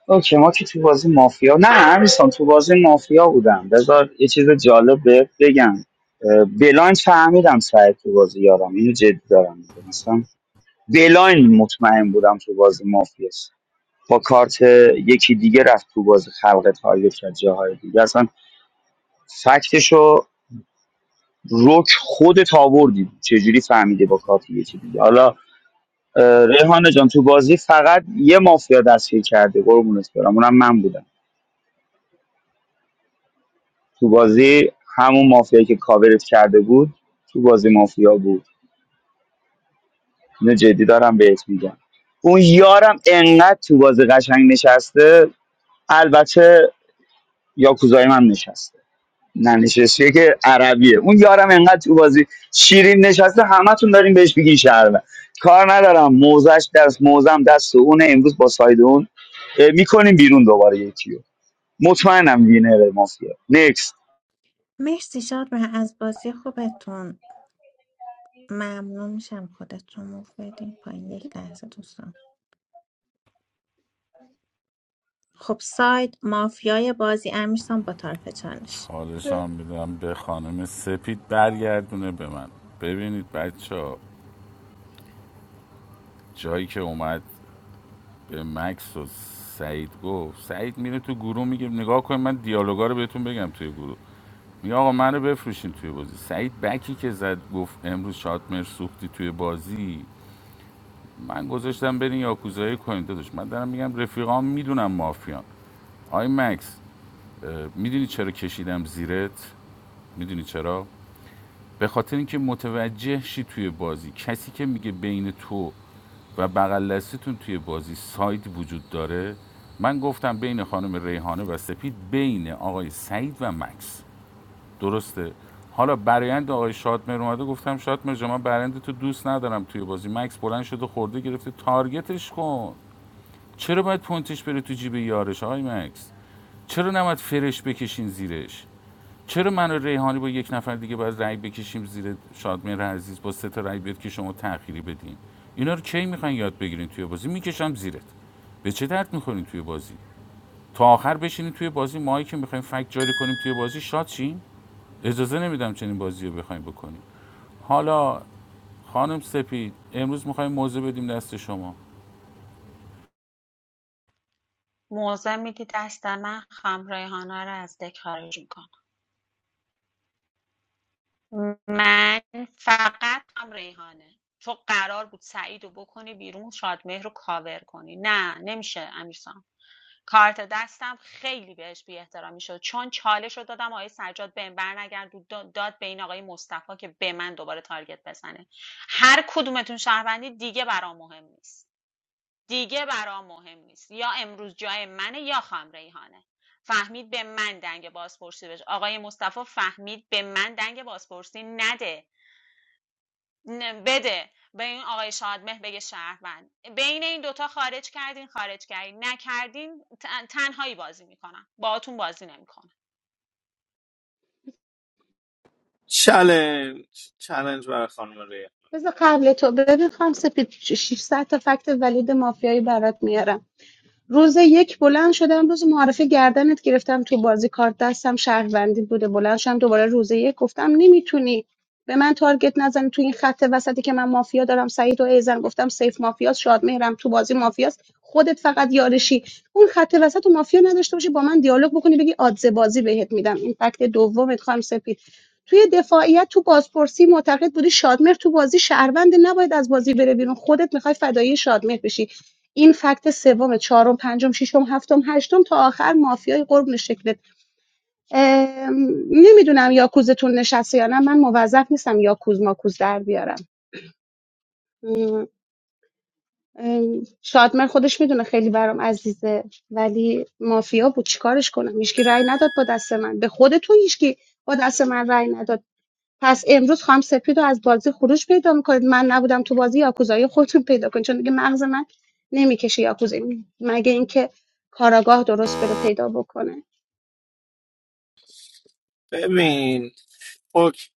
اوکی ما که تو بازی مافیا نه امیرسان تو بازی مافیا بودم بذار یه چیز جالب بهت بگم اه، بلایند فهمیدم سعی تو بازی یارم اینو جدی دارم میگم مثلا بلایند مطمئن بودم تو بازی مافیاست با کارت یکی دیگه رفت تو بازی خلق تارگت کرد جاهای دیگه اصلا فکتشو رک خودت آوردی چجوری فهمیده با کارت یکی دیگه حالا اه، ریحانه جان تو بازی فقط یه مافیا دستگیر کرده قربونت برم اونم من بودم تو بازی همون مافیایی که کاورت کرده بود تو بازی مافیا بود اینو جدی دارم بهت میگم اون یارم انقدر تو بازی قشنگ نشسته البته یاکوزای من نشسته ننشسته که عربیه اون یارم انقدر تو بازی شیرین نشسته همتون داریم بهش میگین شهروند کار ندارم موزش دست موزم دست اونه امروز با ساید اون میکنیم بیرون دوباره یکیو مطمئنم وینر مافیا نکست مرسی شادمهر از بازی خوبتون ممنون میشم خودتون رو بدیم پایین یک لحظه دوستان خب ساید مافیای بازی امیرسان با طرف چالش حالشان میدم به خانم سپید برگردونه به من ببینید بچه ها، جایی که اومد به مکس و سعید گفت سعید میره تو گروه میگه نگاه کن من دیالوگا رو بهتون بگم توی گروه میگه آقا منو بفروشین توی بازی سعید بکی که زد گفت امروز شاتمر سوختی توی بازی من گذاشتم برین یاکوزایی کنین داداش من دارم میگم رفیقام میدونم مافیان آی مکس اه، میدونی چرا کشیدم زیرت میدونی چرا به خاطر اینکه متوجه شی توی بازی کسی که میگه بین تو و بغل دستتون توی بازی ساید وجود داره من گفتم بین خانم ریحانه و سپید بین آقای سعید و مکس درسته حالا برایند آقای شادمر اومده گفتم شادمهر جان من برند تو دوست ندارم توی بازی مکس بلند شده خورده گرفته تارگتش کن چرا باید پونتش بره تو جیب یارش آقای مکس چرا نباید فرش بکشین زیرش چرا من و ریحانی با یک نفر دیگه باید رأی بکشیم زیر شادمهر عزیز با سه تا رأی بیاد که شما تأخیری بدین اینا رو کی میخواین یاد بگیرین توی بازی میکشم زیرت به چه درد میخورین توی بازی تا آخر بشینین توی بازی ماهی که میخوایم فکت جاری کنیم توی بازی شاد شیم اجازه نمیدم چنین بازی رو بخوایم بکنیم حالا خانم سپید امروز میخوایم موضوع بدیم دست شما موضع میدید دست من خم ریحانه رو از دک خارج می‌کنم. من فقط هم ریحانه چون قرار بود سعید رو بکنی بیرون شادمهر رو کاور کنی نه نمیشه امیرسان کارت دستم خیلی بهش بی احترامی شد چون چالش رو دادم آقای سجاد به بر نگرد و داد به این آقای مصطفی که به من دوباره تارگت بزنه هر کدومتون شهروندی دیگه برام مهم نیست دیگه برام مهم نیست یا امروز جای منه یا خام ریحانه فهمید به من دنگ بازپرسی بشه آقای مصطفی فهمید به من دنگ بازپرسی نده نه، بده به این آقای شادمهر بگه شهروند بین این دوتا خارج کردین خارج کردین نکردین تن- تنهایی بازی میکنم باهاتون بازی نمیکنم چلنج چلنج برای خانم ریحان بذار قبل تو ببین خام سپید 600 تا فکت ولید مافیایی برات میارم روز یک بلند شدم روز معرفه گردنت گرفتم تو بازی کارت دستم شهروندی بوده بلند شدم دوباره روز یک گفتم نمیتونی به من تارگت نزنی تو این خط وسطی که من مافیا دارم سعید و ایزن گفتم سیف مافیاست شادمهرم تو بازی مافیاست خودت فقط یارشی اون خط وسط و مافیا نداشته باشی با من دیالوگ بکنی بگی آدزه بازی بهت میدم این فکت دومت خانم سپید توی دفاعیت تو بازپرسی معتقد بودی شادمهر تو بازی شهروند نباید از بازی بره بیرون خودت میخوای فدایی شادمهر بشی این فکت سوم چهارم پنجم ششم هفتم هشتم تا آخر مافیای قربون شکلت نمیدونم یاکوزتون نشسته یا نه من موظف نیستم یاکوز ماکوز در بیارم ام، ام، شادمر خودش میدونه خیلی برام عزیزه ولی مافیا بود چیکارش کنم هیچکی رأی نداد با دست من به خودتون هیچکی با دست من رأی نداد پس امروز خانم سپید رو از بازی خروج پیدا میکنید من نبودم تو بازی یاکوزایی خودتون پیدا کنید چون دیگه مغز من نمیکشه یاکوزایی مگه اینکه کاراگاه درست بره پیدا بکنه ببین اوک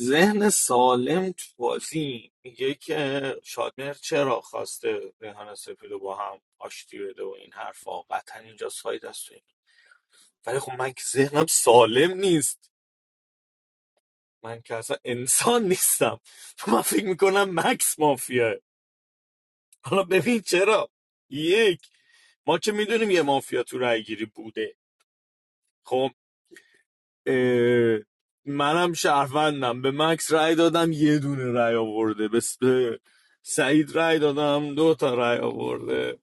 ذهن سالم تو بازی میگه که شادمر چرا خواسته ریحان سپید رو با هم آشتی بده و این حرفا قطعا اینجا ساید است و این. ولی خب من که ذهنم سالم نیست من که اصلا انسان نیستم من فکر میکنم مکس مافیاه حالا ببین چرا یک ما که میدونیم یه مافیا تو رأی گیری بوده خب اه، منم شهروندم به مکس رای دادم یه دونه رای آورده به س- به سعید رأی دادم دو تا رای آورده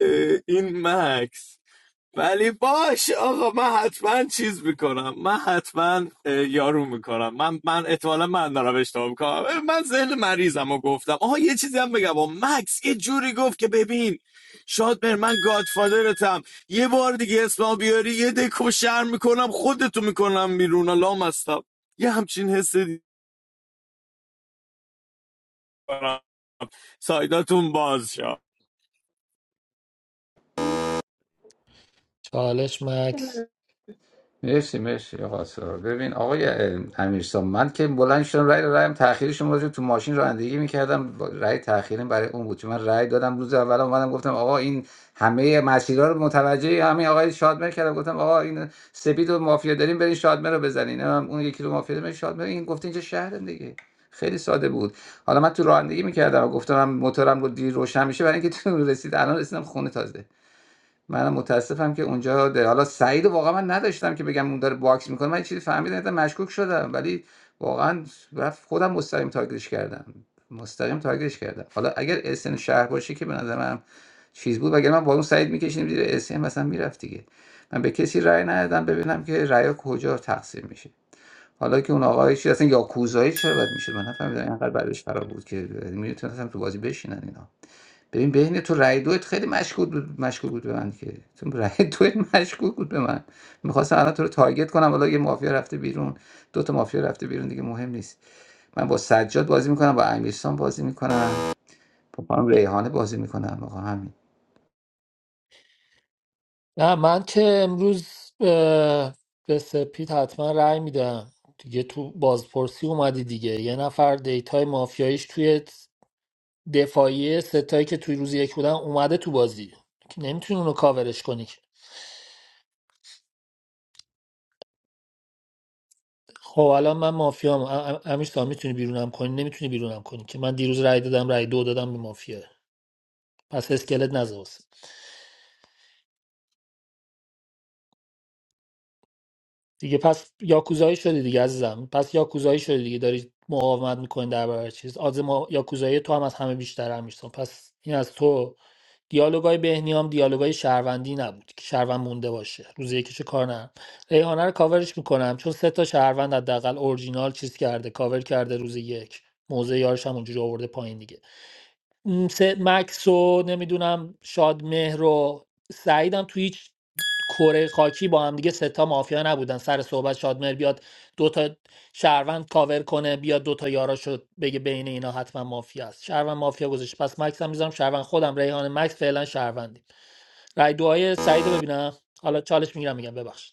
این مکس ولی باش آقا من حتما چیز میکنم من حتما یارو میکنم من من احتمالا من دارم اشتباه میکنم من ذهن مریضم و گفتم آها یه چیزی هم بگم و مکس یه جوری گفت که ببین شاد بر من گادفادرتم یه بار دیگه اسمم بیاری یه دکو شر میکنم خودتو میکنم بیرون لام هستم یه همچین حس دیگه دارم. سایداتون باز شد چالش مکس مرسی مرسی آقا سارا ببین آقای اه، امیرسام من که بلند شدم رأی رایم تأخیرشون راجع تو ماشین رانندگی میکردم رأی تأخیریم برای اون بود چون من رأی دادم روز اول اومدم گفتم آقا این همه مسیرها رو متوجه همین آقای شادمر کردم گفتم آقا این سپید و مافیا داریم برین شادمر رو بزنین هم اون یکی رو مافیا داریم شادمر این گفت اینجا شهر دیگه خیلی ساده بود حالا من تو رانندگی میکردم و گفتم من موتورم رو دیر روشن میشه برای اینکه تو رسید الان رسیدم خونه تازه منم متاسفم که اونجا ده. حالا سعید رو واقعا من نداشتم که بگم اون داره باکس میکنه من چیزی فهمیدم دیدم مشکوک شدم ولی واقعا رفت خودم مستقیم تارگتش کردم مستقیم تارگتش کردم حالا اگر اسن شهر باشه که به نظرم چیز بود وگرنه من با اون سعید میکشیدیم زیر اسن مثلا میرفت دیگه من به کسی رأی ندادم ببینم که رأی کجا تقسیم میشه حالا که اون آقای چی اصلا یا کوزایی چرا باید میشه من نفهمیدم اینقدر بعدش خراب بود که میتونستم تو بازی بشینن اینا ببین بین تو رای دوت خیلی مشکوک بود مشکوک بود به من که تو رای دوت مشکوک بود به من میخواستم الان تو رو تارگت کنم حالا یه مافیا رفته بیرون دو تا مافیا رفته بیرون دیگه مهم نیست من با سجاد بازی میکنم با امیرسان بازی میکنم با خانم ریحانه بازی میکنم آقا همین نه من که امروز به, به سپید حتما رأی میدم دیگه تو بازپرسی اومدی دیگه یه نفر دیتای مافیاییش توی دفاعیه ستایی که توی روز یک بودن اومده تو بازی که نمیتونی اونو کاورش کنی که. خب الان من مافیام امیش تا میتونی بیرونم کنی نمیتونی بیرونم کنی که من دیروز رأی دادم رأی دو دادم به مافیا پس اسکلت نذار دیگه پس یاکوزایی شدی دیگه عزیزم پس یاکوزایی شدی دیگه داری مقاومت میکنی در برابر چیز آز ما... یاکوزایی تو هم از همه بیشتر هم میشتم پس این از تو دیالوگای بهنیام دیالوگای شهروندی نبود که شهروند مونده باشه روز یکیشو کار نرم ریحانه رو کاورش میکنم چون سه تا شهروند حداقل اورجینال چیز کرده کاور کرده روز یک موزه یارش هم اونجوری آورده پایین دیگه م، سه مکس و نمیدونم شادمهر و سعیدم تو هیچ کره خاکی با هم دیگه ستا مافیا نبودن سر صحبت شادمهر بیاد دوتا شهروند کاور کنه بیاد دوتا یارا شد بگه بین اینا حتما مافیا است شهروند مافیا گذاشت پس مکس هم میذارم شهروند خودم ریحان مکس فعلا شهروندی رای دعای سعید رو ببینم حالا چالش میگیرم میگم ببخشید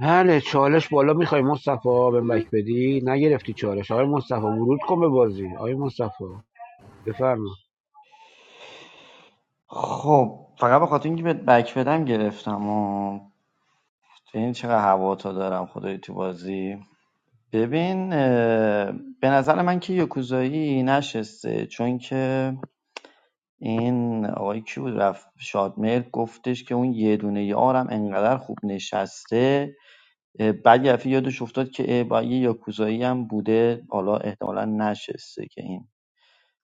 بله چالش بالا میخوای مصطفی بهم بک بدی نگرفتی چالش آقای مصطفی ورود کن به بازی آقای مصطفی بفرما خب فقط به خاطر اینکه بهت بک بدم گرفتم و ببین چقدر هوا تا دارم خدای تو بازی ببین اه، به نظر من که یکوزایی نشسته چون که این آقای کی بود رفت شادمهر گفتش که اون یه دونه یارم انقدر خوب نشسته بعد یه دفعه یادش افتاد که اه، با یه یاکوزایی هم بوده حالا احتمالا نشسته که این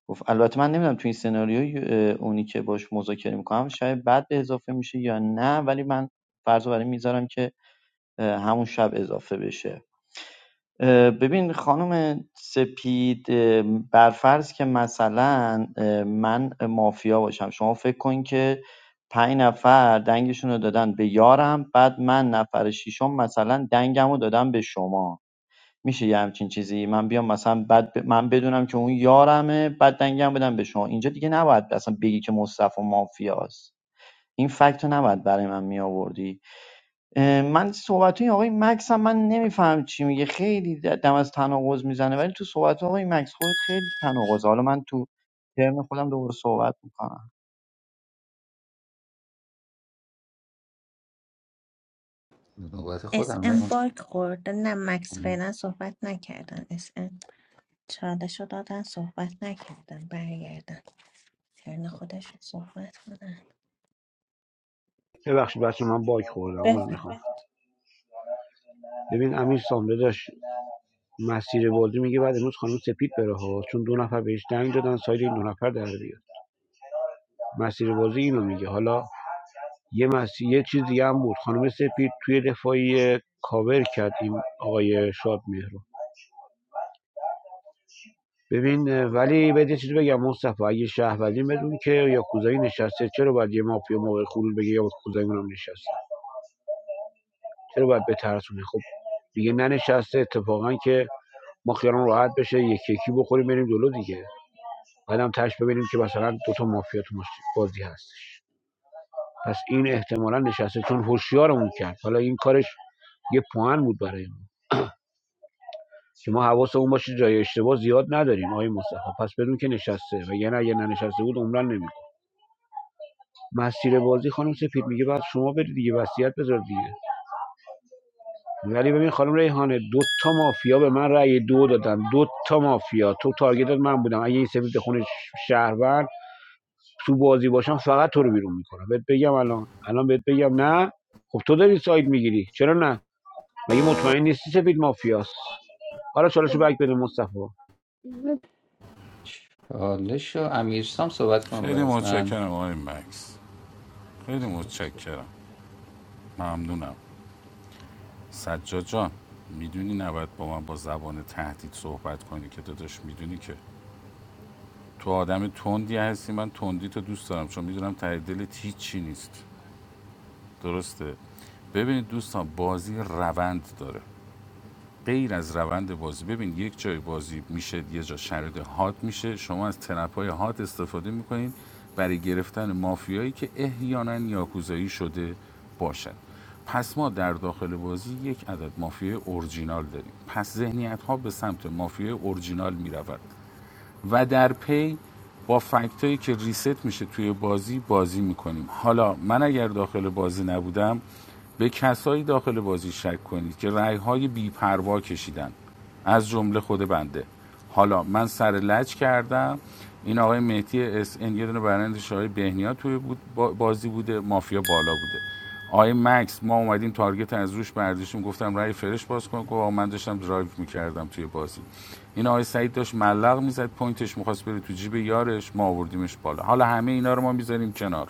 گفت البته من نمیدونم تو این سناریو اونی که باش مذاکره میکنم شاید بعد به اضافه میشه یا نه ولی من فرض رو برای میذارم که همون شب اضافه بشه ببین خانم سپید اه، برفرض که مثلا من مافیا باشم شما فکر کن که پنج نفر دنگشون رو دادن به یارم بعد من نفر ششم مثلا دنگم رو دادم به شما میشه یه همچین چیزی من بیام مثلا بعد ب- من بدونم که اون یارمه بعد دنگم بدم به شما اینجا دیگه نباید اصلا بگی که مصطفی مافیاست این فکت رو نباید برای من می من صحبت های آقای مکس هم من نمیفهم چی میگه خیلی دم از تناقض میزنه ولی تو صحبت آقای مکس خودت خیلی تناقض حالا من تو ترم خودم دوباره صحبت میکنم نوبت اس خودم ام باک خورده نه مکس فعلا صحبت نکردن اس ام چالش رو دادن صحبت نکردن برگردن ترن خودشون صحبت کنن ببخشید بچه من باگ خوردم عذر بفهم میخوام ببین امیر سامده داشت مسیر بازی میگه بعد امروز خانم سپید بره ها چون دو نفر بهش دنگ دادن سایر این دو نفر در بیاد مسیر بازی اینو میگه حالا یه مسیر یه چیز دیگه هم بود خانم سپید توی دفاعی کاور کرد این آقای شاد ببین ولی بهت یه چیزی بگم مصطفی اگه شهروندی بدون که یا کوزایی نشسته چرا باید یه مافیا موقع خروج بگه یا کوزایی اونم نشسته چرا باید بترسونه خب دیگه ننشسته اتفاقا که ما خیالمون راحت بشه یکی یکی بخوریم بریم جلو دیگه بعدم تش ببینیم که مثلا دو تا مافیا تو مش- بازی هستش پس این احتمالا نشسته چون هوشیارمون کرد حالا این کارش یه پوان بود برای ما که ما حواسمون باشه جای اشتباه زیاد نداریم آقای مصطفی پس بدون که نشسته و یعنی اگه ننشسته بود عمرن نمی‌خورد. مسیر بازی خانم سفید میگه بعد شما برید دیگه وصیت بذار دیگه ولی ببین خانم ریحانه دو تا مافیا به من رأی دو دادن دو تا مافیا تو تارگتت من بودم اگه این سفید خونه شهروند تو بازی باشم فقط تو رو بیرون میکنم بهت بگم الان الان بهت بگم نه خب تو داری ساید میگیری چرا نه مگه مطمئن نیستی سفید مافیاست حالا چالشو بک بده مصطفی چالش و امیرسام صحبت کنم بعد خیلی از من متشکرم آقای مکس خیلی صحبت متشکرم ممنونم سجاد جان میدونی نباید با من با زبان تهدید صحبت کنی که داداش میدونی که تو آدم تندی هستی من تندی تو دوست دارم چون میدونم ته دلت هیچی نیست درسته ببینید دوستان بازی روند داره غیر از روند بازی ببین یک جای بازی میشه یه جا شرایط هات میشه شما از ترپ هات استفاده میکنین برای گرفتن مافیایی که احیانا یاکوزایی شده باشن پس ما در داخل بازی یک عدد مافیای اورجینال داریم پس ذهنیت ها به سمت مافیای اورجینال میرود و در پی با فکتایی که ریست میشه توی بازی بازی میکنیم حالا من اگر داخل بازی نبودم به کسایی داخل بازی شک کنید که رأی های بیپروا کشیدن از جمله خود بنده حالا من سر لج کردم این آقای مهدی اس ان یه دونه برندش آقای بهنیا توی بود بازی بوده مافیا بالا بوده آی مکس ما اومدیم تارگت از روش برداشتیم گفتم رای فرش باز کن گفت آقا من داشتم درایو میکردم توی بازی این آقای سعید داشت ملق میزد پوینتش میخواست بره تو جیب یارش ما آوردیمش بالا حالا همه اینا رو ما میذاریم کنار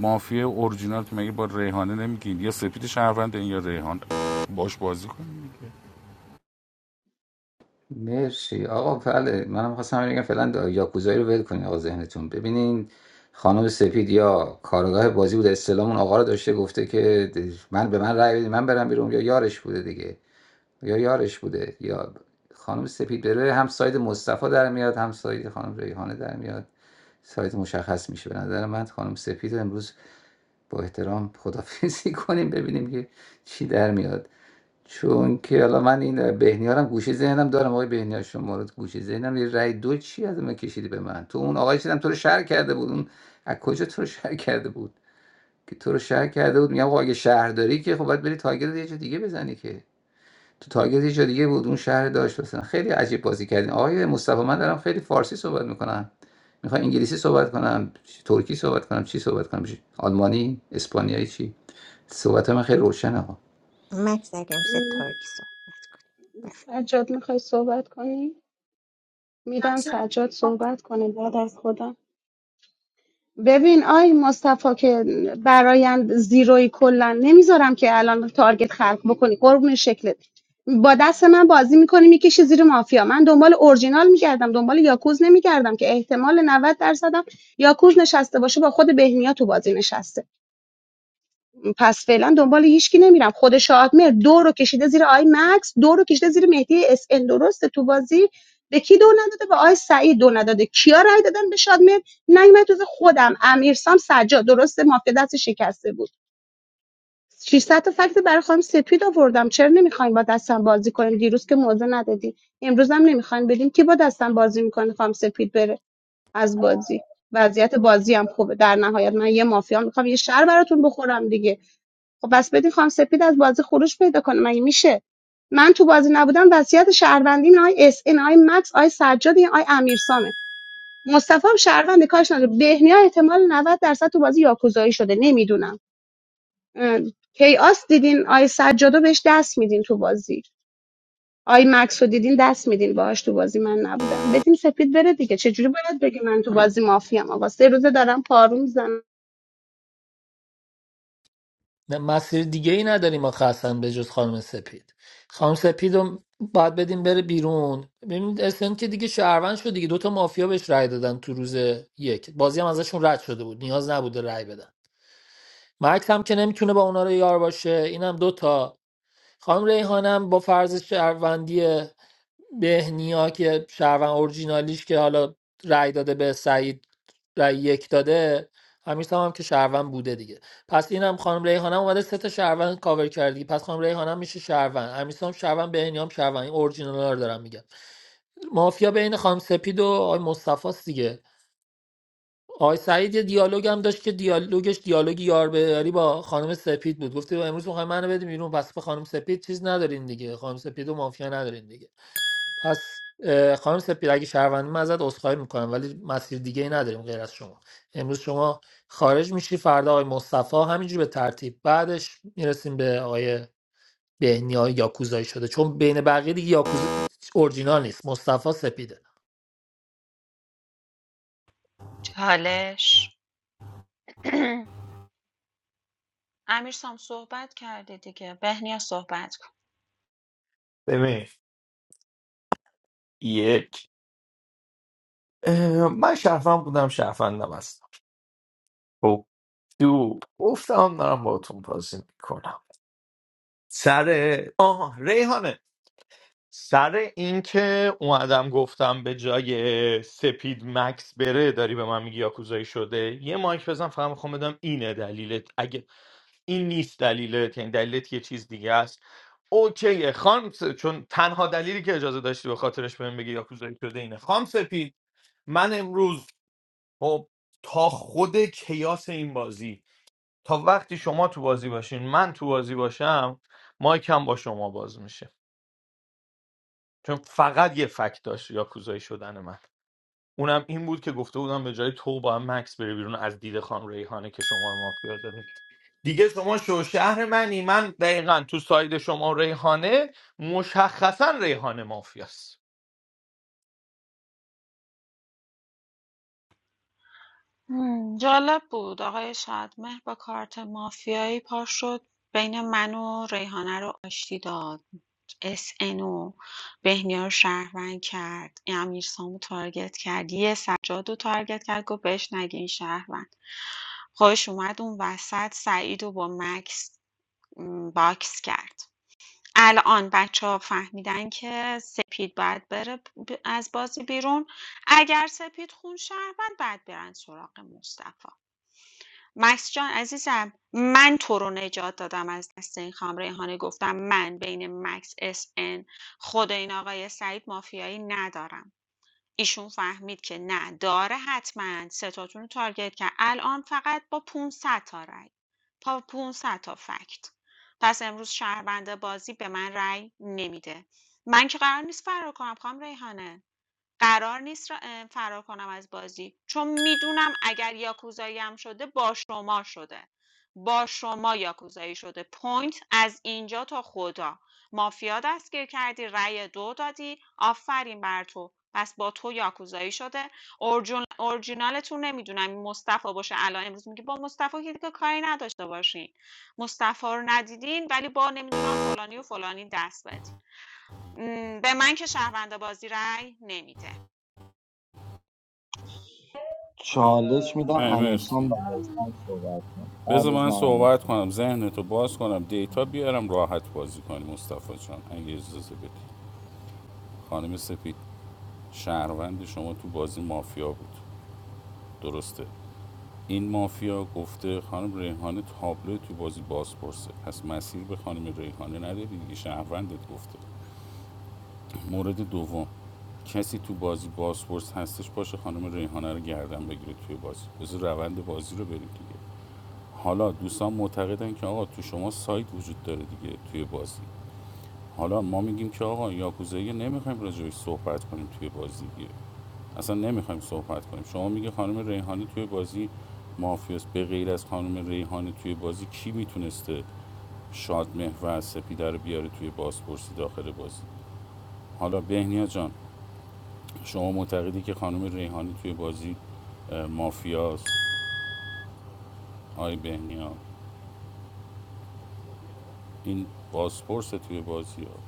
مافیا اورجینال که مگه با ریحانه نمیگین یا سپید شهروند این یا ریحان باش بازی کنیم مرسی آقا بله منم خواستم همین بگم فعلا یاکوزایی رو ول کنین آقا ذهنتون ببینین خانم سپید یا کارگاه بازی بود استلام اون آقا رو داشته گفته که من به من رأی بدید من برم بیرون یا یارش بوده دیگه یا یارش بوده یا خانم سپید بره هم ساید مصطفی در میاد هم ساید خانم ریحانه در میاد ساید مشخص میشه به نظر من خانم سپید رو امروز با احترام خدافیزی کنیم ببینیم که چی در میاد چون که حالا من این بهنیارم گوشه ذهنم دارم آقای بهنیار شما رو گوشه ذهنم یه رأی دو چی از من کشیدی به من تو اون آقای چیدم تو رو شهر کرده بود اون از کجا تو رو شهر کرده بود که تو رو شهر کرده بود میگم آقا اگه شهر داری که خب باید بری تارگت یه جا دیگه بزنی که تو تارگت یه جا دیگه بود اون شهر داشت مثلا خیلی عجیب بازی کردین آقای مصطفی من دارم خیلی فارسی صحبت میکنم میخوام انگلیسی صحبت کنم ترکی صحبت کنم چی صحبت کنم آلمانی اسپانیایی چی صحبت من خیلی روشنه مکس اگه میشه ترکی صحبت کنیم سجاد میخوای صحبت کنی میدم سجاد صحبت کنه بعد از خودم ببین آی مصطفی که برایند زیروی کلا نمیذارم که الان تارگت خلق بکنی قربون شکلت با دست من بازی میکنی میکشی زیر مافیا من دنبال اورجینال میگردم دنبال یاکوز نمیگردم که احتمال 90 درصدم یاکوز نشسته باشه با خود بهنیا تو بازی نشسته پس فعلا دنبال هیچکی نمیرم خود شادمر دو رو کشیده زیر آی مکس دو رو کشیده زیر مهدی اس ان درسته تو بازی به کی دو نداده به آی سعید دو نداده کیا رای دادن به شادمر نیومد تو خودم امیرسام سجاد درسته مافیا دست شکسته بود 600 تا فکت برای خانم سپید آوردم چرا نمیخواین با دستم بازی کنیم دیروز که موضع ندادی امروز هم نمیخواین بدین که با دستم بازی میکنه خانم سپید بره از بازی وضعیت بازی هم خوبه در نهایت من یه مافیا میخوام یه شهر براتون بخورم دیگه خب بس بدین خانم سپید از بازی خروج پیدا کنه مگه میشه من تو بازی نبودم وصیت شهروندی آی اس این آی مکس آی سجاد این آی امیرسامه مصطفی هم شهروند کارش نداره بهنیا احتمال 90 درصد تو بازی یاکوزایی شده نمیدونم کیاس دیدین آی سجادو بهش دست میدین تو بازی آی مکس دیدین دست میدین باهاش تو بازی من نبودم بدین سپید بره دیگه چه چجوری باید بگی من تو بازی مافیام آقا سه روزه دارم پارو میزنم نه مسیر دیگه ای نداریم ما خاصا به جز خانم سپید خانم سپید رو باید بدیم بره بیرون ببینید اسن که دیگه شهروند شد دیگه دوتا مافیا بهش رأی دادن تو روز یک بازی هم ازشون رد شده بود نیاز نبوده رای بدن مکس هم که نمیتونه با اونا رو یار باشه اینم دوتا خانم ریحانم با فرض شهروندی بهنیا که شهروند اورجینالیش که حالا رأی داده به سعید رأی یک داده همیشه هم, هم که شهروند بوده دیگه پس اینم خانم ریحانم اومده سه تا شهروند کاور کردی پس خانم ریحانم میشه شهروند همیشه هم شهروند بهنیا هم شهروند این اورجینال رو دارم میگم مافیا بین خانم سپید و آقای مصطفی است دیگه آقای سعید یه دیالوگ هم داشت که دیالوگش دیالوگ یار به یاری با خانم سپید بود گفته امروز میخوایم منو بدیم بیرون پس به خانم سپید چیز ندارین دیگه خانم سپید و مافیا ندارین دیگه پس اه، خانم سپید اگه شهروندی من ازت عذرخواهی میکنم ولی مسیر دیگه ای نداریم غیر از شما امروز شما خارج میشی فردا آقای مصطفی همینجوری به ترتیب بعدش میرسیم به آقای بهنیا یاکوزایی شده چون بین بقیه دیگه یاکوز اورجینال نیست مصطفی سپیده چالش امیر سام صحبت کرده دیگه بهنیا صحبت ببین یک اه، من شرفند بودم شرفندم هستم خب دو گفتم دارم باهاتون بازی میکنم سر آها ریحانه سر اینکه اومدم گفتم به جای سپید مکس بره داری به من میگی یاکوزایی شده یه مایک بزن فقط میخوام بدم اینه دلیلت اگه این نیست دلیلت یعنی دلیلت یه چیز دیگه است اوکی خانم س- چون تنها دلیلی که اجازه داشتی به خاطرش بهم بگی یاکوزایی شده اینه خانم سپید من امروز خب تا خود کیاس این بازی تا وقتی شما تو بازی باشین من تو بازی باشم مایکم با شما باز میشه چون فقط یه فکت داشت یا کوزایی شدن من اونم این بود که گفته بودم به جای تو با هم مکس بره بیرون از دید خان ریحانه که شما رو مافیا داره دیگه شما شو شهر منی من دقیقا تو ساید شما و ریحانه مشخصا ریحانه مافیاست مم، جالب بود آقای شادمهر با کارت مافیایی پا شد بین من و ریحانه رو آشتی داد اس و بهنیا رو شهروند کرد امیر سامو تارگت کرد یه سجاد رو تارگت کرد گفت بهش نگین شهروند خودش اومد اون وسط سعید رو با مکس م، باکس کرد الان بچه‌ها فهمیدن که سپید باید بره ب- از بازی بیرون اگر سپید خون شهروند بعد برن سراغ مصطفی مهسا جان عزیزم من تو رو نجات دادم از دست این خام ریحانه گفتم من بین مکس اس ان خود این آقای سعید مافیایی ندارم ایشون فهمید که نه داره حتما ستاتون رو تارگت کرد الان فقط با 500 تا رای با 500 تا فکت پس امروز شهروند بازی به من رای نمیده من که قرار نیست فرار کنم خام ریحانه قرار نیست ر فرار کنم از بازی چون میدونم اگر یاکوزایی هم شده با شما شده با شما یاکوزایی شده پوینت از اینجا تا خدا مافیا دستگیر کردی رأی دو دادی آفرین بر تو پس با تو یاکوزایی شده اورجون اورجینالتون نمیدونم این مصطفی باشه الان امروز میگه با مصطفی که دیگه کاری نداشته باشین مصطفی رو ندیدین ولی با نمیدونم فلانی و فلانی دست بدین م، به من که شهروند بازی رأی نمیده چالش میدم من امیرسون مرسی. بعد از من صحبت کن بعد بذار از من من صحبت امیرسون کنم ذهنتو باز کنم دیتا بیارم راحت بازی کنیم مصطفی جان اگه اجازه بدی خانم سپید شهروند شما تو بازی مافیا بود درسته این مافیا گفته خانم ریحانه تابلو تو بازی باز پرسه پس مسیر به خانم ریحانه نداری دیگه شهروندت گفته مورد دوم کسی تو بازی بازپرس هستش باشه خانم ریحانه رو گردن بگیره توی بازی بذار روند بازی رو بریم دیگه حالا دوستان معتقدن که آقا تو شما سایت وجود داره دیگه توی بازی حالا ما میگیم که آقا یاکوزایی نمیخوایم راجعش صحبت کنیم توی بازی دیگه اصلا نمیخوایم صحبت کنیم شما میگه خانم ریحانه توی بازی مافیاست به غیر از خانم ریحانه توی بازی کی میتونسته شادمهر و سپیده رو بیاره توی بازپرسی داخل بازی حالا بهنیا جان شما معتقدی که خانم ریحانه توی بازی مافیاست آی بهنیا این بازپرس توی بازی ها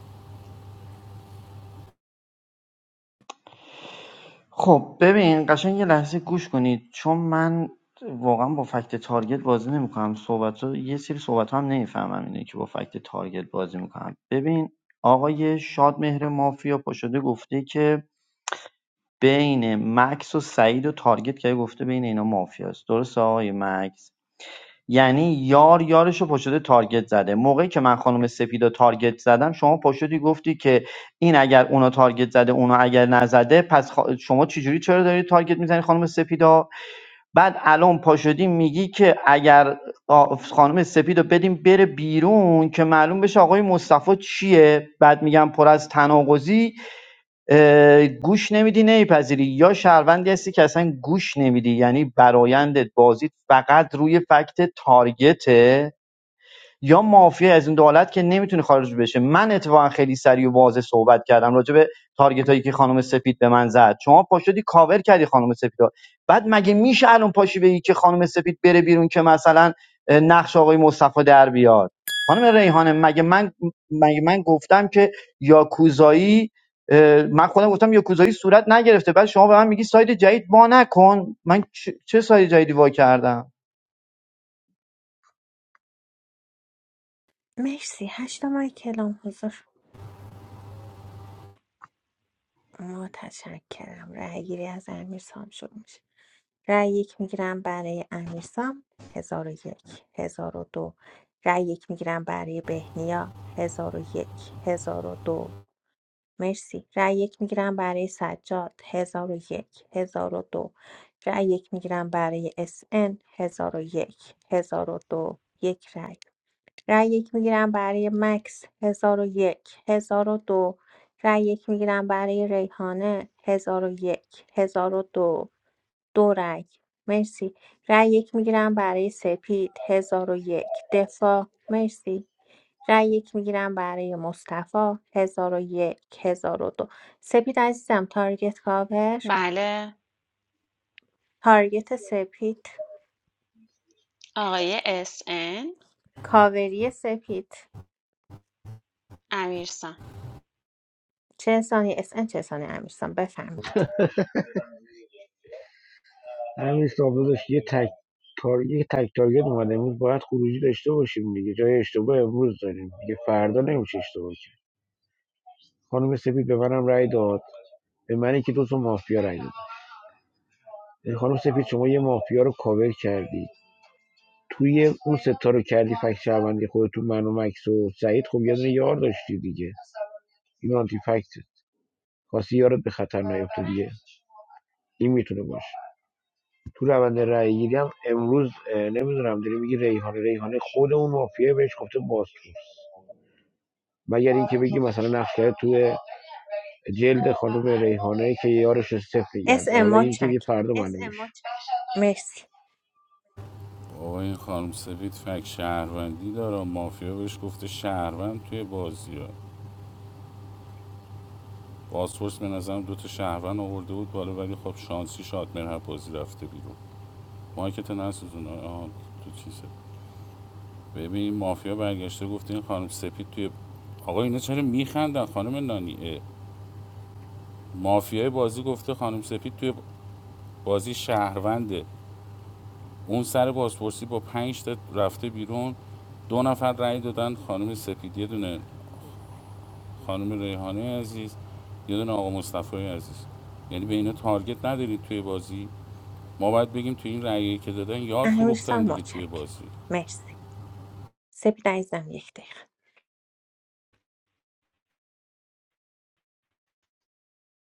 خب ببین قشنگ یه لحظه گوش کنید چون من واقعا با فکت تارگت بازی نمیکنم صحبت ها یه سری صحبت ها هم نمیفهمم اینه که با فکت تارگت بازی میکنم ببین آقای شادمهر مافیا پاشده گفته که بین مکس و سعید و تارگت که گفته بین اینا مافیاست درسته آقای مکس یعنی یار یارش رو پشت تارگت زده موقعی که من خانم سپیدا تارگت زدم شما پشتی گفتی که این اگر اونا تارگت زده اونا اگر نزده پس خا- شما چجوری چرا داری تارگت میزنی خانم سپیدا بعد الان پاشدی میگی که اگر آ- خانم سپیدو بدیم بره بیرون که معلوم بشه آقای مصطفی چیه بعد میگم پر از تناقضی گوش نمیدی نمیپذیری یا شهروندی هستی که اصلا گوش نمیدی یعنی برایندت بازی فقط روی فکت تارگته یا مافیا از این دولت که نمیتونه خارج بشه من اتفاقا خیلی سریع و واضح صحبت کردم راجع به تارگت هایی که خانم سپید به من زد شما پاشدی کاور کردی خانم سپید ها. بعد مگه میشه الان پاشی بگی که خانم سپید بره بیرون که مثلا نقش آقای مصطفی در بیاد خانم ریحانه مگه من مگه من گفتم که یاکوزایی اه، من خودم گفتم یاکوزایی صورت نگرفته بعد شما به من میگی ساید جدید وا نکن من چه چه ساید جدیدی وا کردم مرسی هشت ماه کلام حضور متشکرم رأیگیری از امیر سام شروع میشه رأی یک میگیرم برای امیرسام هزار و یک هزار و دو رأی یک میگیرم برای بهنیا هزار هزار و یک هزار و دو مرسی رأی یک میگیرم برای سجاد هزار هزار و یک هزار و دو رأی یک میگیرم برای اس ان 1001 1002 یک هزار و دو. یک رأی رأی یک میگیرم برای مکس هزار هزار و یک هزار و دو رأی یک میگیرم برای ریحانه هزار هزار و یک هزار و دو دو رأی مرسی رأی یک میگیرم برای سپید هزار و یک دفاع مرسی رأی یک میگیرم برای مصطفی هزار و یک هزار و دو سپید عزیزم تارگت کاور بله، تارگت سپید آقای SN کاوری سپید امیرسان. چه سانی اس ان چه سانی امیرسان بفهمید همین صاحب داشت یه تک کار یه تک تارگت اومده امروز باید خروجی داشته باشیم دیگه جای اشتباه امروز داریم دیگه فردا نمیشه اشتباه خانم سپید به منم رأی داد به منی که دو تا مافیا رأی داد یعنی خانم سپید شما یه مافیا رو کاور کردی توی اون ستا رو کردی فکت شهروندی خودتون من و مکس و سعید خب یه دونه یار داشتی دیگه این آنتی فکت خواستی یارت به خطر نیفته دیگه این میتونه باشه تو روند رأی گیری هم امروز اه، نمیدونم داری میگی ریحانه ریحانه خود اون مافیا بهش گفته بازپرس مگر اینکه بگی مثلا نقش کرده توی جلد خانم ریحانه که یارش رو صفر اس گرده ان حالا این که دیگه مچک فردا معلوم میشه مرسی بابا این خانم سفید فک شهروندی داره مافیا بهش گفته شهروند توی بازی ها پاسپورت به نظرم دو تا شهروند آورده بود بالا ولی خب شانسی شادمر هر بازی رفته بیرون مایکت نسوزون آها تو چیزه ببین مافیا برگشته گفته این خانم سپید توی آقا اینا چرا میخندن خانم نانی مافیای بازی گفته خانم سپید توی بازی شهرونده اون سر بازپرسی با پنج تا رفته بیرون دو نفر رأی دادن خانم سپید یه دونه خانم ریحانه عزیز یه دونه آقا مصطفی عزیز یعنی به اینا تارگت ندارید توی بازی ما باید بگیم تو این رأیی که دادن یار فروختن امیرسان دیگه توی مچک بازی مرسی سپید عزیزم یک دقیقه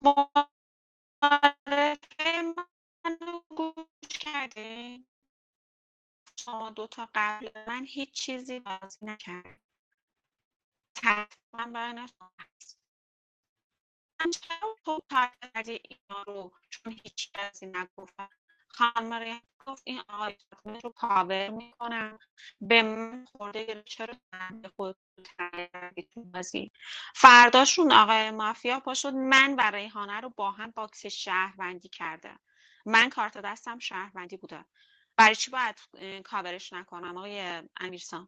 معارفه منو گوش کردین؟ شما دو تا قبل من هیچ چیزی بازی نکردین. تقریبا برای نفس من چرا تو پرده اینا رو چون هیچ کسی نگفتن خانم مریم گفت این آقای خودم رو کاور میکنم به من خورده گرفت چرا من به خود کردی بازی فرداشون آقای مافیا پا من و ریحانه رو با هم باکس شهروندی کرده من کارت دستم شهروندی بوده برای چی باید کاورش نکنم آقای امیرسان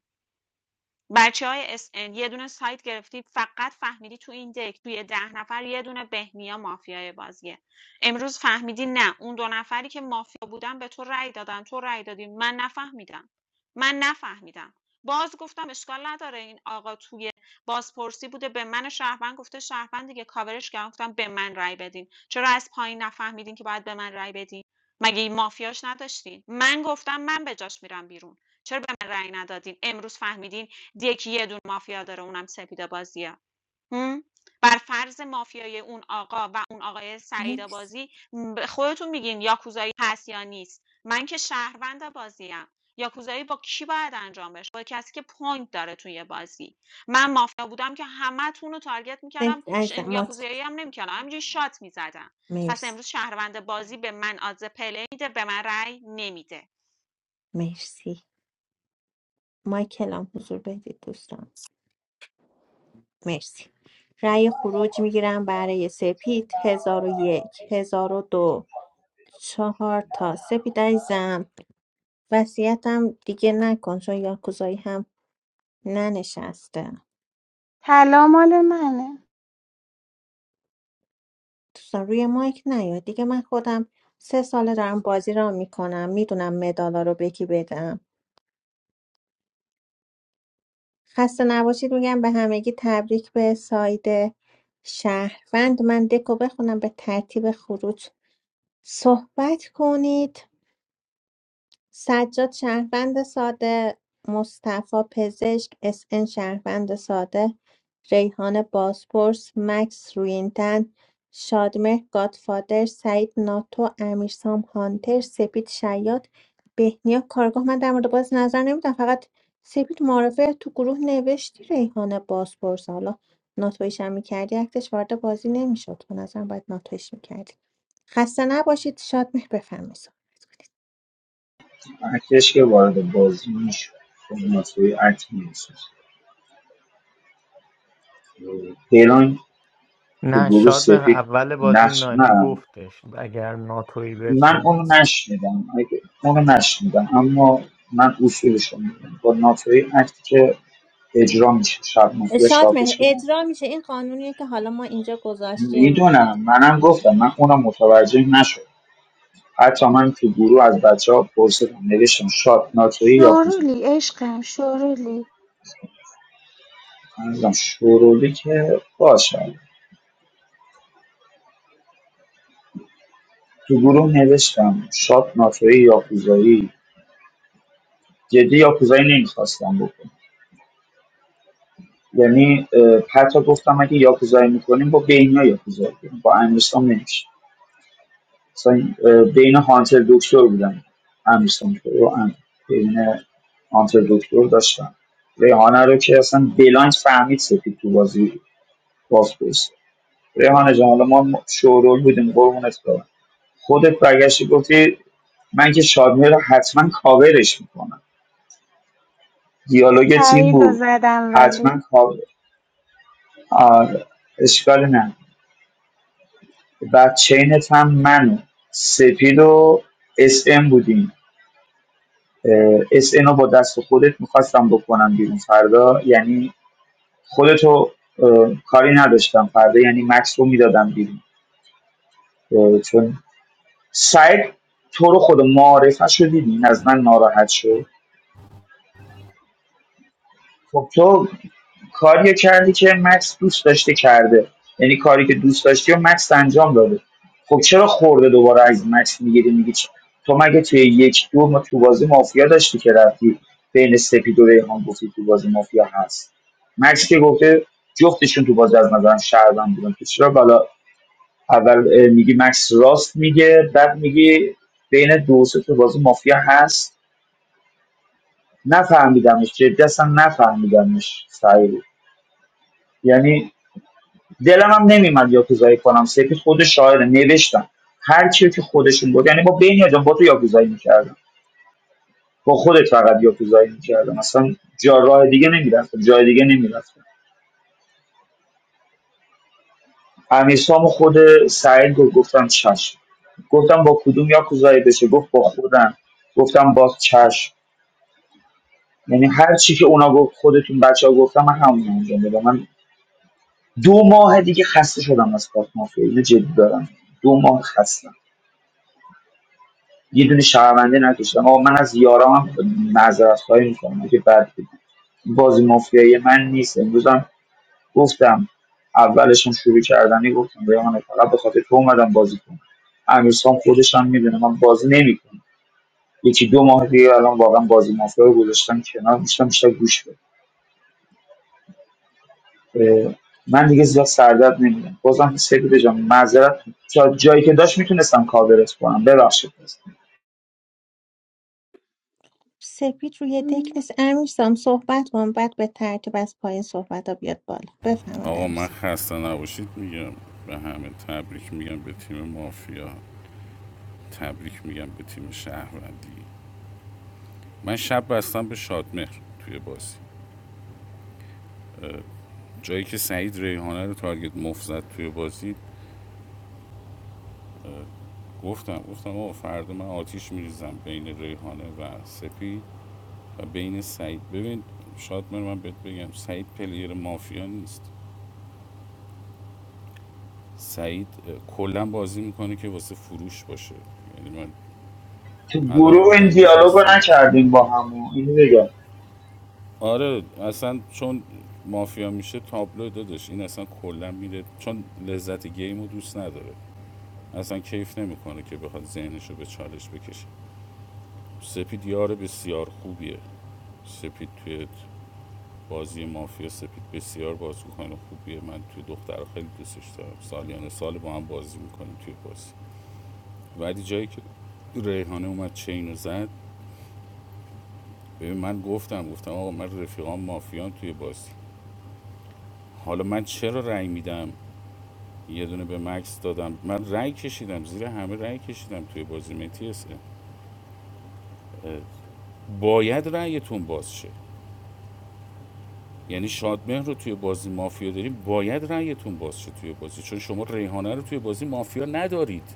بچه های اس ان یه دونه سایت گرفتی فقط فهمیدی تو این دک توی ده نفر یه دونه بهنیا مافیای بازیه امروز فهمیدی نه اون دو نفری که مافیا بودن به تو رأی دادن تو رأی دادی من نفهمیدم من نفهمیدم باز گفتم اشکال نداره این آقا توی بازپرسی بوده به من شهروند گفته شهروند دیگه کاورش کردم گفتم به من رأی بدین چرا از پایین نفهمیدین که باید به من رأی بدین مگه این مافیاش نداشتین من گفتم من به جاش میرم بیرون چرا به من رأی ندادین امروز فهمیدین دک یه دون مافیا داره اونم سپید بازیه بر فرض مافیای اون آقا و اون آقای سعید مرسی بازی خودتون میگین یاکوزایی هست یا نیست من که شهروند بازیم یاکوزایی با کی باید انجام بشه با کسی که پوینت داره توی بازی من مافیا بودم که همه رو تارگت میکردم سپید ش... عزیزم مچک یاکوزایی هم نمیکردم همینجوری شات میزدم پس مرسی امروز شهروند بازی به من آدز پله میده به من رأی نمیده مرسی مایکلام حضور بدید دوستان مرسی رأی خروج میگیرم برای سپید هزار و یک هزار و دو چهار تا سپید عزیزم وصیتم دیگه نکن چون یاکوزایی هم ننشسته طلا مال منه دوستان روی مایک نیاد دیگه من خودم سه ساله دارم بازی را میکنم میدونم مدالا رو به کی بدم خسته نباشید میگم به همگی تبریک به ساید شهروند من دکو بخونم به ترتیب خروج صحبت کنید سجاد شهروند ساده مصطفی پزشک اس ان شهروند ساده ریحان بازپرس مکس روینتن شادمهر گادفادر سعید ناتو امیرسام هانتر سپید شیاد بهنیا کارگاه من در مورد باز نظر نمیدم فقط سپید معرفه تو گروه نوشتی ریحان بازپرس حالا ناتویش هم میکردی اکتش وارد بازی نمیشد به نظرم باید ناتویش میکردی. خسته نباشید شادمهر بفرمایید صحبت کنید ارتش که وارد بازی میشه مسئول ارتش میشه پیران تو گروه سفید نقش نه گفتش من اونو نشنیدم اونو نشنیدم اما من اصولش رو میدونم با ناتوی اکتی که اجرا میشه شب مافیا شادمهر شاپش کنم اجرا میشه این قانونیه که حالا ما اینجا گذاشتیم میدونم منم گفتم من اونم متوجه نشد حتی من تو گروه از بچه ها پرسیدم نوشتم شاد ناتوی یا کوزه شورولی عشقم شورولی منظورم شورولی که باشه تو گروه نوشتم شاد ناتوی یاکوزایی جدی یاکوزایی نمیخواستم بکنم یعنی اه، حتی گفتم اگه یاکوزایی میکنیم با بینا یاکوزایی کنیم با امیرسام نمیشه مثلا اه، بین هانتر دکتر بودم امیرسام تو رو ام- بین هانتر دکتر داشتم ریحانه رو که اصلا بلایند فهمید سپید تو بازی باز پرس ریحانه جان حالا ما شورول بودیم قربونت برم خودت برگشتی گفتی من که شادمهر رو حتما کاورش میکنم دیالوگ تیم تایید و بود زدم ولی حتما کاور آره اشکال نه بعد چینت هم منو سپید و اس ام بودیم اس ام رو با دست خودت میخواستم بکنم بیرون فردا یعنی خودتو اه، کاری نداشتم فردا یعنی مکس رو میدادم بیرون اه، چون سعید تو رو خود معارفه شدیدین از من ناراحت شد خب تو کاریو کردی که مکس دوست داشته کرده یعنی کاری که دوست داشتی و مکس انجام داده خب چرا خورده دوباره از مکس میگیری میگی تو مگه توی یک دو ما تو بازی مافیا داشتی که رفتی بین سپید و ریحان گفتی تو بازی مافیا هست مکس که گفته جفتشون تو بازی از نظرم شهروند بودن تو چرا بالا اول اه، میگی مکس راست میگه بعد میگی بین دو و سه تو بازی مافیا هست نفهمیدمش جدی اصلا نفهمیدمش یعنی دلم هم نمیمد یاکوزایی کنم سپید خود شاعره نوشتم هر چی که خودشون بود یعنی با بین جان با تو یاکوزایی میکردم با خودت فقط یاکوزایی میکردم اصلا جا راه دیگه نمیرفتم جای دیگه نمیرفتم امیرسام و خود سعید گفت گفتم چشم گفتم با کدوم یاکوزایی بشه گفت با خودم گفتم با چشم یعنی هر چی که اونا گفت خودتون بچه ها گفتم من همون انجام دادم من دو ماه دیگه خسته شدم از کارت مافیا اینو جدی دارم دو ماه خستم یه دونه شهرونده نکشتم آقا من از یارام معذرت خواهی میکنم که بعد بازی مافیایی من نیست امروز هم گفتم اولشون شروع کردنی گفتم ریحانه فقط به خاطر تو اومدم بازی کنم امیرسام خودش هم میدونه من بازی نمیکنم یکی دو ماه دیگه الان واقعا بازی مافیا رو گذاشتم کنار میشتم بیشتر گوش بده اه، من دیگه زیاد سردرد نمیدم بازم سپید جان معذرت تا جایی که داشت میتونستم کاورت کنم ببخشید سپید روی دک م- نیست امیرسام صحبت کن بعد به ترتیب از پایین صحبت ها بیاد بالا بفرمایید آقا من امیرسام خسته نباشید میگم به همه تبریک میگم به تیم مافیا تبریک میگم به تیم شهروندی من شب بستم به شادمهر توی بازی جایی که سعید ریحانه رو تارگت مفت توی بازی اه، گفتم گفتم آقا فردا من آتیش میریزم بین ریحانه و سپید و بین سعید ببین شادمهر من بهت بگم سعید پلیر مافیا نیست سعید اه، کلا بازی میکنه که واسه فروش باشه یعنی من تو الانم گروه این دیدم دیالوگو نشستین نکردیم با هم اینو بگم آره اصلا چون مافیا میشه تابلو دادش این اصلا کلا میره چون لذت گیم دوست نداره اصلا کیف نمیکنه که بخواد ذهنش رو به چالش بکشه سپید یار بسیار خوبیه سپید توی بازی مافیا سپید بسیار بازیکن خوبیه من توی دختر خیلی دوستش دارم سالیان سال با هم بازی میکنیم توی بازی ولی جایی که ریحانه اومد چین رو زد ببین من گفتم گفتم آقا من رفیقام مافیان توی بازی حالا من چرا رأی میدم یه دونه به مکس دادم من رأی کشیدم زیر همه رأی کشیدم توی بازی متی اس باید رأیتون باز شه یعنی شادمهر رو توی بازی مافیا داریم باید رأیتون باز شه توی بازی چون شما ریحانه رو توی بازی مافیا ندارید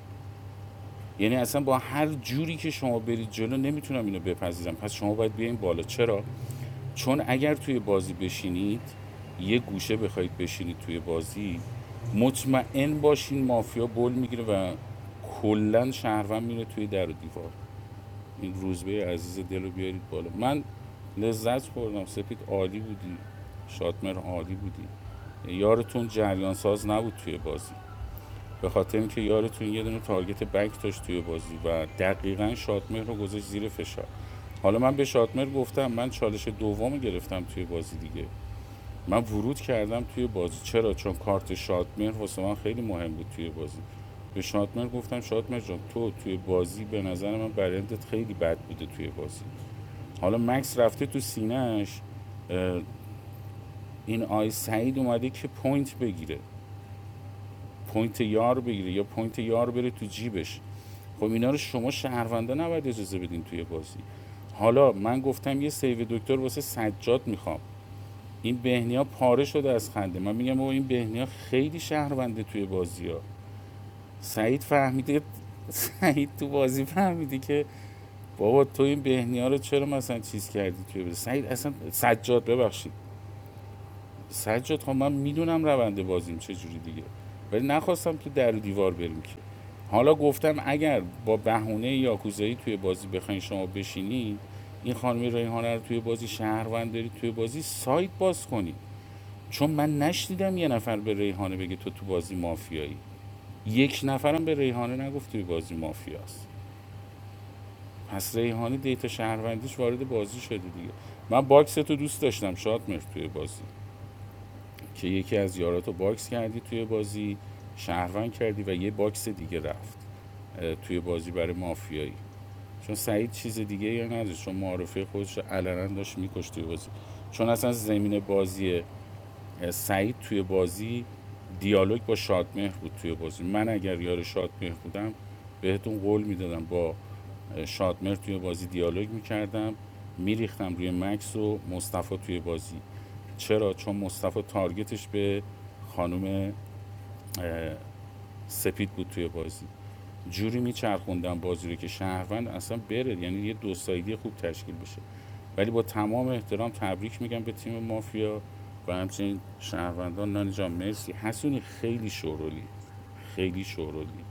یعنی اصلا با هر جوری که شما برید جلو نمیتونم اینو بپذیرم پس شما باید بیاین بالا چرا چون اگر توی بازی بشینید یه گوشه بخواید بشینید توی بازی مطمئن باشین مافیا بل میگیره و کلا شهروند میره توی در و دیوار این روزبه عزیز دل رو بیارید بالا من لذت خوردم سپید عالی بودی شادمر عالی بودی یارتون جریان ساز نبود توی بازی به خاطر اینکه یارتون یه دونه تارگت بک داشت توی بازی و دقیقاً شادمهر رو گذاشت زیر فشار حالا من به شادمر گفتم من چالش دوم گرفتم توی بازی دیگه من ورود کردم توی بازی چرا چون کارت شادمر واسه من خیلی مهم بود توی بازی به شادمر گفتم شادمر جان تو توی بازی به نظر من برندت خیلی بد بوده توی بازی حالا مکس رفته تو سینهش این آی سعید اومده که پوینت بگیره پوینت یار بگیره یا پوینت یار بره تو جیبش خب اینا رو شما شهروندا نباید اجازه بدین توی بازی حالا من گفتم یه سیو دکتر واسه سجاد میخوام این بهنیا پاره شده از خنده من میگم بابا این بهنیا خیلی شهرونده توی بازی ها سعید فهمیده سعید تو بازی فهمیده که بابا تو این بهنیا رو چرا مثلا چیز کردی توی بازی سعید اصلا سجاد ببخشید سجاد خب من میدونم روند بازیم چه جوری دیگه ولی نخواستم تو در و دیوار بریم که حالا گفتم اگر با بهونه یاکوزایی توی بازی بخواین شما بشینی این خانمی ریحانه رو توی بازی شهروند داری توی بازی سایت باز کنی چون من نشنیدم یه نفر به ریحانه بگه تو تو بازی مافیایی یک نفرم به ریحانه نگفت توی بازی مافیاست پس ریحانه دیتا شهروندیش وارد بازی شده دیگه من باکس تو دوست داشتم شاد مرد توی بازی که یکی از یاراتو باکس کردی توی بازی شهروند کردی و یه باکس دیگه رفت توی بازی برای مافیایی چون سعید چیز دیگه یا نداشت چون معارفه خودش رو علنا داشت میکشت توی بازی چون اصلا زمین بازی سعید توی بازی دیالوگ با شادمهر بود توی بازی من اگر یار شادمهر بودم بهتون قول میدادم با شادمهر توی بازی دیالوگ میکردم میریختم روی مکس و مصطفی توی بازی چرا چون مصطفی تارگتش به خانم سپید بود توی بازی جوری میچرخوندن بازی رو که شهروند اصلا بره یعنی یه دو سایدی خوب تشکیل بشه ولی با تمام احترام تبریک میگم به تیم مافیا و همچنین شهروندان نانی جان مرسی حسونی خیلی شورولی خیلی شورولی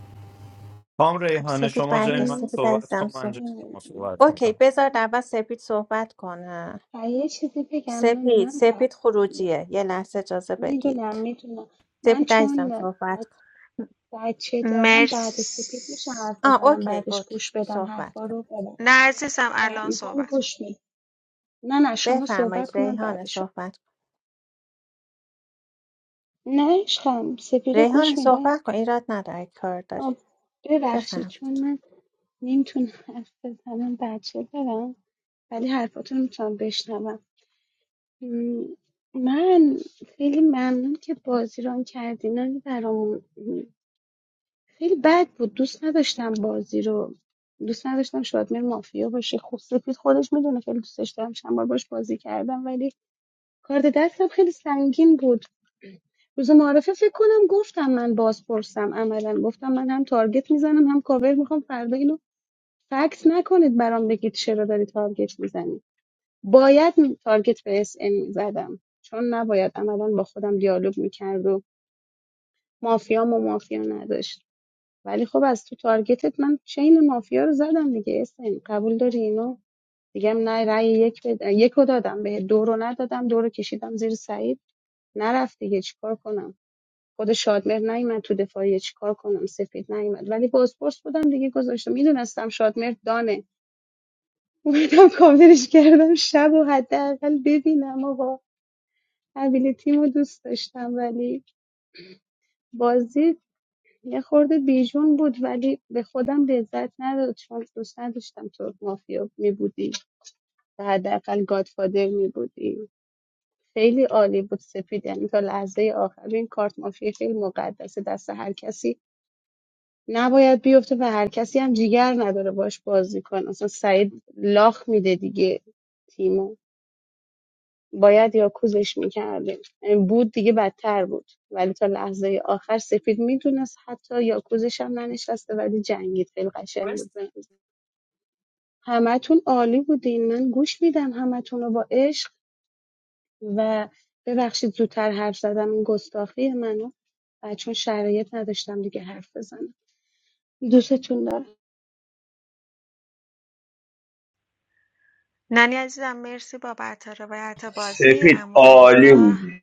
خان خب ریحانه سپید شما جای برگشت من م- سپید صحبت عزیزم کن من جای صحبت م- شما صحبت اوکی میکنم بذار من اول سپید صحبت کنه و یه چیزی بگم نانی سپید من ب... سپید خروجیه یه لحظه اجازه میدونم بدید میدونم من سپید عزیزم چون ب- صحبت کن بچه دارم بعد مرسی سپید میشه حرف آه بزنم اوکی بعدش اوکی گوش بدم صحبت حرفا کن رو نه ببخش عزیزم و الان میکنم صحبت گوش می نه نه شما بفرمایید صحبت کنم ریحان بعدش صحبت کن. نه عشقم سپید رو ریحان گوش میده صحبت کن ایراد نداره اگه کار داری ببخشید چون بفهمید من نمیتونم حرف بزنم بچه دارم ولی حرفاتون میتونم بشنوم م، من خیلی ممنون که بازی ران کردین ولی برامون م، خیلی بد بود دوست نداشتم بازی رو دوست نداشتم شادمه مافیا باشه خب سپید خودش میدونه خیلی دوست داشتم چند بار باش بازی کردم ولی کارت دستم خیلی سنگین بود روز معارفه فکر کنم گفتم من باز پرسم عملا گفتم من هم تارگت میزنم هم کاور میخوام فردا اینو فکس نکنید برام بگید چرا داری تارگت میزنی باید تارگت به اس ام میزدم چون نباید عملا با خودم دیالوگ میکرد و مافیا و مافیا نداشت ولی خب از تو تارگتت من چین مافیا رو زدم دیگه اس ام قبول داری اینو دیگه نه رأی یک بد... یک رو دادم به دو رو ندادم دو رو کشیدم زیر سعید نرفت دیگه چیکار کنم خود شادمهر نیومد تو دفاعیه چیکار کنم سفید نیومد ولی بازپرس بودم دیگه گذاشتم میدونستم شادمهر دانه اومدم کاورش کردم شب و حداقل ببینم آقا قبیل تیم رو دوست داشتم ولی بازی یه خورده بیجون بود ولی به خودم لذت نداد چون دوست نداشتم تو مافیا می بودی و حداقل گادفادر می بودی خیلی عالی بود سپید یعنی تا لحظه آخر این کارت مافیا خیلی مقدسه دست هر کسی نباید بیفته و هر کسی هم جیگر نداره باش بازی کنه اصلا سعید لاخ میده دیگه تیمو باید یاکوزش میکردیم بود دیگه بدتر بود ولی تا لحظه آخر سپید میدونست حتی یاکوزش هم ننشسته ولی جنگید خیلی قشنگ بود به نظر. همتون عالی بودین من گوش میدم همتون رو با عشق و ببخشید زودتر حرف زدم این گستاخی منو و چون شرایط نداشتم دیگه حرف بزنم دوستتون دارم نانی عزیزم مرسی بابت روایت بازی سپید عمو عالی رضا بودی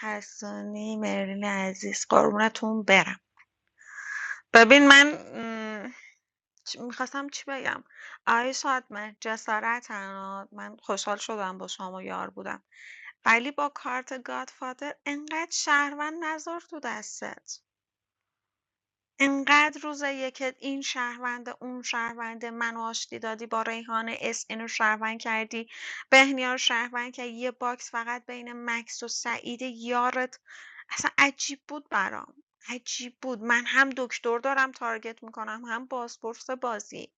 حسونی مرلین عزیز قربونتون برم ببین من م، چ- میخواستم چی بگم آقای شادمهر جسارت من خوشحال شدم با شما یار بودم ولی با کارت گادفادر انقدر شهروند نذار تو دستت انقدر روز یکت این شهرونده اون شهرونده منو آشتی دادی با ریحانه اس اینو شهروند کردی بهنیا رو شهروند کردی یه باکس فقط بین مکس و سعید یارت اصلا عجیب بود برام عجیب بود من هم دکتر دارم تارگت میکنم هم بازپرس بازی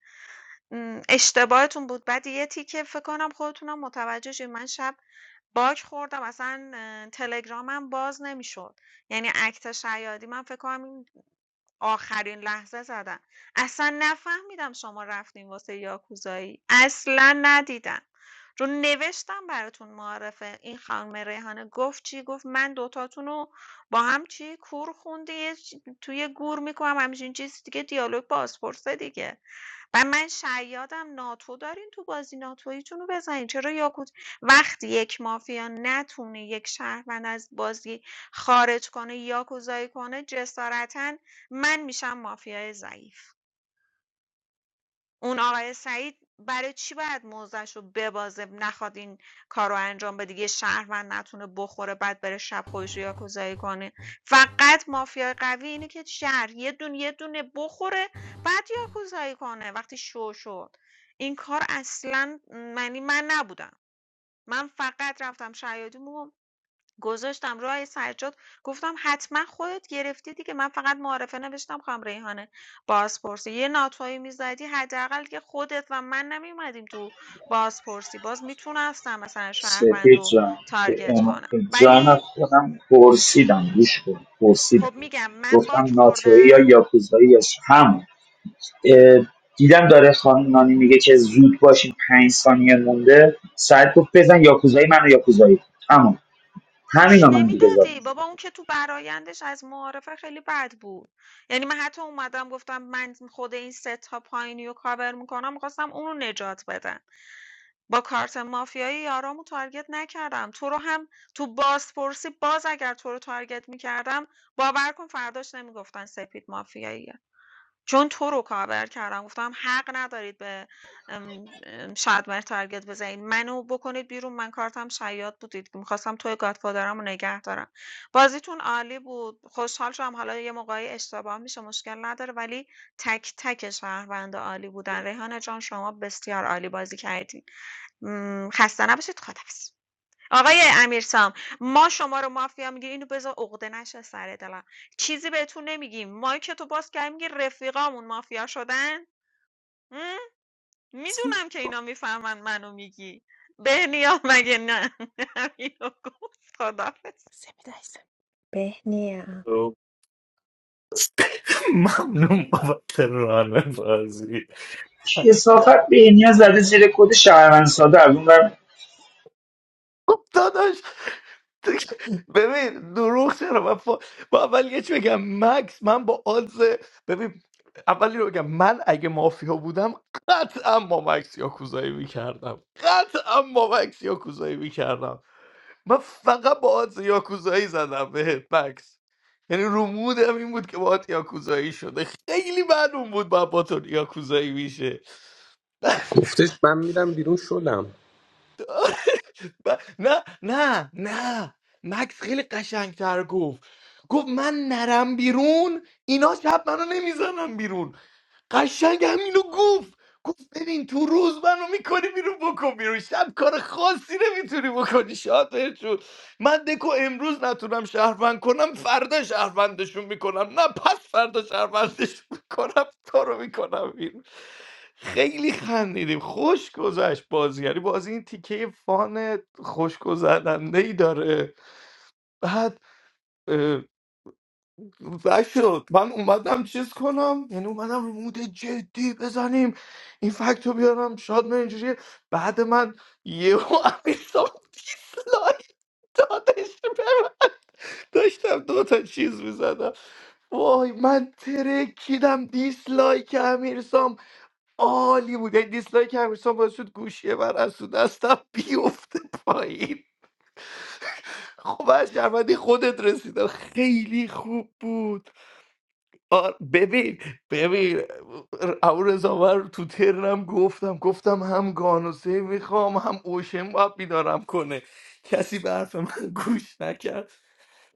م، اشتباهتون بود بعد یه تیکه فکر کنم خودتونم متوجه شید من شب باگ خوردم اصلا اه، تلگرامم باز نمیشد یعنی اکت شیادی من فکر کنم آخرین لحظه زدن. اصلا نفهمیدم شما رفتین واسه یاکوزایی. اصلا ندیدم. رو نوشتم براتون معرفه این خانم ریحانه گفت چی گفت من دوتاتون رو با هم چی کور خونده توی گور میکنم همچین چیز دیگه دیالوگ بازپرسه دیگه و من شیادم ناتو دارین تو بازی ناتویتون رو بزنین چرا یاکوت وقتی یک مافیا نتونه یک شهروند از بازی خارج کنه یا کنه جسارتا من میشم مافیای ضعیف اون آقای سعید برای چی باید موضعش رو ببازه نخواد این کار رو انجام بده یه شهروند نتونه بخوره بعد بره شب خودش رو یاکوزایی کنه فقط مافیای قوی اینه که شهر یه دونه یه دونه بخوره بعد یاکوزایی کنه وقتی شو شد این کار اصلا م، معنی من نبودم من فقط رفتم شیادی گذاشتم رو آیه سجاد گفتم حتما خودت گرفتی دیگه من فقط معارفه نوشتم خواهم ریحانه بازپرسی یه ناتوایی میزدی حداقل که خودت و من نمیومدیم تو بازپرسی باز میتونستم مثلا شهروند سپید رو جان به تارگت ام- کنم به جان ولی خودم پرسیدم گوش کن پرسیدم خب میگم من گفتم باک ناتوی یا خوردم یاکوزایی یا ش- هم اه، دیدم داره خانم نانی میگه که زود باشین پنج ثانیه مونده ساعت گفت بزن یاکوزایی منو یاکوزایی کن. اما گوش همینو من دیگه زدم نمیدادی بابا اون که تو برایندش از معارفه خیلی بد بود یعنی من حتی اومدم گفتم من خود این سه تا پایینی رو کاور میکنم میخواستم اون رو نجات بدم با کارت مافیایی یارامو تارگت نکردم تو رو هم تو بازپرسی باز اگر تو رو تارگت میکردم باور کن فرداش نمیگفتن سپید مافیایی چون تو رو کاور کردم گفتم حق ندارید به ام، ام، شادمهر تارگت بزنید منو بکنید بیرون من کارتم شیاد بودید میخواستم توی گادفادرم رو نگه دارم بازیتون عالی بود خوشحال شدم حالا یه موقعی اشتباه میشه مشکل نداره ولی تک تک شهروند عالی بودن ریحانه جان شما بسیار عالی بازی کردین م، خسته نباشید خدافظ آقای امیرسام ما شما رو مافیا میگیریم اینو بذار عقده نشه سر دلم چیزی بهتون نمیگیم ما که تو باز کردیم میگی رفیقامون مافیا شدن هم؟ میدونم که اینا میفهمن منو میگی بهنیا مگه نه همینو گفت خدا سپید عزیزم. بهنیا ممنون بابت ران بازی کسافت به اینیا زده زیر کد شهروند ساده از اون خب داداش ببین دروغ چرا من فا... با اول یه چی بگم مکس من با آز ببین اولی رو بگم من اگه مافیا بودم قطعا با مکس یاکوزایی میکردم قطعا با مکس یاکوزایی میکردم من فقط با آدز یاکوزایی زدم به مکس یعنی رو مودم این بود که باهات یاکوزایی شده خیلی معلوم بود با با تو یاکوزایی میشه گفتش من میرم بیرون شلم ب- نه نه نه مکس خیلی قشنگتر گفت گفت من نرم بیرون اینا شب منو نمیزنم بیرون قشنگ همینو گفت گفت ببین تو روز منو میکنی بیرون بکن بیرون شب کار خاصی نمیتونی بکنی شاد من دکو امروز نتونم شهروند کنم فردا شهروندشون میکنم نه پس فردا شهروندشون میکنم تو رو میکنم بیرون خیلی خندیدیم خوش گذشت بازی یعنی بازی این تیکه فان خوشگذرنده ای داره بعد اه، نشد من اومدم چیز کنم یعنی اومدم رو مود جدی بزنیم این فکت بیارم شاد من اینجوری بعد من یهو امیرسام دیسلایک دادش داشتم دو تا چیز میزدم وای من ترکیدم دیسلایک امیرسام عالی بود یعنی دیسلایک امیرسام باعث شد گوشیه من از تو دستم بیفته پایین خب از شرمندی خودت رسیدم خیلی خوب بود آر ببین ببین او رضا من تو ترنم گفتم گفتم هم گانوسه میخوام هم اوشن باید بیدارم کنه کسی به حرف من گوش نکرد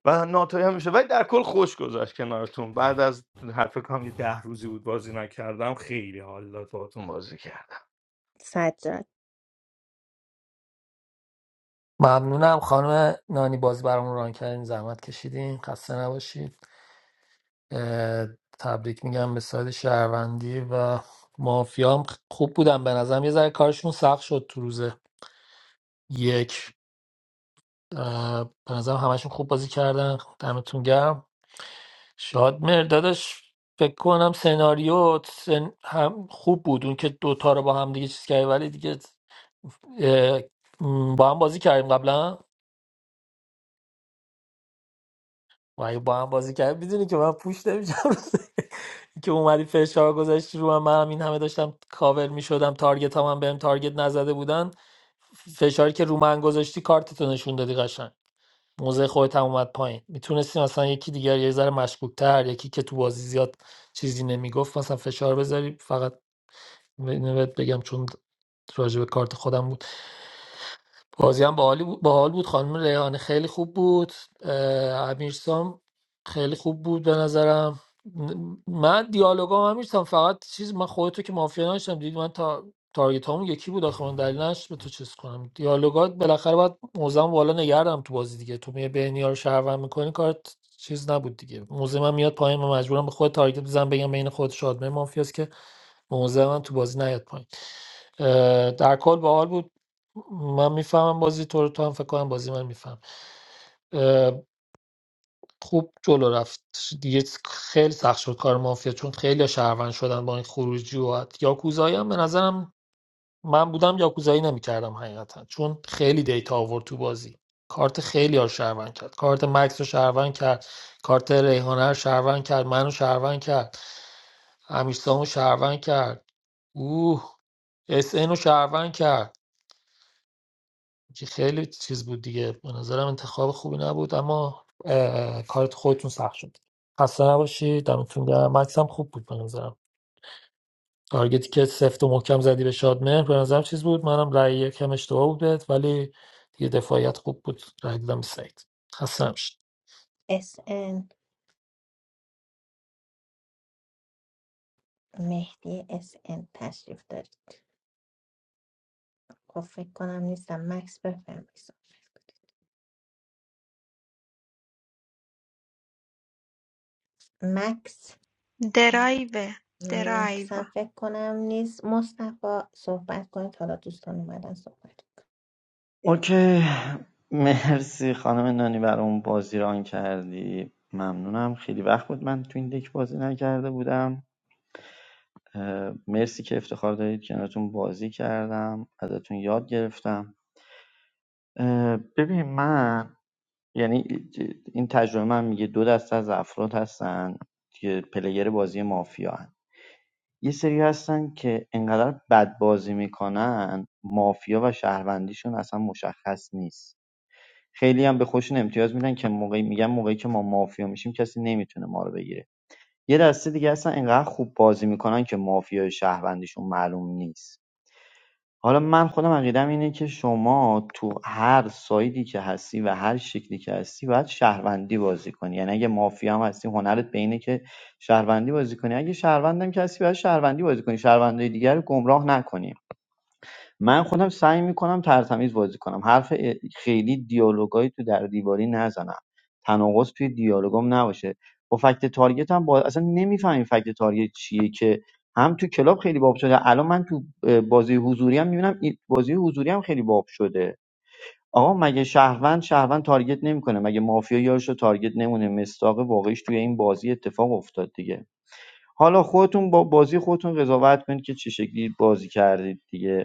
و ناتوانی هم میشه ولی در کل خوش گذشت کنارتون بعد از حرف فکر کنم یه 10 روزی بود بازی نکردم خیلی حال داد باهاتون بازی کردم سجاد ممنونم خانم نانی باز برامون ران کردین زحمت کشیدین خسته نباشید اه، تبریک میگم به ساید شهروندی و مافیا هم خوب بودن به نظرم یه ذره کارشون سخت شد تو روز یک اه، به نظرم همشون خوب بازی کردن دمتون گرم شاد مردادش فکر کنم سناریو سن- هم خوب بود اون که دوتا رو با هم دیگه چیز کردی ولی دیگه اه، م، با هم بازی کردیم قبلا و اگه با هم بازی کرد میدونی که من پوش نمیشم که اومدی فشار گذاشتی رو من منم این همه داشتم کاور میشدم تارگت هم, بهم تارگت نزده بودن فشاری که رو من گذاشتی کارتتو نشون دادی قشنگ موزه خودت هم اومد پایین میتونستی مثلا یکی دیگر یه ذره مشکوک تر یکی که تو بازی زیاد چیزی نمیگفت مثلا فشار بذاری فقط بهت بگم چون راجع به کارت خودم بود بازی هم باحالی بود باحال بود خانم ریحانه خیلی خوب بود اه، امیرسام خیلی خوب بود به نظرم ن- من دیالوگام امیرسام فقط چیز من خودتو که مافیا نشدم دیدی من تا تارگت همون یکی بود آخه من دلیل نداشت به تو چیز کنم دیالوگات بالاخره باید موزم بالا نگردم تو بازی دیگه تو میای بهنیا رو شهروند میکنی کارت چیز نبود دیگه موزه من میاد پایین من مجبورم به خود تارگت بزنم بگم بین خود شادمه مافیاست که موزه من تو بازی نیاد پایین اه، در کل باحال بود من میفهمم بازی تو رو تو هم فکر کنم بازی من میفهم خوب جلو رفت دیگه خیلی سخت شد کار مافیا چون خیلی شهروند شدن با این خروجی و یاکوزایی هم به نظرم من بودم یاکوزایی نمیکردم حقیقتا چون خیلی دیتا آورد تو بازی کارت خیلی ها شهروند کرد کارت مکس رو شهروند کرد کارت ریحانه رو شهروند کرد منو شهروند کرد امیرسامو شهروند کرد اوه اس ان رو شهروند کرد که خیلی چیز بود دیگه به نظرم انتخاب خوبی نبود اما اه، کارت خودتون سخت شد خسته نباشید دمتون گرم مکس هم خوب بود به نظرم تارگتی که سفت و محکم زدی به شادمهر به نظرم چیز بود منم رأی یکم اشتباه بود بهت ولی دیگه دفاعیت خوب بود رأی دیدم به سعید خسته نباشید اس ان مهدی اس ان تشریف دارید خب فکر کنم نیستم مکس بفرمایید مکس درایو درایو مکس هم فکر کنم نیست مصطفی صحبت کنید حالا دوستان اومدن صحبت اوکی مرسی خانم نانی برای اون بازی ران کردی ممنونم خیلی وقت بود من تو این دک بازی نکرده بودم اه، مرسی که افتخار دارید کنارتون بازی کردم ازتون یاد گرفتم اه، ببین من یعنی این تجربه من میگه دو دسته از افراد هستن که پلیر بازی مافیا هن. یه سری هستن که انقدر بد بازی میکنن مافیا و شهروندیشون اصلا مشخص نیست خیلی هم به خودشون امتیاز میدن که موقعی میگن موقعی که ما مافیا میشیم کسی نمیتونه ما رو بگیره یه دسته دیگه اصلا اینقدر خوب بازی میکنن که مافیا شهروندیشون معلوم نیست حالا من خودم عقیدم اینه که شما تو هر سایدی که هستی و هر شکلی که هستی باید شهروندی بازی کنی یعنی اگه مافیا هم هستی هنرت به اینه که شهروندی بازی کنی اگه شهروندم که هستی باید شهروندی بازی کنی شهروندای دیگر رو گمراه نکنی من خودم سعی میکنم ترتمیز بازی کنم حرف ا- خیلی دیالوگایی تو در دیواری نزنم تناقض توی دیالوگام نباشه با فکت تارگت هم با... اصلا نمیفهمیم فکت تارگت چیه که هم تو کلاب خیلی باب شده الان من تو اه، بازی حضوری هم میبینم بازی حضوری هم خیلی باب شده آقا مگه شهروند شهروند تارگت نمیکنه مگه مافیا یارش تارگت نمونه مستاق واقعیش توی این بازی اتفاق افتاد دیگه حالا خودتون با بازی خودتون قضاوت کنید که چه شکلی بازی کردید دیگه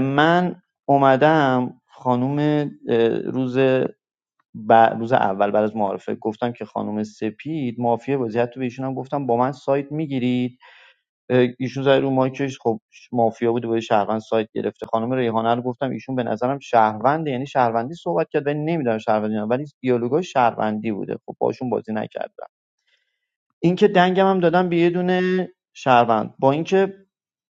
من اومدم خانوم روز ب- روز اول بعد از معارفه گفتم که خانوم سپید مافیا بازی حتی به ایشون هم گفتم با من سایت میگیرید ایشون زد رو مایکش خب مافیا بود و با شهروند سایت گرفته خانم ریحانه رو گفتم ایشون به نظرم شهرونده یعنی شهروندی صحبت کرد ولی نمیدونم شهروندی نه ولی دیالوگای شهروندی بوده خب باشون بازی نکرد اینکه دنگم هم دادم به یه دونه شهروند با اینکه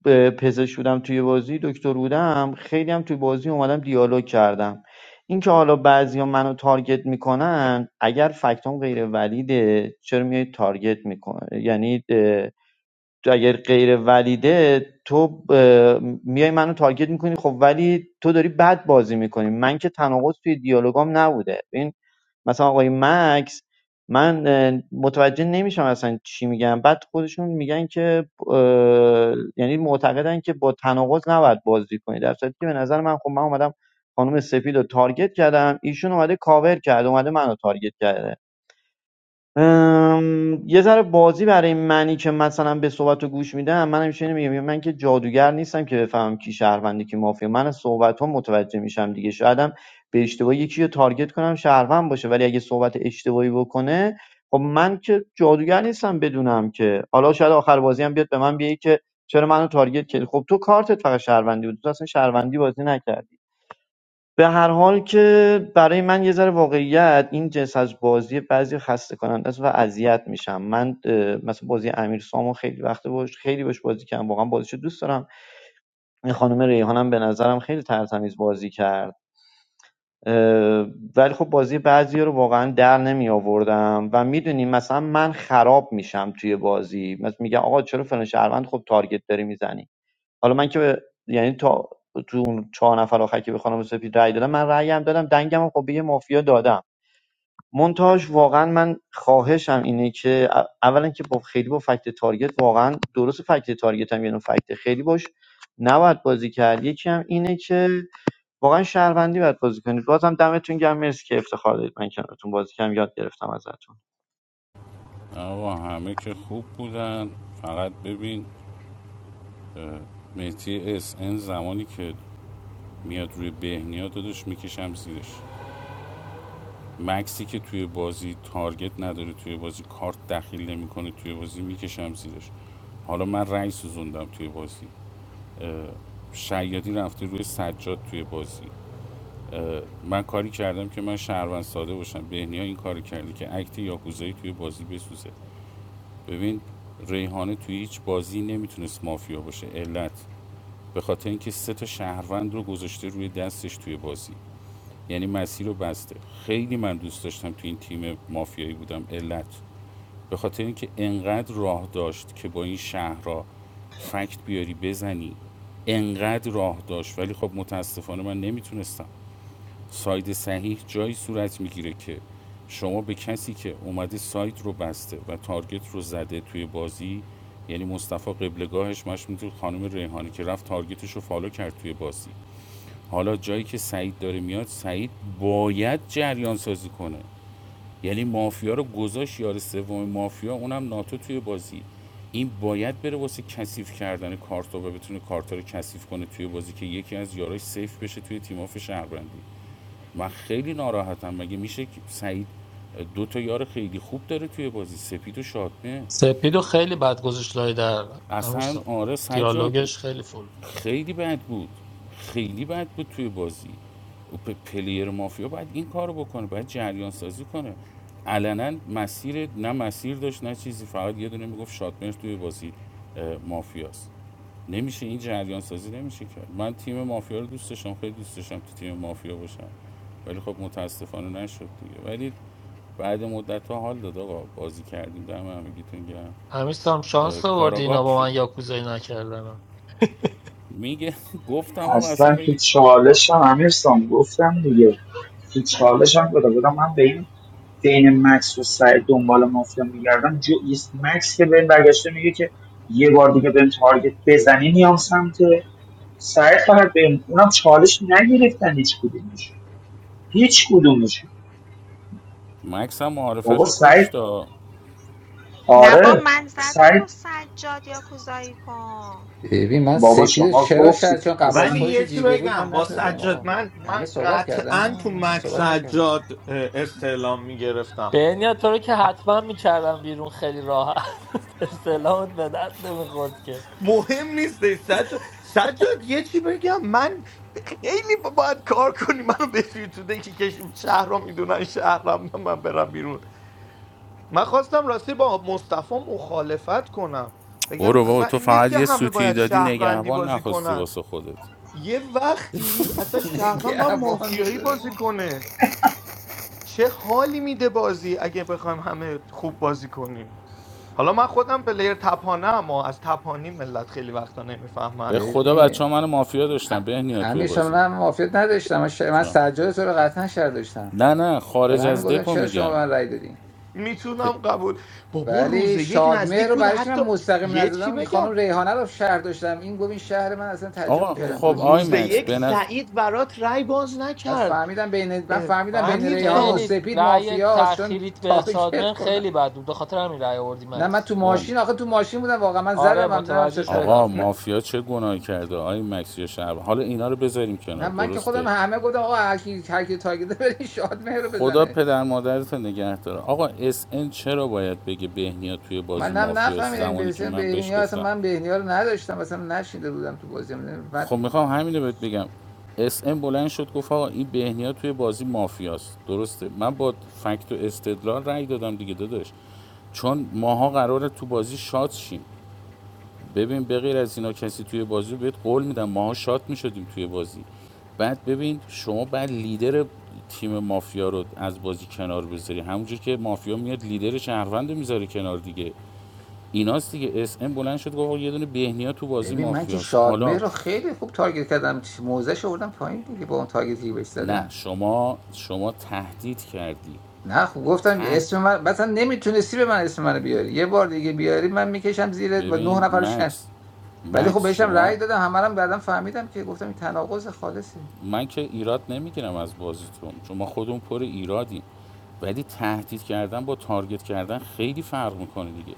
ب- پزشک بودم توی بازی دکتر بودم خیلی هم توی بازی اومدم دیالوگ کردم اینکه حالا بعضیا منو تارگت میکنن اگر فکتام غیر ولیده چرا میای تارگت میکنه یعنی تو اگر غیر ولیده تو اه، میای منو تارگت میکنی خب ولی تو داری بد بازی میکنی من که تناقض توی دیالوگام نبوده این مثلا آقای مکس من اه، متوجه نمیشم اصلا چی میگن بعد خودشون میگن که اه، یعنی معتقدن که با تناقض نباید بازی کنی در صورتی که به نظر من خب من اومدم خانم سپید رو تارگت کردم ایشون اومده کاور کرد اومده منو تارگت کرده ام، یه ذره بازی برای منی که مثلا به صحبت رو گوش میدم من همیشه اینو میگم من که جادوگر نیستم که بفهمم کی شهرونده کی مافیا من از صحبت ها متوجه میشم دیگه شایدم به اشتباه یکی رو تارگت کنم شهروند باشه ولی اگه صحبت اشتباهی بکنه خب من که جادوگر نیستم بدونم که حالا شاید آخر بازی هم بیاد به من بیه که چرا منو تارگت کردی خب تو کارتت فقط شهروندی بود تو اصلا شهروندی بازی نکردی به هر حال که برای من یه ذره واقعیت این جنس از بازی بعضی خسته کننده است و اذیت میشم من مثلا بازی امیر سامو خیلی وقت باش خیلی باش بازی کردم واقعا بازیشو دوست دارم خانم ریحانم به نظرم خیلی ترتمیز بازی کرد ولی خب بازی بعضی رو واقعا در نمی آوردم و میدونی مثلا من خراب میشم توی بازی مثلا میگم آقا چرا فلان شهروند خب تارگت داری میزنی حالا من که به- یعنی تا تو اون چهار نفر آخر که به خانم سپید رأی دادم من رأیم دادم دنگم هم خب به یه مافیا دادم مونتاژ واقعا من خواهشم اینه که ا- اولا که با خیلی با فکت تارگت واقعا درست فکت تارگت هم یعنی فکت خیلی باش نباید بازی کرد یکی هم اینه که واقعا شهروندی باید بازی کنید بازم دمتون گرم مرسی که افتخار دادید من کنارتون بازی کردم یاد گرفتم ازتون آقا همه که خوب بودن فقط ببین مهدی اس ان زمانی که میاد روی بهنیا دادش میکشم زیرش مکسی که توی بازی تارگت نداره توی بازی کارت دخیل نمیکنه توی بازی میکشم زیرش حالا من رأی سوزوندم توی بازی شیادی رفته روی سجاد توی بازی من کاری کردم که من شهروند ساده باشم بهنیا این کاری کرده که اکت یاکوزایی توی بازی بسوزه ببین ریحانه توی هیچ بازی نمیتونست مافیا باشه علت به خاطر اینکه سه تا شهروند رو گذاشته روی دستش توی بازی یعنی مسیر رو بسته خیلی من دوست داشتم تو این تیم مافیایی بودم علت به خاطر اینکه انقدر راه داشت که با این شهرها فکت بیاری بزنی انقدر راه داشت ولی خب متاسفانه من نمیتونستم ساید صحیح جایی صورت میگیره که شما به کسی که اومده ساید رو بسته و تارگت رو زده توی بازی یعنی مصطفی قبلگاهش مش میتونه خانم ریحانی که رفت تارگتش رو فالو کرد توی بازی حالا جایی که سعید داره میاد سعید باید جریان سازی کنه یعنی مافیا رو گذاشت یار سوم مافیا اونم ناتو توی بازی این باید بره واسه کثیف کردن کارت و بتونه کارت رو کثیف کنه توی بازی که یکی از یاراش سیف بشه توی تیم آف شهروندی من خیلی ناراحتم مگه میشه که سعید دو تا یار خیلی خوب داره توی بازی سپید و شادمه سپیدو خیلی بد گذاشت لای در اصلا امیرسام آره سجاد دیالوگش خیلی فول بود. خیلی بد بود خیلی بد بود توی بازی او پ- پلیر مافیا باید این کارو بکنه باید جریان سازی کنه علنا مسیر نه مسیر داشت نه چیزی فقط یه دونه میگفت شادمر توی بازی مافیاست نمیشه این جریان سازی نمیشه کرد من تیم مافیا رو دوست داشتم خیلی دوست داشتم تو تیم مافیا باشم ولی خب متاسفانه نشد دیگه ولی بعد مدت ها حال داد آقا بازی کردیم دم همگیتون گرم امیرسام اه، شانس آوردی اینا با من یاکوزایی نکردن میگه گفتم آقا اصلا اصلا بگی تو چالشم امیرسام گفتم دیگه تو چالشم بوده بودم من به این بین مکس و سعید دنبال مافیا میگردم جو ایست مکس که بهم برگشته میگه که یه بار دیگه بهم تارگت بزنی میام سمت سعید فقط بهم اونم چالش نگرفتن هیچ کدومش هیچ کدومش مکس هم معارفش بابا رو سعید کشتا نه با آره من زدم با سعید سجاد یا کوزایی کن ببین من بابا سپید شما چرا شاید گفتی چون قبل از اصلا ولی خودش رو یه چی دیده بود بگم من با نزدم سجاد آقا من همه من صحبت قطعا تو کردن آقا، من مک صحبت نکردم سجاد اه، استعلام میگرفتم بنیا تو رو که حتما میکردم بیرون خیلی راحت استعلامت به درد نمیخورد که مهم نیست سجاد سجاد یه چی بگم من خیلی با- باید کار کنی منو بفری تو دکی که شهر رو میدونن شهرم من برم بیرون من خواستم راستی با مصطفی مخالفت کنم بگم برو بابا اصلا تو این نیست فقط که یه همه سوتی باید دادی شهروندی نگهبان بازی نخواستی کنن واسه خودت یه وقتی اصلا شهروند با نگهبان بود مافیایی بازی داره کنه چه حالی میده بازی اگه بخوایم همه خوب بازی کنیم حالا من خودم پلیر تپانه اما از تپانی ملت خیلی وقتا نمیفهمن به خدا بچه ببین ها من مافیا ا- داشتن بهنیا توی امیر سالار بازی من موافقت نداشتم من, ش... من چرا؟ سجاد تو رو قطعا شر داشتم نه نه برای خارج همین از گفتم دکو چرا شما میگم به من رأی دادین پ- میتونم قبول بابا روز ولی یک شادمهر نزدیک رو بود برای چی حتی من مستقیم یه چی نزدم این خانم بگم ریحانه رو شهر داشتم این گفت این شهر من اصلا تعجب آقا اه، میکردم خب گفتم می آی میشه روز این مکس شهر یک این. بنز سعید برات رای باز بعد نکرد فهمیدم بین من اه، فهمیدم بین مکس امیر ریحانه و سام خیلی سپید رأی مافیاست چون تأخیریت به تارگت شادمن خوردم خیلی بد بود به خاطر همین رأی آوردی نه من مکس تو آقا ماشین آخه تو ماشین بودم واقعا من آره زدم هم دیدم متوجه چه طرفی آقا، شدم تو. مافیا چه گناهی کرده آی مکس یا شهر حالا اینا رو بذاریم کنار نه من که خودم درسته همه گفتم آقا هر کی هر کی تارگت بره شاد مهر رو خدا بزنه پدر مادرت رو نگه داره آقا اس ان چرا باید بگه بهنیا توی بازی من هم مافیاست نفهمیدم زمانی که بسیار من بهش بهنیا اصلا گفتم من بهنیا رو نداشتم اصلا نشیده بودم تو بازی بعد خب میخوام همینو بهت بگم اس ام بلند شد گفت آقا این بهنیا توی بازی مافیاست درسته من با فکت و استدلال رأی دادم دیگه داداش چون ماها قراره تو بازی شات شیم ببین به از اینا کسی توی بازی رو بهت قول میدم ماها شات میشدیم توی بازی بعد ببین شما بعد لیدر تیم مافیا رو از بازی کنار بذاری همونجور که مافیا میاد لیدر شهروند رو میذاره کنار دیگه ایناست دیگه اس ام بلند شد گفت آقا یه دونه بهنیا تو بازی ببین من که مافیاست شادمهر حالا رو خیلی خوب تارگت کردم موزش آوردم پایین دیگه با اون تارگتی که بهش نه زدم شما شما تهدید کردی نه خب گفتم تهد اسم من مثلا نمیتونستی به من اسم منو بیاری یه بار دیگه بیاری من میکشم زیرت با نه ببین نفرشن مکس ولی خب مکس بهشم شما رأی دادم همه رو هم بعدم فهمیدم که گفتم این تناقض خالصه من که ایراد نمیگیرم از بازیتون چون ما خودمون پر ایرادیم ولی تهدید کردن با تارگت کردن خیلی فرق میکنه دیگه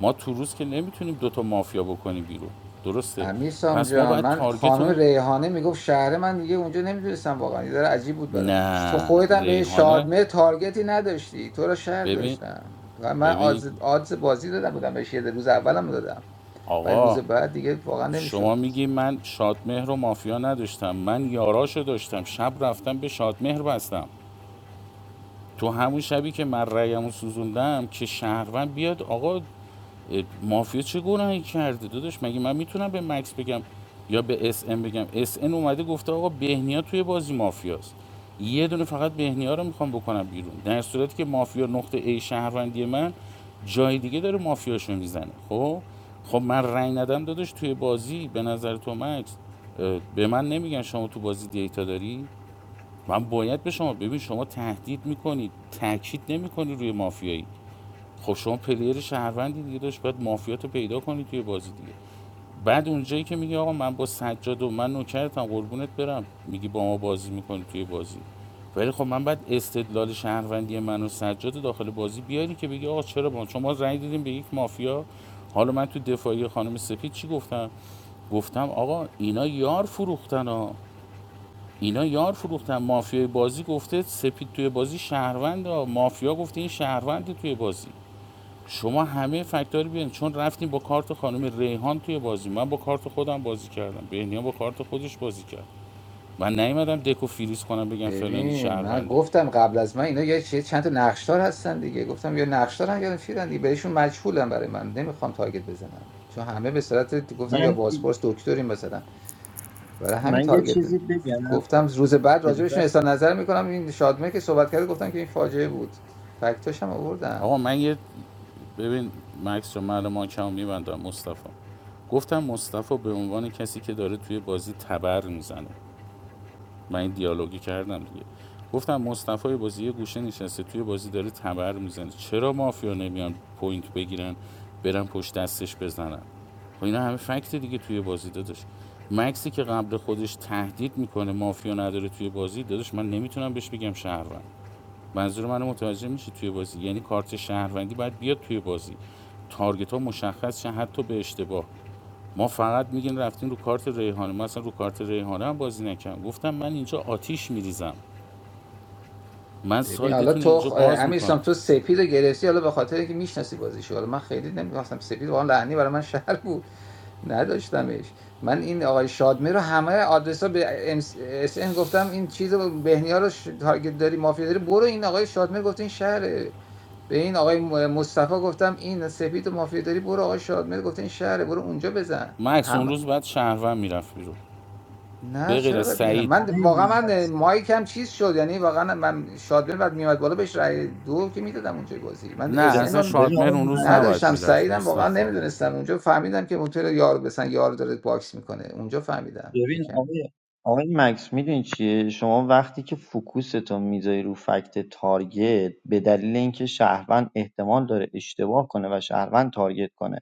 ما تو روز که نمیتونیم دوتا مافیا بکنیم بیرون درسته امیرسام پس ما جان باید من تارگت خانم اون ریحانه میگفت شهر من دیگه اونجا نمیدونستم واقعا یه ذره عجیب بود برام تو نه خودت هم به ریحانه شادمه تارگتی نداشتی تو رو شهر ببین داشتم تو هم- من ببین آدز, آدز بازی دادم بودم بهش یه روز اولم دادم ولی روز آقا بعد دیگه واقعا شما نمیشد میگی من شادمهر و مافیا نداشتم من یاراشو داشتم شب رفتم به شادمهر بستم تو همون شبی که من رأیمو سوزوندم که شهروند بیاد آقا مافیا چه گناهی کرده داداش مگه من میتونم به مکس بگم یا به اس ام بگم اس ام اومده گفته آقا بهنیا توی بازی مافیاست یه دونه فقط بهنیا رو میخوام بکنم بیرون در صورتی که مافیا نقطه ای شهروندی من جای دیگه داره مافیاشو میزنه خب خب من رأی ندم داداش توی بازی به نظر تو مکس اه، به من نمیگن شما تو بازی دیتا داری من باید به شما ببین شما تهدید میکنید تاکید نمیکنی روی مافیایی خب شما پلیر شهروندی دیگه داشت باید مافیات پیدا کنی توی بازی دیگه بعد اونجایی که میگه آقا من با سجاد و من نوکرتم قربونت برم میگی با ما بازی میکنی توی بازی ولی خب من بعد استدلال شهروندی من و سجاد داخل بازی بیاری که بگی آقا چرا با شما رأی دادیم به یک مافیا حالا من تو دفاعی خانم سپید چی گفتم گفتم آقا اینا یار فروختن ها اینا یار فروختن مافیای بازی گفته سپید توی بازی شهروند ها مافیا گفته این شهرونده توی بازی شما همه فکت‌ها رو بیان چون رفتیم با کارت خانم ریحان توی بازی من با کارت خودم بازی کردم بهنیا با کارت خودش بازی کرد من نیومدم دکو فریز کنم بگم فلانی ببین من شهرونده گفتم قبل از من اینا یه چه- چند تا نقشدار هستن دیگه گفتم یا نقشدار هم یا چیدن دیگه بهشون مجهولم برای من نمیخوام تارگت بزنم چون همه به صورت من گفتن یا بازپرس دکترین مثلا برای همین من یه تارگت چیزی نمی بگم گفتم روز بعد اجازه راجبشون است اظهار نظر میکنم این شادمه که صحبت کرده گفتم که این فاجعه بود فکتاش هم آوردم آقا من یه ببین مکس رو من ماکمو میبندم مصطفی گفتم مصطفی به عنوان کسی که داره توی بازی تبر میزنه من این دیالوگی کردم دیگه گفتم مصطفی بازی یه گوشه نشسته توی بازی داره تبر میزنه چرا مافیا نمیان پوینت بگیرن برن پشت دستش بزنن خب اینا همه فکت دیگه توی بازی داداش مکسی که قبل خودش تهدید میکنه مافیا نداره توی بازی داداش من نمیتونم بهش بگم شهروند منظور منو متوجه میشه توی بازی یعنی کارت شهروندی باید بیاد توی بازی تارگت ها مشخص شه حتی به اشتباه ما فقط میگین رفتین رو کارت ریحانه من اصلا رو کارت ریحانه هم بازی نکردم گفتم من اینجا آتیش میریزم من ببین حالا سایدتون تو اینجا خ... باز امیر میکنم اسلام تو سپید رو گرفتی حالا به خاطر اینکه میشناسی بازیشو حالا من خیلی نمیخواستم سپید واقعا لعنی برای من شهر بود نداشتمش من این آقای شادمه رو همه آدرس ها به ام اس ان گفتم این چیز رو بهنیا رو ش... تارگت داری مافیا داری برو این آقای شادمه گفت این شهره به این آقای م- مصطفی گفتم این سپید و مافیا داری برو آقای شادمه گفت این شهره برو اونجا مکس بزن اون روز بعد شهروند میرفت بیرون نه به غیر چرا از بد میدم سعید من آقای واقعا من- من مایکم چیز شد یعنی واقعا من شادبل بعد میومد بالا بهش رای دو که میدادم اونجای بازی من نه اسن اصلا رو ب- ببین آقای شادمهر اون روز نباید نداشتم میرفت سعیدم واقعا مصطفی نمیدونستم اونجا فهمیدم که اونطور یار مثلا یار داره باکس میکنه اونجا فهمیدم ببین یکم آقای آقای مکس میدونی چیه شما وقتی که فوکوستون میذاری رو فکت تارگت به دلیل اینکه شهروند احتمال داره اشتباه کنه و شهروند تارگت کنه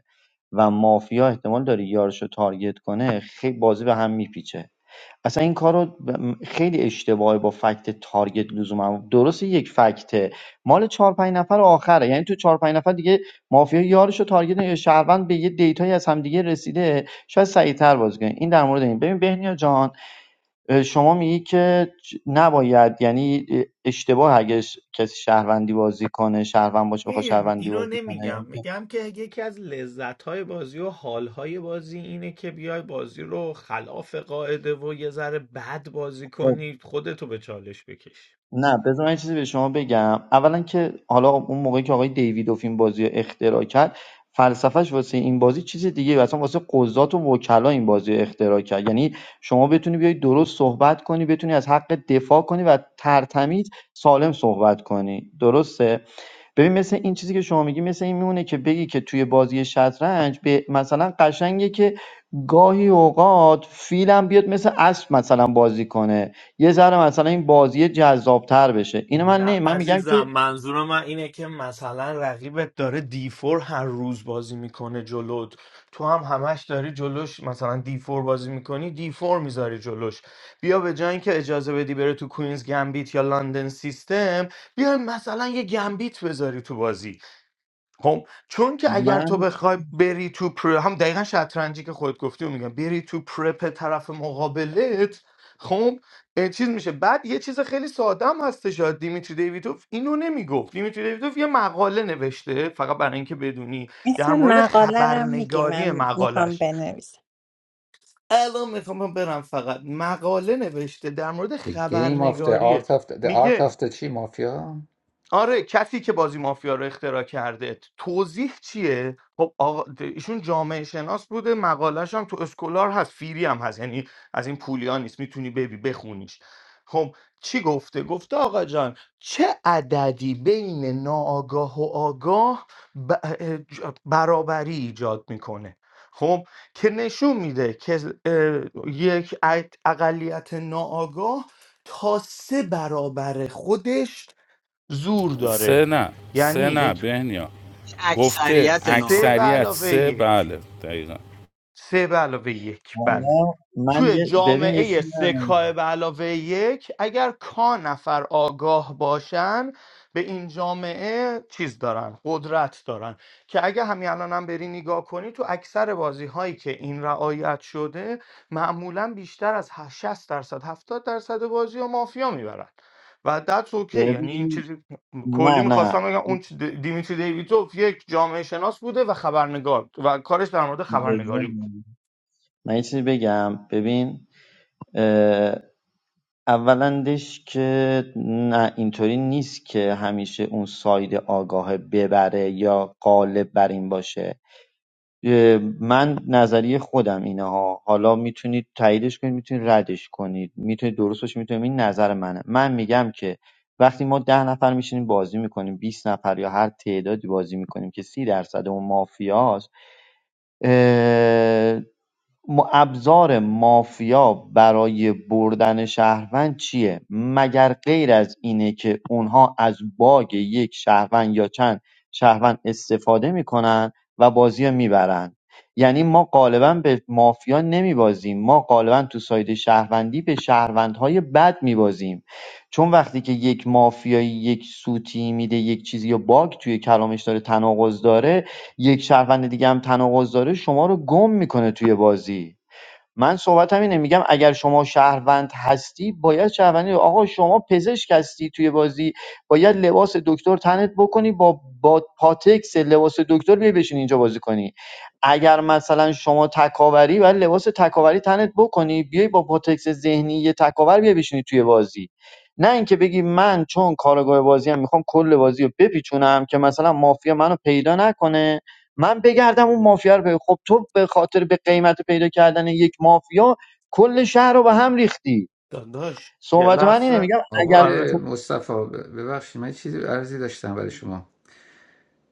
و مافیا احتمال داره یارشو تارگت کنه خیلی بازی به هم میپیچه اصلا این کار رو خیلی اشتباهه با فکت تارگت لزوما درسته یک فکته مال چهار پنج نفر آخره یعنی تو چهار پنج نفر دیگه مافیا یارش و تارگت نمی‌کنه. شهروند به یه دیتایی از همدیگه رسیده شاید سریعتر بازی کنه این در مورد این ببین بهنیا جان شما میگی که نباید یعنی اشتباه اگه کسی شهروندی بازی کنه شهروند باشه بخواد این- شهروندی اینو بازی کنه نمیگم یعنی که- میگم که یکی از لذت های بازی و حال های بازی اینه که بیای بازی رو خلاف قاعده و یه ذره بد بازی خب، کنی خودتو به چالش بکشی نه بذار من یه چیزی به شما بگم اولا که حالا اون موقعی که آقای دیویدوف این بازی رو اختراع کرد فلسفهش واسه این بازی چیز دیگه اصلا واسه قضات و وکلا این بازی رو اختراع کرد یعنی شما بتونی بیای درست صحبت کنی بتونی از حق دفاع کنی و ترتمیز سالم صحبت کنی درسته ببین مثل این چیزی که شما میگی مثل این میمونه که بگی که توی بازی شطرنج به مثلا قشنگه که گاهی اوقات فیلم بیاد مثل اسب مثلا بازی کنه یه ذره مثلا این بازی جذابتر بشه اینو من نه نه من میگم عزیزم که منظور من اینه که مثلا رقیبت داره دیفور هر روز بازی میکنه جلوت تو هم همش داری جلوش مثلا دیفور بازی میکنی دیفور میذاری جلوش بیا به جای اینکه اجازه بدی بره تو کوینز گمبیت یا لندن سیستم بیا مثلا یه گمبیت بذاری تو بازی خب چون که اگر تو من بخوای بری تو پر هم دقیقا شطرنجی که خودت گفتی و میگم بری تو پرپ طرف مقابلت خب اه، چیز میشه بعد یه چیز خیلی ساده هم هستش شاید دیمیتری دیویتوف اینو نمیگفت دیمیتری دیویتوف یه مقاله نوشته فقط برای اینکه بدونی اسم در مورد مقاله رو میگی خبرنگاری من میخوام مقالش بنویسم الان میخوام برم فقط مقاله نوشته در مورد The game of the خبرنگاری art of the, the art میگه of the چی مافیا آره کسی که بازی مافیا رو اختراع کرده توضیح چیه خب آقا ایشون جامعه شناس بوده مقالش هم تو اسکولار هست فیری هم هست یعنی از این پولیا نیست میتونی ببی بخونیش خب چی گفته گفته آقا جان چه عددی بین ناآگاه و آگاه ب- اه، ج- برابری ایجاد میکنه خب که نشون میده که اه، یک اقلیت ناآگاه تا سه برابر خودش زور سه داره نه سه یعنی نه یک بهنیا گفته اکثریت سه به ناآگاه اکثریت علاوه سه یک بله دقیقا سه به علاوه یک بله حالا من توی یه ببین یه چیزی جامعه سکای به علاوه یک اگر کا نفر آگاه باشن به این جامعه چیز دارن قدرت دارن که اگه همین الانم هم بری نگاه کنی تو اکثر بازی هایی که این رعایت شده معمولا بیشتر از 60 درصد 70 درصد بازی ها مافیا میبرن و دتس اوکی یعنی این ببین چیزی کلی نه نه میخواستم بگم اون چی- دیمیتری دیویتوف یک جامعه شناس بوده و خبرنگار و کارش در مورد اجازه خبرنگاری بود نه. من یه چیزی بگم ببین اولندش که نه اینطوری نیست که همیشه اون ساید آگاه ببره یا غالب بر این باشه اه، من نظریه خودم اینه ها حالا میتونید تاییدش کنید میتونید ردش کنید میتونید درست باشه میتونید این نظر منه من میگم که وقتی ما ده نفر میشینیم بازی میکنیم 20 نفر یا هر تعدادی بازی میکنیم که سی درصد اون مافیاست اه، م- ابزار مافیا برای بردن شهروند چیه مگر غیر از اینه که اونها از باگ یک شهروند یا چند شهروند استفاده میکنن و بازی رو میبرن یعنی ما غالبا به مافیا نمیبازیم ما غالبا تو ساید شهروندی به شهروندهای بد میبازیم چون وقتی که یک مافیایی یک سوتی میده یک چیزی یا باگ توی کلامش داره تناقض داره یک شهروند دیگه هم تناقض داره شما رو گم میکنه توی بازی من صحبتم اینه میگم اگر شما شهروند هستی باید شهروندی رو- آقا شما پزشک هستی توی بازی باید لباس دکتر تنت بکنی با با پاتکس لباس دکتر بیای بشین اینجا بازی کنی اگر مثلا شما تکاوری باید لباس تکاوری تنت بکنی بیای با پاتکس ذهنی یه تکاور بیای بشینی توی بازی نه اینکه بگی من چون کارگاه بازی هم میخوام کل بازی رو بپیچونم که مثلا مافیا منو پیدا نکنه من بگردم اون مافیا رو بگم خب تو به خاطر به قیمت پیدا کردن یک مافیا کل شهر رو به هم ریختی یه صحبت من اینه لحظه میگم خب اگر آره آقای تو مصطفی ب- ببخشید من چیزی عرضی داشتم برای شما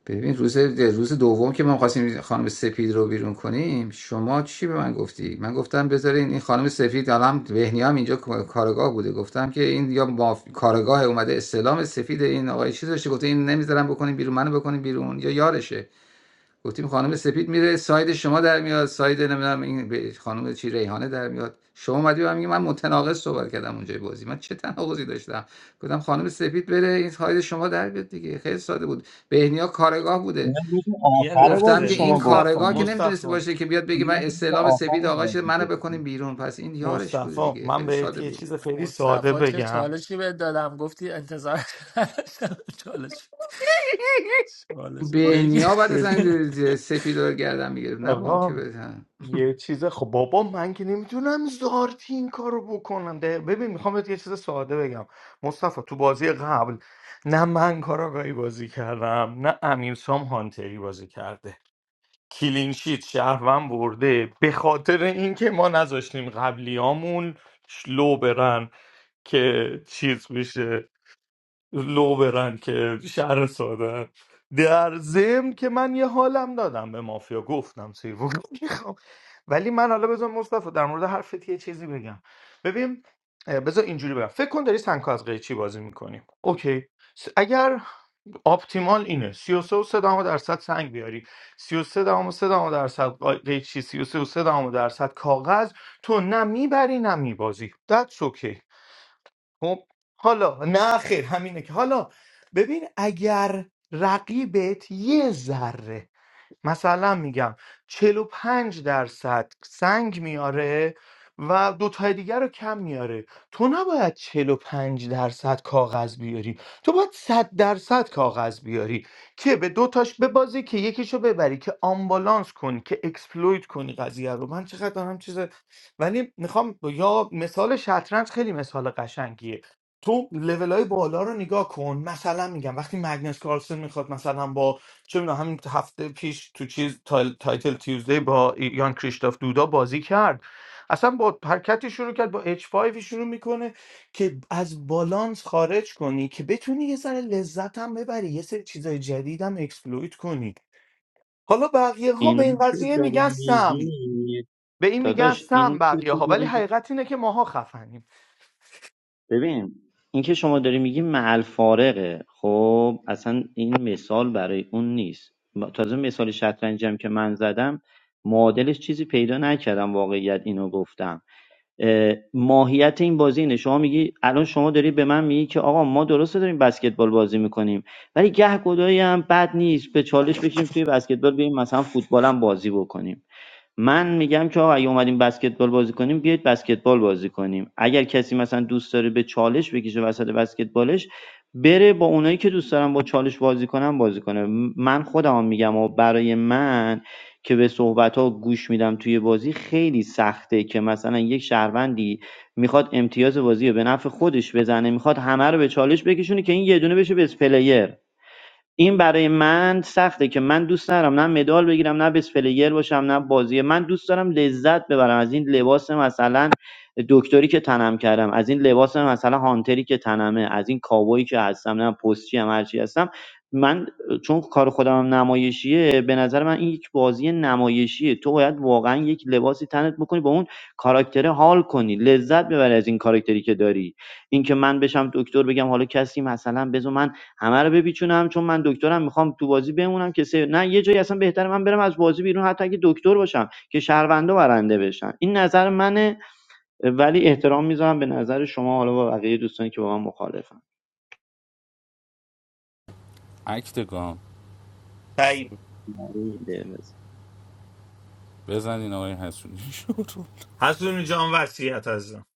ببین روز روز دوم که ما خواستیم خانم سپید رو بیرون کنیم شما چی به من گفتی من گفتم بذارین این خانم سفید الان بهنی هم اینجا کارگاه بوده گفتم که این یا ماف... کارگاه اومده استلام سفید این آقای چیز داشته گفته این نمیذارم بکنیم بیرون منو بکنیم بیرون یا یارشه گفتیم خانم سپید میره ساید شما در میاد ساید نمیدونم این به- خانم چی ریحانه در میاد شما اومدی و میگی من متناقض صحبت کردم اونجای بازی من چه تناقضی داشتم گفتم خانم سپید بره این ساید شما در بیاد دیگه خیلی ساده بود بهنیا کارگاه بوده اینا روز یه آخر گفتم بازی لحظه که این شما مصطفی کارگاه که گفتی نمیتونسته مصطفی باشه که بیاد بگه من اینا روز استعلام سپید آخر آقا بازی شده منو گفتی. بکنیم بیرون پس این یارش بوده مصطفی دیگه من خیلی بهت ساده یه بود چیز خیلی ساده مصطفی چه بگم چالشی بهت دادم گفتی انتظار نداشتم چالش چالش بگی بهنیا بعد ببین از سپید رو گردن میگرفت نه با اون که آقا بزن. یه چیز خب بابا من که نمیتونم زارتی این کارو بکنم ده- ببین میخوام بهت یه چیز ساده بگم مصطفی تو بازی قبل نه من کاراگاهی بازی کردم نه امیرسام هانتری بازی کرده کلینشیت شهروند برده به خاطر اینکه ما نذاشتیم قبلیامون لو برن که چیز بشه لو برن که شهر ساده در ضمن که من یه حالم دادم به مافیا گفتم سیوون میخوام ولی من حالا بذار مصطفی در مورد حرفت یه چیزی بگم ببین اه، بذار اینجوری بگم فکر کن داری سنکا از قیچی بازی میکنیم اوکی س- اگر آپتیمال اینه 33 و 3 درصد سنگ بیاری 33 و 3 درصد قا- قیچی 33 و 3 درصد کاغذ تو نه میبری نه میبازی that's okay خب حالا نه خیر همینه که حالا ببین اگر رقیبت یه ذره مثلا میگم چهل و پنج درصد سنگ میاره و دوتای دیگر رو کم میاره تو نباید چهل و پنج درصد کاغذ بیاری تو باید صد درصد کاغذ بیاری که به دوتاش ببازی که یکیشو ببری که آمبالانس کنی که اکسپلویت کنی قضیه رو من چقدر دارم چیز ولی میخوام یا مثال شطرنج خیلی مثال قشنگیه تو لول های بالا رو نگاه کن مثلا میگم وقتی مگنس کارلسن میخواد مثلا با چه میدونم همین هفته پیش تو چیز تایل- تایتل تیوزدی با یان کریشتاف دودا بازی کرد اصلا با حرکتی شروع کرد با h 5 شروع میکنه که از بالانس خارج کنی که بتونی یه ذره لذت هم ببری یه سری چیزای جدید هم اکسپلویت کنی حالا بقیه ها به اینا این قضیه میگن سم که به این میگن داداش سم این بقیه ها ولی حقیقت اینه که ماها خفنیم ببین این که شما داری میگی محل فارغه خب اصلا این مثال برای اون نیست ما- تازه مثال شطرنجم که من زدم معادلش چیزی پیدا نکردم واقعیت اینو گفتم ماهیت این بازی اینه شما میگی الان شما داری به من میگی که آقا ما درسته داریم بسکتبال بازی میکنیم ولی گهگدایی هم بد نیست به چالش بشیم توی بسکتبال بیایم مثلا فوتبال هم بازی بکنیم من میگم که آقا اگه اومدیم بسکتبال بازی کنیم بیایید بسکتبال بازی کنیم اگر کسی مثلا دوست داره به چالش بکشه وسط بسکتبالش بره با اونایی که دوست دارن با چالش بازی کنن بازی کنه من خودم میگم و برای من که به صحبت گوش میدم توی بازی خیلی سخته که مثلا یک شهروندی میخواد امتیاز بازی رو به نفع خودش بزنه میخواد همه رو به چالش بکشونه که این یه دونه بشه بس پلیر این برای من سخته که من دوست ندارم نه مدال بگیرم نه بس پلیر باشم نه بازی من دوست دارم لذت ببرم از این لباس مثلا دکتری که تنم کردم از این لباس مثلا هانتری که تنمه از این کاوایی که هستم نه پستچی هم هرچی هستم من چون کار خودم هم نمایشیه به نظر من این یک بازی نمایشیه تو باید واقعا یک لباسی تنت بکنی با اون کاراکتره حال کنی لذت ببری از این کاراکتری که داری اینکه من بشم دکتر بگم حالا کسی مثلا بزن همه رو بپیچونم چون من دکترم میخوام تو بازی بمونم که سه... نه یه جایی اصلا بهتره من برم از بازی بیرون حتی اگه دکتر باشم که شهروندا برنده بشن این نظر منه ولی احترام میذارم به نظر شما حالا با بقیه دوستانی که با من مخالفن اکتگام تایید این ایده بزنین آقای حسونی شروع حسونی جان وصیت عزیزم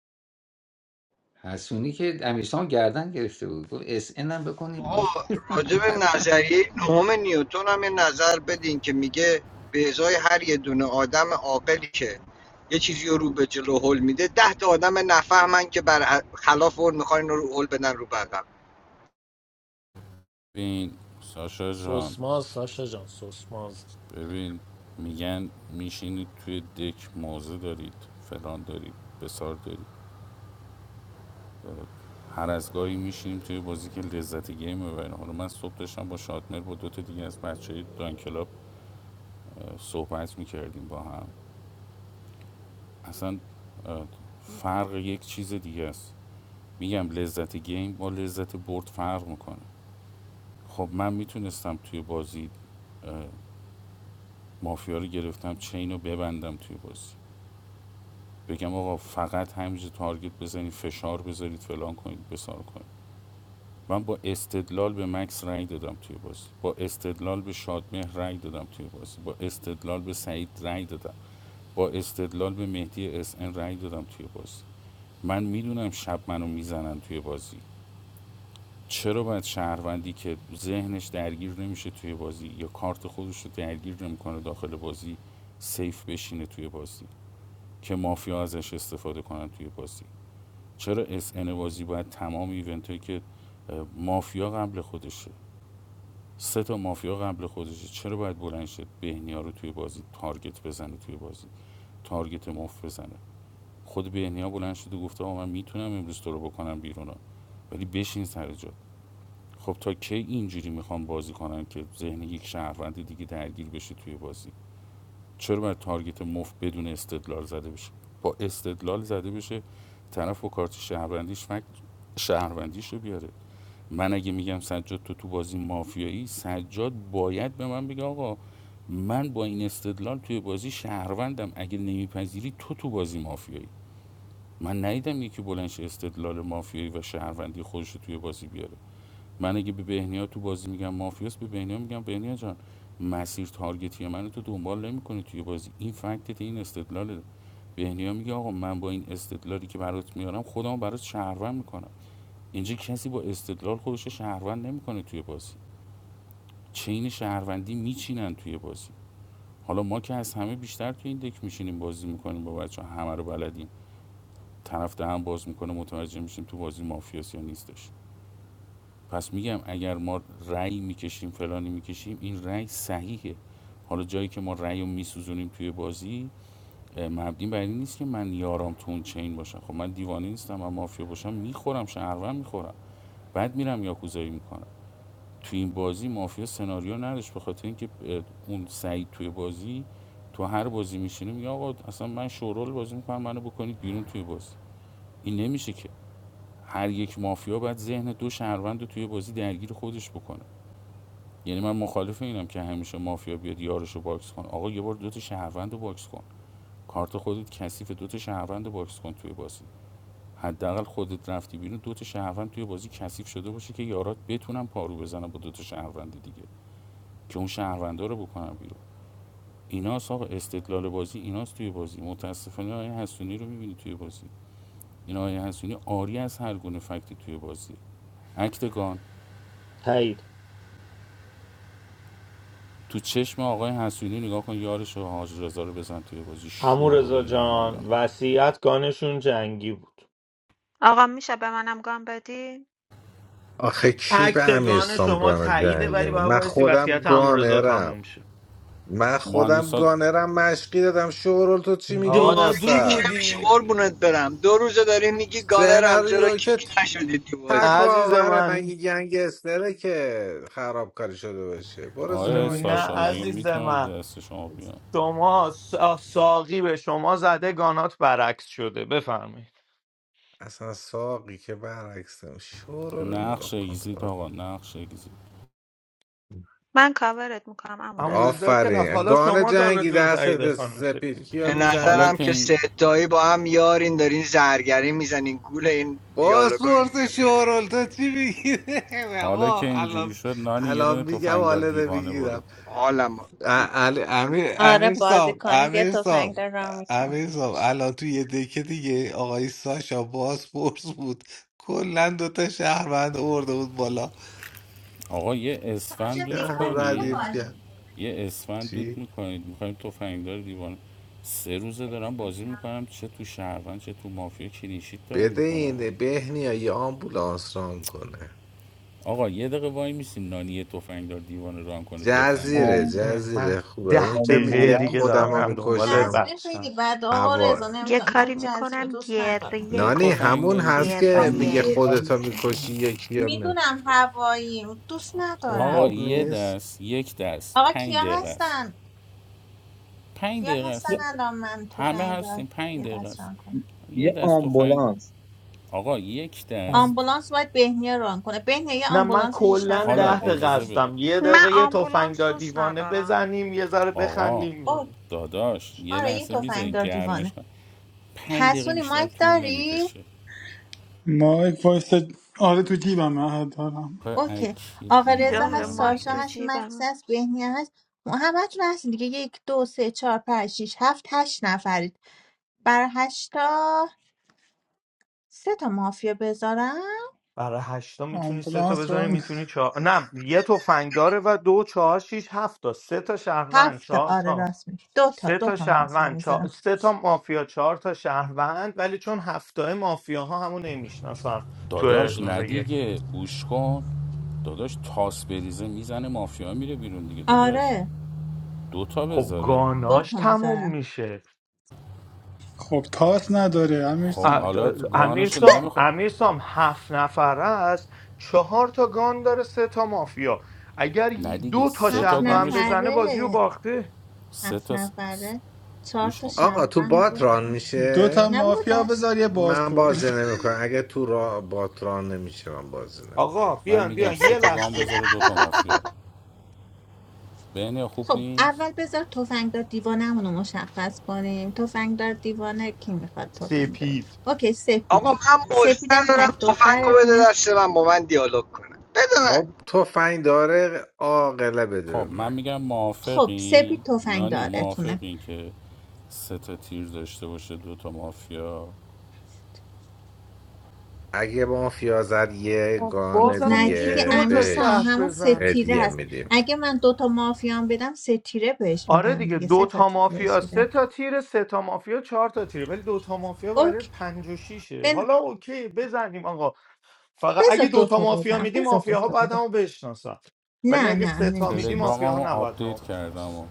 حسونی که امیرسام گردن گرفته بود گفت اس ان هم بکنیم آقا بیرون. راجع به نظریه نهم نیوتن هم یه نظر بدین که میگه به ازای هر یه دونه آدم عاقلی که یه چیزی رو به جلو هل میده ده تا آدم نفهمن که بر خلاف اون میخوان اینو رو هل بدن رو بقم بین ساشا جان سوسماز ساشا جان سوسماز ببین میگن میشینید توی دک موزه دارید فلان دارید بسار دارید هر از گاهی میشینیم توی بازی که لذت گیم ببریم حالا من صبح داشتم با شادمر با دو تا دیگه از بچه دان کلاب صحبت میکردیم با هم اصلا فرق یک چیز دیگه است میگم لذت گیم با لذت برد فرق میکنه خب من میتونستم توی بازی مافیا رو گرفتم چین رو ببندم توی بازی بگم آقا فقط همینجا تارگت بزنید فشار بذارید فلان کنید بسار کنید من با استدلال به مکس رأی دادم توی بازی با استدلال به شادمهر رأی دادم توی بازی با استدلال به سعید رأی دادم با استدلال به مهدی اس ان رأی دادم توی بازی من میدونم شب منو میزنن توی بازی چرا باید شهروندی که ذهنش درگیر نمیشه توی بازی یا کارت خودش رو درگیر نمیکنه داخل بازی سیف بشینه توی بازی که مافیا ازش استفاده کنن توی بازی چرا اس ان بازی باید تمام ایونت هایی که مافیا قبل خودشه سه تا مافیا قبل خودشه چرا باید بلند شد بهنیا رو توی بازی تارگت بزنه توی بازی تارگت مف بزنه خود بهنیا بلند شد و گفته آقا من میتونم امروز تو رو بکنم بیرون ولی بشین سر جات. خب تا کی اینجوری میخوام بازی کنن که ذهن یک شهروند دیگه درگیر بشه توی بازی چرا باید تارگت مفت بدون استدلال زده بشه با استدلال زده بشه طرف و کارت شهروندیش فکت شهروندیش رو بیاره من اگه میگم سجاد تو تو بازی مافیایی سجاد باید به من بگه آقا من با این استدلال توی بازی شهروندم اگه نمیپذیری تو تو بازی مافیایی من ندیدم یکی بلنش استدلال مافیایی و شهروندی خودش رو توی بازی بیاره من اگه به بهنیا تو بازی میگم مافیاس به بهنیا میگم بهنیا جان مسیر تارگتی منو تو دنبال نمیکنی توی بازی این فکتت این استدلاله بهنیا میگه آقا من با این استدلالی که برات میارم خودم برات شهروند میکنم اینجا کسی با استدلال خودش رو شهروند نمیکنه توی بازی چین شهروندی میچینن توی بازی حالا ما که از همه بیشتر توی این دک میشینیم بازی میکنیم با بچه همه رو بلدیم طرف دهن باز میکنه متوجه میشیم تو بازی مافیاس یا نیستش پس میگم اگر ما رأی میکشیم فلانی میکشیم این رأی صحیحه حالا جایی که ما رأی رو میسوزونیم توی بازی اه، مبنی بر این نیست که من یارم تو اون چین باشم خب من دیوانه نیستم من مافیا باشم میخورم شهروند میخورم بعد میرم یاکوزایی میکنم توی این بازی مافیا سناریو نداشت به خاطر اینکه اون سعید توی بازی تو هر بازی میشینه میگه آقا اصلا من شورول بازی میکنم منو بکنید بیرون توی بازی این نمیشه که هر یک مافیا باید ذهن دو شهروند رو توی بازی درگیر خودش بکنه یعنی من مخالف اینم که همیشه مافیا بیاد یارشو باکس کن آقا یه بار دو تا شهروند باکس کن کارت خودت کثیف دو تا شهروند باکس کن توی بازی حداقل خودت رفتی بیرون دو تا شهروند توی بازی کثیف شده باشه که یارات بتونن پارو بزنن با دو تا شهروند دیگه که اون شهروندا رو بکنن بیرون ایناست آقا استدلال بازی ایناست توی بازی متاسفانه آیه حسونی رو میبینی توی بازی این آیه حسونی آری از هر گونه فکتی توی بازی اکتگان تایید تو چشم آقای حسودی نگاه کن یارش رو حاج رضا رو بزن توی بازی امو شورول رضا جان نمایانه وصیت گانشون جنگی بود آقا میشه به منم گام بدی آخه کی به امیر اکتگان شما سامگان تاییده جنگی ولی می باید من وایسی خودم وصیت امورزا تموم گانرم شه من خودم مانیسا گانرم مشقی دادم شورل تو چی میگی آقا این جادو کیک وسط نمیشه بودی قربونت برم دو روزه داری میگی گانر هم چرا سناریو که کیک نشدی تو بازی عزیز تکاوره مگه من گنگستره که خرابکاری شده باشه برو زیر آقای نه مایکت ساشا بابا مگه عزیز میتونم من دست شما بیان شما سا- ساقی به شما زده گانات برعکس شده بفرمایید اصلا ساقی که برعکسم شورو رو نقش نگاه کن اگزیت ساق. آقا نقش اگزیت من کاورت میکنم امورز. امورزا که رفت آفرین حالا گان شما جنگی گانتون تاییده دست خانم سپید سپید کیو به حالا نظرم میزنی که که این ستایی با هم یارین دارین زرگری میزنین گول این باز دیالوگا پرس شورول تو چی میگی حالا که آقا اینجوری الان شد نانی یه الان دونه میگم تفنگدار حالا دیوانه نمیگیرم برو حالم امیر آره امیر بازی سام کنید یه امیر تفنگ سام دار را میکنم امیر سام الان تو یه دکه دیگه آقای ساشا باز پرس بود کلا دوتا شهروند ارده بود بالا آقا یه اسفند دود شهر رو کنی ردیف کرد یه اسفند چی دود میکنید میخوایم تفنگدار دیوانه سه روزه دارم بازی میکنم چه تو شهروند چه تو مافیا کلینشیت دارم بده میکنم این بهنیا یه آمبولانس ران کنه آقا یه دقیقه وای میسیم نانی یه تفنگ دار دیوانه ران کنه جزیره بخندیم ای من جزیره خوبه اون ده که دقیقه میگه دیگه آمبولانس خودم دارم رو میرم دنبال میکشم جزیره بچم خیلی بد آقا هوا رضا یه نمیدونم چرا کاری جزیره میکنم دوست ندارم گریه یه نانی تفنگ همون کنید داره دی... هست که میگه گریه خودتو آمبولانس میکشی یکی رو می میدونم هوایی دوست اون آقا ندارم خوب یه دست نیست یک دست آقا کیا پنج دقیقه است هستن پنج کیا دقیقه هستن یه است الان من همه تفنگ هستیم دارم پنج یه دقیقه دست است ران کنم یه یه دست تفنگ آمبولانس آقا یک دست آمبولانس باید بهنیا ران کنه بهنیا یه نه من آمبولانس شیش کلا نفر حالا ده میرن دقیقه اجازه بده هستم یه من دقیقه یه آمبولانس تفنگدار دوست دیوانه ندارم بزنیم یه ذره آقا اوه بخندیم داداش یه آره یه لحظه تفنگ میذارین دار گرمش دیوانه کن پنج دقیقه حسونی بیشتر مایک طول داری نمیکشه مایک وایس آره تو جیبم من دارم اوکی اکی آقا رضا دیوانه یاره هست هم مایک ساشا تو هست می‌پرسه. مکس جیبم هست بهنیا هست همه تون هستین دیگه یک دو سه چهار پنج شیش هفت هشت نفر برای هشتا سه تا مافیا بذارم برای هشتا میتونی سه تا آمبولانس بذاری را میتونی چهار نه یه تفنگ داره و دو چهار شیش هفت تا سه تا شهروند هفت تا چهار آره تا راست میگی دو تا سه دو تا تا مافیا شهروند چهار... میذارم سه تا مافیا چهار تا شهروند ولی چون هفته مافیاها ها همون نمیشناسن تو داداش روز ندیگه یک دیگه گوش کن داداش تاس بریزه میزنه مافیا میره بیرون دیگه داداش آره دو تا خب بذاره دو گاناش تا تموم میذارم میشه خب تاس نداره امیر خب ا- سام حالا امیر گانش سام نمیخواد امیر سام هفت نفره است چهار تا گان داره سه تا مافیا اگر نه ی- دیگه دو تا سه هفت تا شهروند گانش کن بزنه بازی رو نفره باخته سه هفت تا س... نفره چهار گوش تا کن آقا تو شهروند بات ران بکن دو تا میشه نه بابا مافیا بذار یه دستی من بازپرس بازی نمیکنم اگه تو را بات ران نمیشه من بازی آقا نمیکنم من بیان بیان میگم سه یه تا گان لحظه بذاره دو تا مافیا بین خوب خب نیست اول بذار تفنگدار دیوانمون رو مشخص کنیم تفنگدار دیوانه کی میخواد تفنگدار سپید اوکی سپید آقا من بازی سپیدم تک ندارم تفنگ رو بده دخترتونه دست من با من دیالوگ کنه بده من خب تفنگ داره آقله بده به خب من من میگم خب موافقین سپید نانی تفنگدارتونه موافقین که سه تا تیر داشته باشه دو تا مافیا اگه مافیا زد یه خب، خب گانه بازم نه میشه دیگه دیگه دو امیر تا سام شهر بهش همون سه بزن تیره هدیه هست میدیم اگه من دوتا مافیان بدم سه تیره بهش آره میدم دیگه دیگه دو سه تا تا تیره بهش مافیا سه میدم تا تیره سه تا مافیا چهار تا تیره ولی دو تا مافیا برای اوکی پنج و شیشه بن... حالا اوکی بزنیم آقا فقط بذار اگه دو تا دوتا مافیا بدم میدی بذار مافیاها دوتا باید بدم همو بشناسن ولی نه اگه نه سه تا میدی نمیشناسم مافیاها تلگراممو نباید همو آپدیت کردم بشناسن و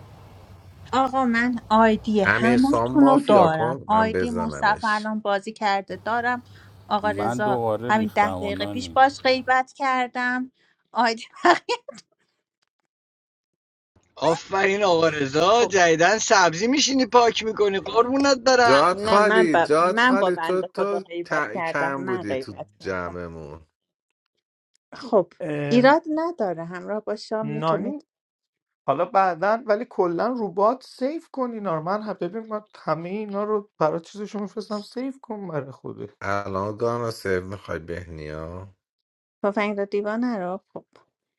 آقا من آیدی امیر سام همتون رو مافیا دارم کن من آیدی مصطفی بزنمش الان بازی کرده دارم آقا من رضا دوباره همین ده ریختم و دقیقه پیش نانی باش غیبت کردم آیدی آفرین آقا رضا خب جدیدن سبزی میشینی پاک میکنی قربونت برم جاد نه من خالی با جاد من با خالی تو بنده خدا تو غیبت ت- کردم کم من بودی تو غیبت کردم جمعمون خب اه، ایراد نداره همراه با شام نانی میتونید حالا بعدا ولی کلا روبات سیف کن اینا رو من هم- ببین من همه اینا رو برای چیزشون میفرستم سیف کن برای خودت الان گانا سیو میخوای بهنیا تفنگ رو دیوانه رو خب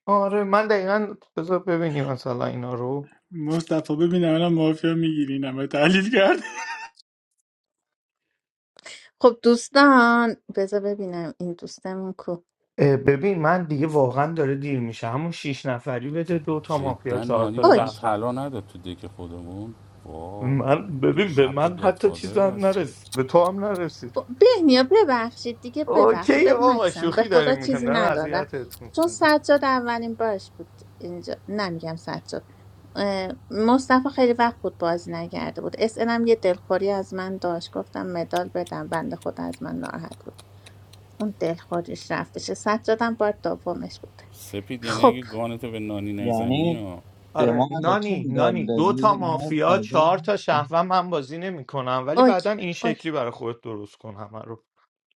آره من دقیقا بذار ببینی مثلا اینا رو مصطفی ببینم الان مافیا میگیری نمه تحلیل کرد خب دوستان بذار ببینم این دوستمون کو اه، ببین من دیگه واقعا داره دیر میشه همون شیش نفری بده دو تا مافیا جدا چهار نانی تا به من اوکی شهروند طلا نداد تو دک خودمون وا من ببین به شب به من حتی گادفادر چیز هم بستم نرسید به تو هم نرسید بهنیا ببخشید دیگه ببخشید اوکی به بابا مکسم به شوخی خدا داریم میکنم چیزی دارم ندادم اذیتت چون میکنم سجاد اولین بارش بود اینجا نمیگم سجاد اه، مصطفی خیلی وقت بود بازی نکرده بود اس هم یه دلخوری از من داشت گفتم مدال بدم بنده خود از من ناراحت بود اون دلخوریش رفتشه سجادم بار دومش بود سپید یعنی خب اگه گانتو به نانی نزنی یعنی ها به آره ما علکی نانی میداد نانی دو تا دادی نه مافیا بازار چهار تا شهروند من بازی نمیکنم ولی بعدا اوکی این اوکی شکلی برای خودت درست کن همه رو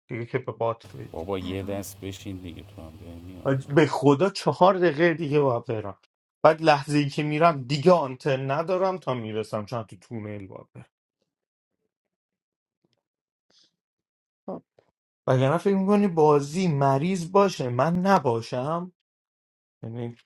دیگه که به بات بدی. بابا یه قرار دست بشین دیگه تو هم بهنی ها حاج- به خدا چهار دقیقه دیگه باید برم بعد لحظه ای که میرم دیگه آنتن ندارم تا میرسم چون تو تونل باید برم خب وگرنه فکر میکنی بازی مریض باشه من نباشم یعنی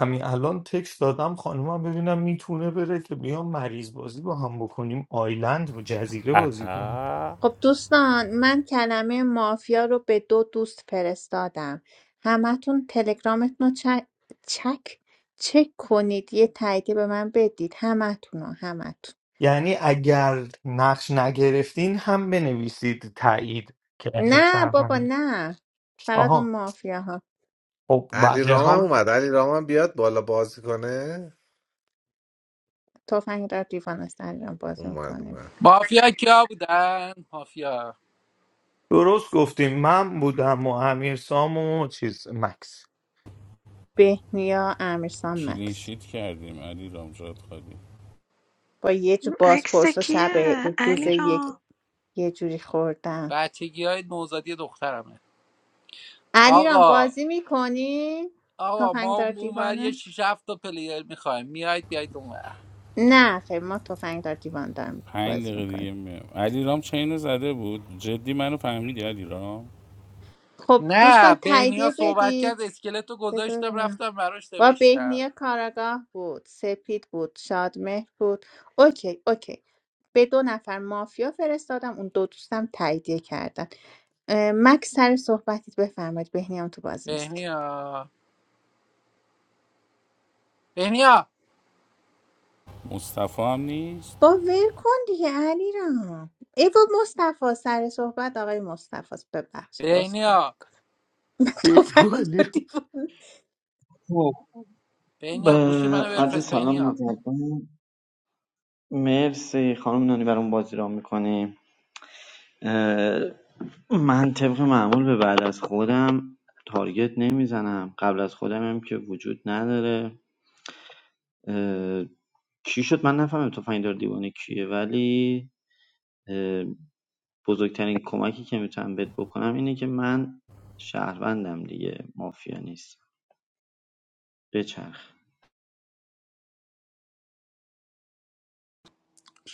همین الان تکست دادم خانومم ببینم میتونه بره که بیام مریض بازی با هم بکنیم آیلند و جزیره بازی کنیم خب دوستان من کلمه مافیا رو به دو دوست فرستادم همتون تلگرامتون رو چک چک چک کنید یه تایید به من بدید همتون رو همتون یعنی اگر نقش نگرفتین هم بنویسید تایید که یعنی نه بابا شهروندی. نه فقط اون آها مافیا ها خب علی بقیه رامم اومد علی رامم بیاد بالا بازی کنه توفنگ را دیوان است انجام بازی اومد میکنه اومد مافیا کیا بودن مافیا درست گفتیم من بودم و امیر سام و چیز مکس بهنیا امیرسان کلین مکس کردیم علی رام جات خالی با یه جو عکس بازپرس و کیه شب روز علی یک را یه جوری خوردم بچگی های نوزادی دخترمه علیرام آقا بازی میکنی؟ آقا ما تفنگدار اونور یه دیوانه؟ شیش هفت تا پلیر میخوایم میایید بیایید اونور نه خیر ما تفنگدار دیوانه داریم پنج بازی دقیقه دیگه میکنیم میام علی رام چینو زده بود جدی منو فهمیدی علی رام خب دوستان نه بهنیا تاییدیه صحبت کرد بدید اسکلت رو بذار گذاشتم ببینم. رفتم براش با نوشتم بهنیه کاراگاه بود سپید بود شادمهر بود اوکی اوکی به دو نفر مافیا فرستادم اون دو دوستم تاییدیه کردن اه، مکس سر صحبتیت بفرمایید بهنیه هم تو بازی نیست بهنیا بهنیا مصطفی هم نیست با ول کن دیگه علیرام ای بابا مصطفی سر صحبت آقای مصطفی است. ببخشید عذرخواهی بهنیا می‌کنم. تفنگ بیگوانی و رو دیوار. تو بهنیا گوشی ب- منو عرض بفرست سلام بهنیا مجدد مرسی خانم نانی برام بازی را میکنیم من طبق معمول به بعد از خودم تارگت نمیزنم قبل از خودم هم که وجود نداره اه، کی شد من نفهمم تفنگدار دیوانه کیه ولی اه، بزرگترین کمکی که میتونم بهت بکنم اینه که من شهروندم دیگه مافیا نیست بچرخ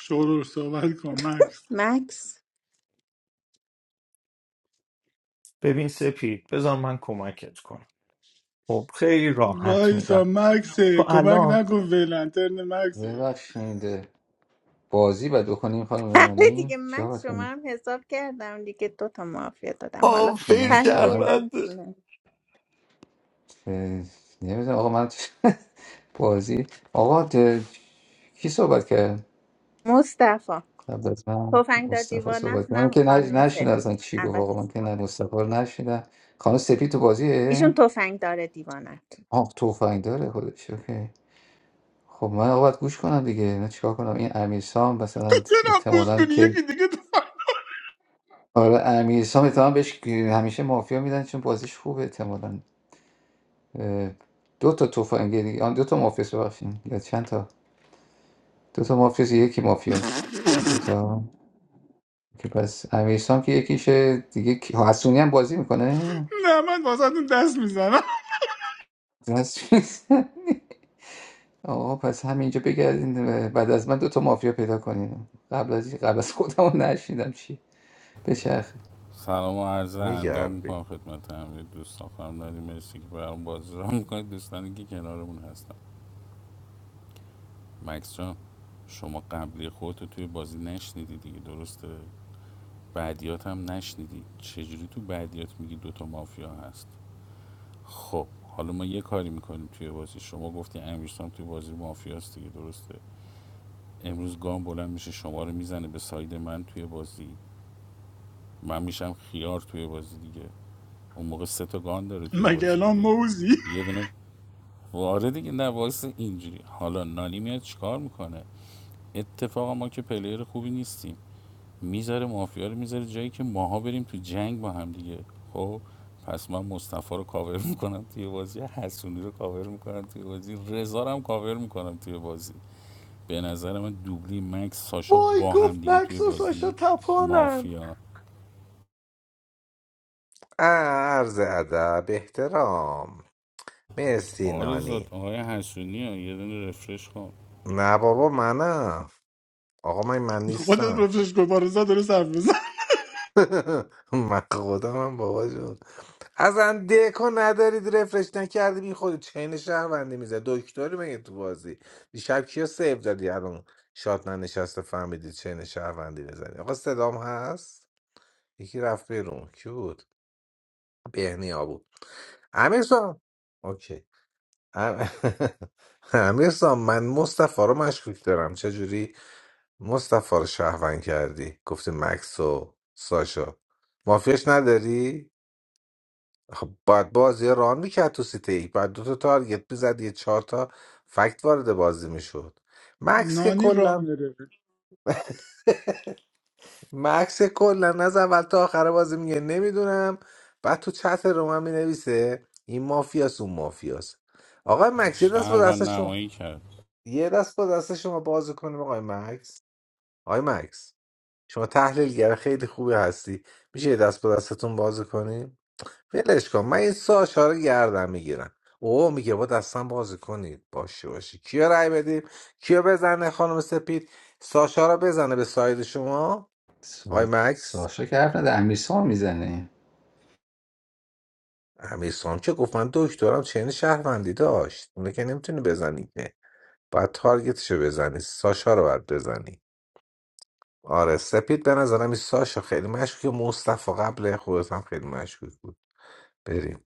شروع صحبت کن مکس مکس ببین سپید بذار من کمکت کنم خب خیلی راحت وایسا میگم مکسه تو کمک الان نکن فعلا ترن مکسه ببخشید بازی باید بکنیم خانم بله نانی دیگه چی مکس باید شما کنیم هم حساب کردم دیگه دو تا معافیه دادم حالا آفیر من که پنج شرفت واقعا دقیقه هم طوله نمیدونم آقا من بازی آقا ده- کی صحبت کرد مصطفی قبل از من تفنگ دار مصطفی صحبت کرد من دیوانتونم که نش- خانم نشنیدم اصلا سپید چی گفت آقا البته من که شما نه بدم. مصطفی رو نشنیدم خانم سپید تو ایشون بازیه تفنگ داره دیوانت آه توفنگ داره خودش اوکی خب من آقا باید گوش کنم دیگه نه چیکار کنم این امیرسام تو مثلا چرا پوش احتمالاً کنی که یکی دیگه تو- آره امیرسام اتهام بهش همیشه مافیا میدن چون بازیش خوبه احتمالاً اه، دو تا تفنگداری آن دو تا مافیاس ببخشید یا چند تا دو تا مافیاس یکی مافیاس دو تا که پس امیرسام که یکیشه دیگه کی- حسونی هم بازی میکنه نه من واسه دست میزنم حسونی. آقا پس همینجا بگردین اه، بعد از من دو تا مافیا پیدا کنین قبل از قبل از خودمو نشیدم چی بچرخه سلام و عرض اندام میگردی میکنم خدمت همه دوستان خانم نادی مرسی که برام بازی را میکنید دوستانی که کنارمون هستن مکس جان شما قبلی خودتو توی بازی نشنیدی دیگه درسته بعدیات هم نشنیدی چجوری تو بعدیات میگی دوتا مافیا هست خب حالا ما یه کاری میکنیم توی بازی شما گفتی امیرسام توی بازی مافیاست دیگه درسته امروز گام بلند میشه شما رو میزنه به ساید من توی بازی من میشم خیار توی بازی دیگه اون موقع سه تا گان داره توی مگه بازی الان دیگه موزی یه دونه واره دیگه نه وایس اینجوری حالا نانی میاد چیکار میکنه اتفاقا ما که پلیر خوبی نیستیم میذاره مافیا رو میذاره جایی که ماها بریم تو جنگ با هم دیگه خب پس من مصطفی رو کاور میکنم توی بازی حسونی رو کاور میکنم توی بازی رضا رو هم کاور میکنم توی بازی به نظر من دوبلی مکس ساشا وای با هم گفت دیگه توی مکس و ساشا بازی تپانن مافیا عرض ادب احترام مرسی آرزاد نانی آقای حسونی ها یه دونه رفرش کن نه بابا منم آقا من من خودت نیستم رو فشکو بارزا داره صرف بزن من خودم هم بابا جون اصلا دکو ندارید رفرش نکردی بی خود چین شهروندی میزه دکتری مگه تو بازی دیشب کیا سیو دادی الان شاد ننشسته فهمیدی چین شهروندی بزنی آقا صدام هست یکی رفت بیرون کی بود بهنیا بود امیر سام اوکی ام- امیر سام من مصطفی رو مشکوک دارم چجوری مصطفی رو شهروند کردی گفتی مکس و ساشا مافیاش نداری خب باید بازی رو ران میکرد تو سیته ای باید دو تا تارگت میزد یه چهار تا فکت وارد بازی میشد مکس که نانی کلا رامره مکس که کلا از اول تا آخر بازی میگه نمیدونم بعد تو چت رو هم مینویسه این مافیاس اون مافیاس آقای مکس یه دست با شهر و دست شما نمایی کرد یه دست با دست شما بازی کنیم آقای مکس آقای مکس شما تحلیلگر خیلی خوبی هستی میشه یه دست با دستتون بازی کنیم ولش کن من این ساشا رو گردم میگیرم او میگه با دستم بازی کنید باشه باشه کیا رأی بدیم کیا بزنه خانم سپید ساشا رو بزنه به ساید شما آی سا- مکس ساشا که حرف نده امیرسام میزنه امیر سام که گفت من دکترم چین شهروندی داشت اونه که نمیتونی بزنی که باید تارگتشو بزنی ساشا رو باید بزنی آره سپید به نظرم این ساشا خیلی مشکوک مصطفی قبل خودت هم خیلی مشکوک بود بریم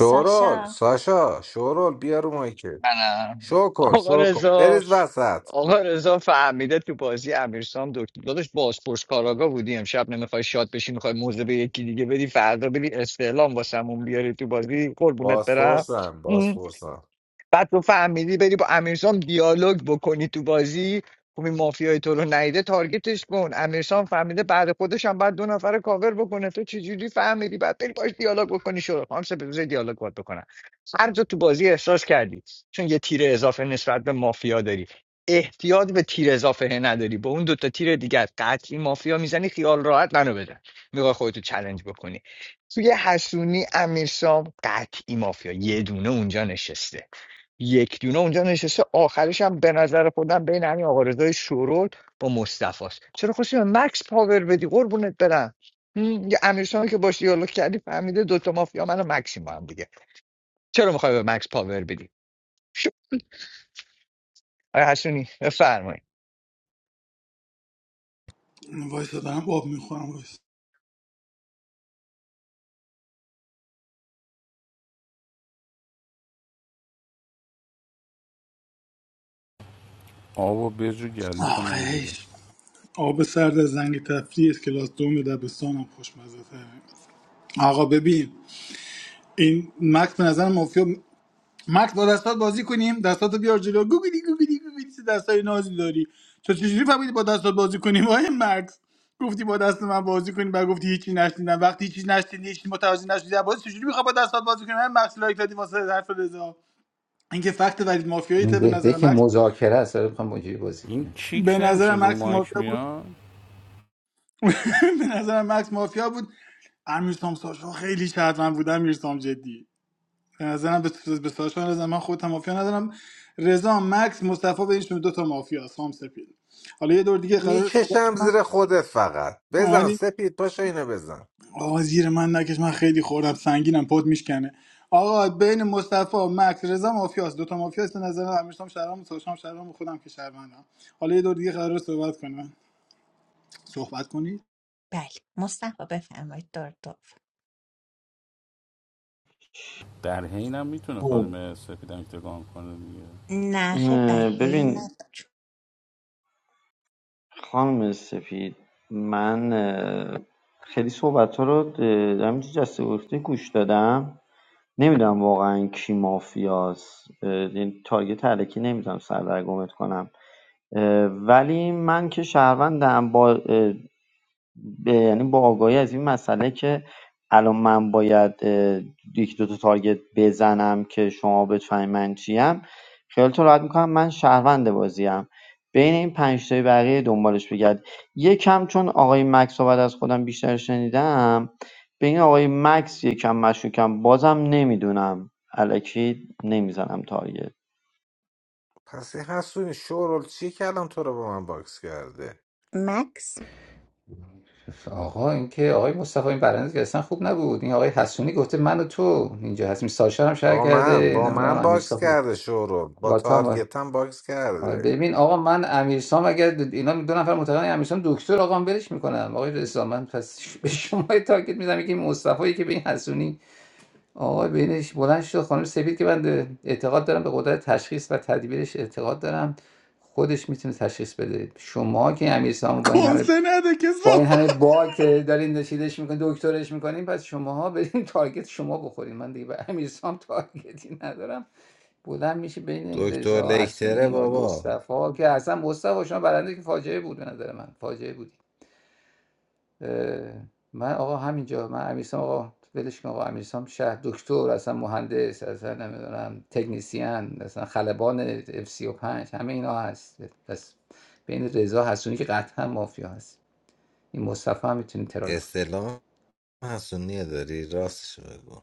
شورول ساشا شورول بیا رو مایکت شو کن آقا شو کن رضا بریز وسط آقا رضا فهمیده تو بازی امیرسام دکتر داداش بازپرس کاراگا بودی امشب نمیخوای شاد بشی میخوای موزه به یکی دیگه بدی فردا بری استعلام واسمون بیاری تو بازی قربونت برم بازپرسم بازپرسم بعد تو فهمیدی بری با امیرسام دیالوگ بکنی تو بازی خب این مافیای تو رو نیده تارگتش کن امیرسام فهمیده بعد خودش هم بعد دو نفر رو کاور بکنه تو چجوری فهمیدی بعد بری باش دیالوگ بکنی شروع خام سه بزرگ دیالوگ باید بکنن هر جا تو بازی احساس کردی چون یه تیر اضافه نسبت به مافیا داری احتیاج به تیر اضافه نداری با اون دوتا تیر دیگر قطعی مافیا میزنی خیال راحت منو بزن میخوای خودتو چلنج بکنی توی حسونی امیرسام قطعی مافیا یه دونه اونجا نشسته یک دونه اونجا نشسته آخرش هم به نظر خودم بین همین آقا رضای شورول با مصطفی است چرا خواستی به مکس پاور بدی قربونت برم هم، یه امیرسان که باش دیالوگ کردی فهمیده دوتا مافیا منو مکسی با هم دیگه چرا میخوای به مکس پاور بدی شو آیا حسونی بفرمایید وایسا دارم آب میخورم وایس آب و برج و گلوتو نگیره آخیش آب سرد از زنگ تفریح است کلاس دوم دبستانم خوشمزه تره آقا ببین این مکس به نظر مافیا مکس با دستات بازی کنیم دستاتو بیار جلو گوگلی گوگلی گوگلی چه دستای نازی داری تو چجوری فهمیدی با دستات بازی کنیم آقای مکس گفتی با دست من بازی کنی بعد گفتی هیچی نشنیدم وقتی هیچی نشنیدی هیچی متوجه نشدی از بازی چجوری میخوای با دستات بازی کنی من مکس لایک دادی واسه حرف رضا اینکه فکت ولید مافیایی این ته به بهده نظر که مکس مذاکره است داره میخوام با بازی این کنه کیک به نمیشه نظر رو مکس مایک مافیا بود میاد به نظرم مکس مافیا بود امیرسام ساشا خیلی شرطمند بودم امیرسام جدی به نظرم به, به ساشا نظر من خودم مافیا ندارم رضا مکس مصطفی بینشون دو تا مافیا سام سپید حالا یه دور دیگه قرار صحبت میکشم کنم زیر خودت فقط بزن اومدیم سپید پاشو اینو بزن آقا زیر من نکش من خیلی خوردم سنگینم پد میشکنه آقا بین مصطفی مکس رضا مافیاست دو تا مافیاست به نظر من امیرسام شهرام ساشام شهرام خودم که شهروندم حالا یه دور دیگه قرار صحبت کنم صحبت کنید بله مصطفی بفرمایید دور دور در حینم میتونه خب خانم سفید هم تکان کنه دیگه نه خیر در اه، حین ببین ندار خانم سفید من اه، خیلی صحبت ها رو اه، در همینجا جسته گفته گوش دادم نمیدونم واقعا کی مافیاست اه، یعنی تارگت علکی نمیتونم سردرگمت کنم اه، ولی من که شهروندم با اه، به- یعنی با آگاهی از این مسئله که الان من باید اه، یک دو تا تارگت بزنم که شما بفهمید من چیم خیالتون راحت میکنم من شهروند بازیم بین این پنج تای بقیه دنبالش بگرد یکم چون آقای مکس رو بعد از خودم بیشتر شنیدم به این آقای مکس یکم مشکوکم بازم نمیدونم الکی نمیزنم تارگت پس این حسونی شورول چی که الان تو رو با من باکس کرده مکس آقا این که آقای مصطفی این برنده که اصلا خوب نبود این آقای حسونی گفته من و تو اینجا هستیم ساشا هم شهر با من کرده با نمیدونم من باکس امیرسام کرده شورول با با تو هم آقا. تارگتم باکس کرده ببین آقا من امیرسام اگر اینا دو نفر معتقدن امیرسام دکتر آقا من برش میکنم آقای رضا من پس ش- به شما یه تاکید میدم یکی مصطفی که به این حسونی آقا بینش بلند شد خانم سفید که من اعتقاد دارم به قدرت تشخیص و تدبیرش اعتقاد دارم خودش میتونه تشخیص بده شما که امیر کنسه نده که با این صحبت همه باگ که دارین چیزش میکنین دکترش میکنین پس شماها برین تارگت شما بخورین من دیگه به امیرسام تارگتی ندارم بلند میشه بین این دکتر رضا لکتره حسونی آقای بابا مصطفی که اصلا مصطفی شما برنده که فاجعه بود به نظر من فاجعه بود من آقا همینجا من امیرسام آقا ولش کن آقا امیرسام شهر دکتر اصلا مهندس اصلا نمیدونم تکنسین اصلا خلبان اف 35 همه اینا هست پس بین رضا حسونی که قطعا مافیا هست این مصطفی هم میتونین ترای استلام حسونیه داری راستشو بگو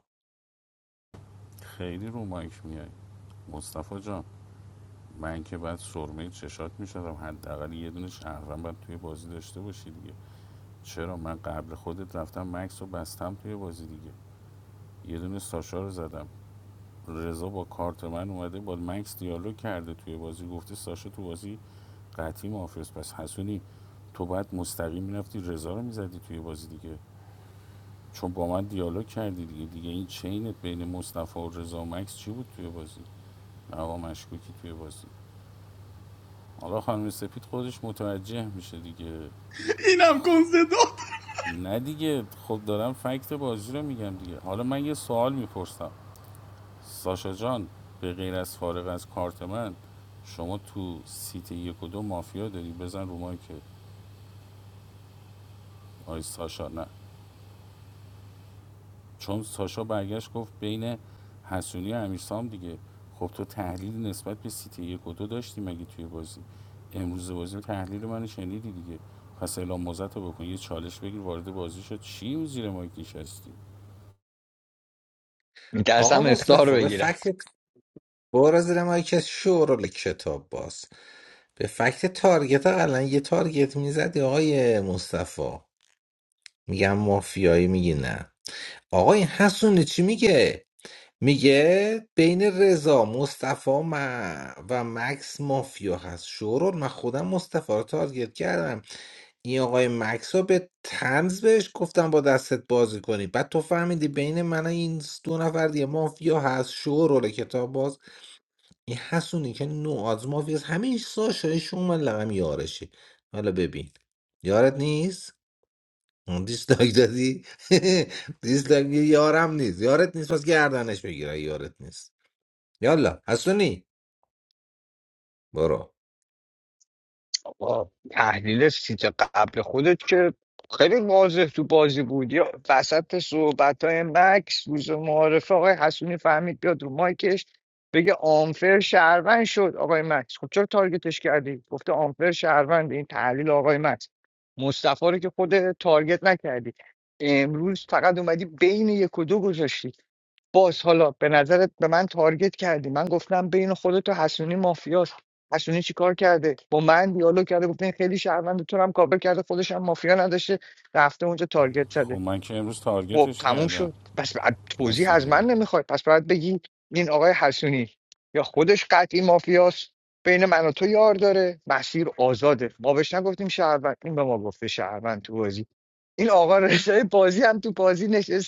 خیلی رو مایک میای مصطفی جان من که بعد سرمه چشات میشدم حداقل یه دونه شهرم باید توی بازی داشته باشی دیگه چرا من قبل خودت رفتم مکس رو بستم توی بازی دیگه یه دونه ساشا رو زدم رضا با کارت من اومده با مکس دیالوگ کرده توی بازی گفته ساشا تو بازی قطعی محافظ پس حسونی تو بعد مستقیم میرفتی رضا رو میزدی توی بازی دیگه چون با من دیالوگ کردی دیگه دیگه این چینت بین مصطفی و رضا و مکس چی بود توی بازی هوا مشکوکی توی بازی حالا خانم سپید خودش متوجه میشه دیگه اینم کنسه داد نه دیگه خب دارم فکت بازی رو میگم دیگه حالا من یه سوال میپرسم ساشا جان به غیر از فارغ از کارت من شما تو سیت یک و دو مافیا داری بزن رو که آی ساشا نه چون ساشا برگشت گفت بین حسونی و امیرسام دیگه خب تو تحلیل نسبت به سیتی یک و دو داشتی مگه توی بازی امروز بازی تحلیل منو شنیدی دیگه پس اعلام موزت رو بکن یه چالش بگیر وارد بازی شد چی اون زیر مایکیش هستی آقا میترسم اختار رو مصطفی به بگیرم فکر برو زیر مایکت شور و کتاب باز به فکت تارگت ها الان یه تارگت میزدی آقای مصطفی میگم مافیایی میگی نه آقا این حسونی چی میگه میگه بین رضا مصطفی م- و مکس مافیا هست شورون من خودم مصطفی رو تارگت کردم این آقای مکس رو به تنز بهش گفتم با دستت بازی کنی بعد تو فهمیدی بین من و این دو نفر دیگه مافیا هست شورول کتاب باز این حسونی که نو از مافیاس همین ساشایش اومد لقم یارشی حالا ببین یارت نیست اون دیسلاک دادی دیسلاک میگه یارم نیست یارت نیست پس گردنش میگیره یارت نیست یالا حسونی برو آقا، تحلیل سیت قبل خودت که خیلی واضح تو بازی بود یا وسط صحبت های مکس روز معارفه آقای حسونی فهمید بیاد رو مایکش بگه آنفر شهروند شد آقای مکس خب چرا تارگتش کردی گفته آنفر شهروند این تحلیل آقای مکس مصطفی رو که خود تارگت نکردی امروز فقط اومدی بین یک و دو گذاشتی. باز حالا به نظرت به من تارگت کردی من گفتم بین خودت و حسونی مافیاست حسونی چیکار کرده با من دیالوگ کرده گفته این خیلی شهروند تو رو هم کابل کرده خودش هم مافیا نداشته رفته اونجا تارگت خب زده من که امروز خب تارگتش تموم کردم شد پس بعد توضیح از حسونی من رو. نمیخواد پس باید بگی این آقای حسونی یا خودش قطعی مافیاست بین من و تو یار داره مسیر آزاده ما بهش نگفتیم شهروند این به ما گفته شهروند تو بازی این آقا رضای بازی هم تو بازی نشسته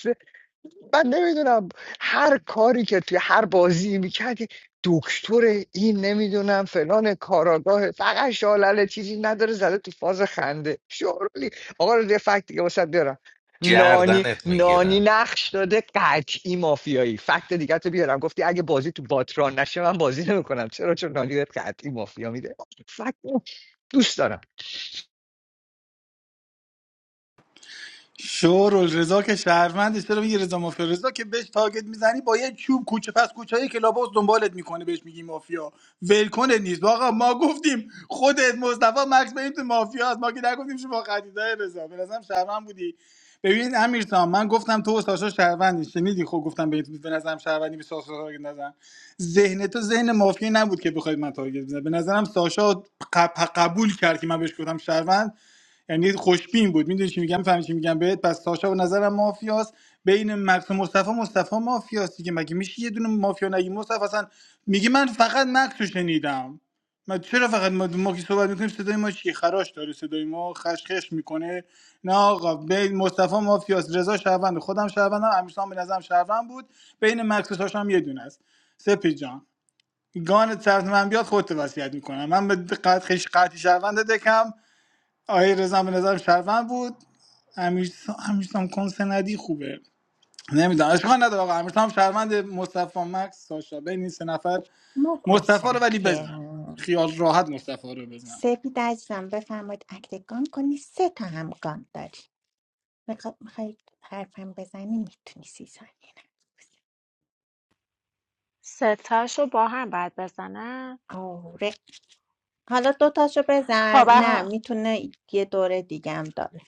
من نمیدونم هر کاری که توی هر بازی میکردی دکتر این نمیدونم فلان کاراگاه فقط شالله چیزی نداره زده تو فاز خنده شورولی آقا رو یه فکت دیگه واسه بیارم نانی گردنت نانی میگیرم نقش داده قطعی مافیایی فکت دیگه تو بیارم گفتی اگه بازی تو باتران نشه من بازی نمیکنم چرا چون نانی بهت قطعی مافیا میده فکت دوست دارم شور رضا که شهرمندش چرا میگی رضا مافیا رضا که بهش تاگت میزنی با یه چوب کوچه پس کوچه که کلاباس دنبالت میکنه بهش میگی مافیا ولکنت نیست آقا ما گفتیم خودت مصطفی مکس بریم تو مافیا هست. ما که نگفتیم شما خریدای رضا به نظرم شهرمند بودی ببین امیر سام، من گفتم تو و ساشا شهروندی شنیدی خب گفتم به به نظرم شهروندی به ساشا تارگت نزن ذهن تو ذهن مافیا نبود که بخواید من تارگت بزنم به نظرم ساشا قب- قبول کرد که من بهش گفتم شهروند یعنی خوشبین بود میدونی چی میگم فهمی چی میگم بهت پس ساشا به نظرم مافیاست بین مکس و مصطفی مصطفی مافیاست دیگه مگه میشه یه دونه مافیا نگی مصطفی اصلا میگه من فقط مکس رو شنیدم ما چرا فقط ما, ما که صحبت میکنیم صدای ما چی خراش داره صدای ما خشخش میکنه نه آقا بین مصطفی مافیاست رضا شهروند خودم شهروندم امیرسان به نظرم شهروند بود بین مکس و ساشا هم یه دونه است سپی جان گان سبز من بیاد خودت وصیت میکنم من به قد خیلی قطعی شهروند دکم آقای رضا به نظرم شرمند بود امیرسام امیرسام کنسه ندی خوبه نمیدونم اشکال نداره آقا امیرسام شرمند مصطفی مکس ساشا بین این سه نفر مصطفی رو ولی بزن متشکرم خیال راحت مصطفی رو بزن سپید عزیزم بفرمایید اکتگان کنی سه تا هم گان داری میخواد میخوای حرفم بزنی میتونی سی ثانیه ستاشو با هم بعد بزنم نه آره حالا دوتاشو خب بزن نه اه- میتونه یه دوره دیگه هم داره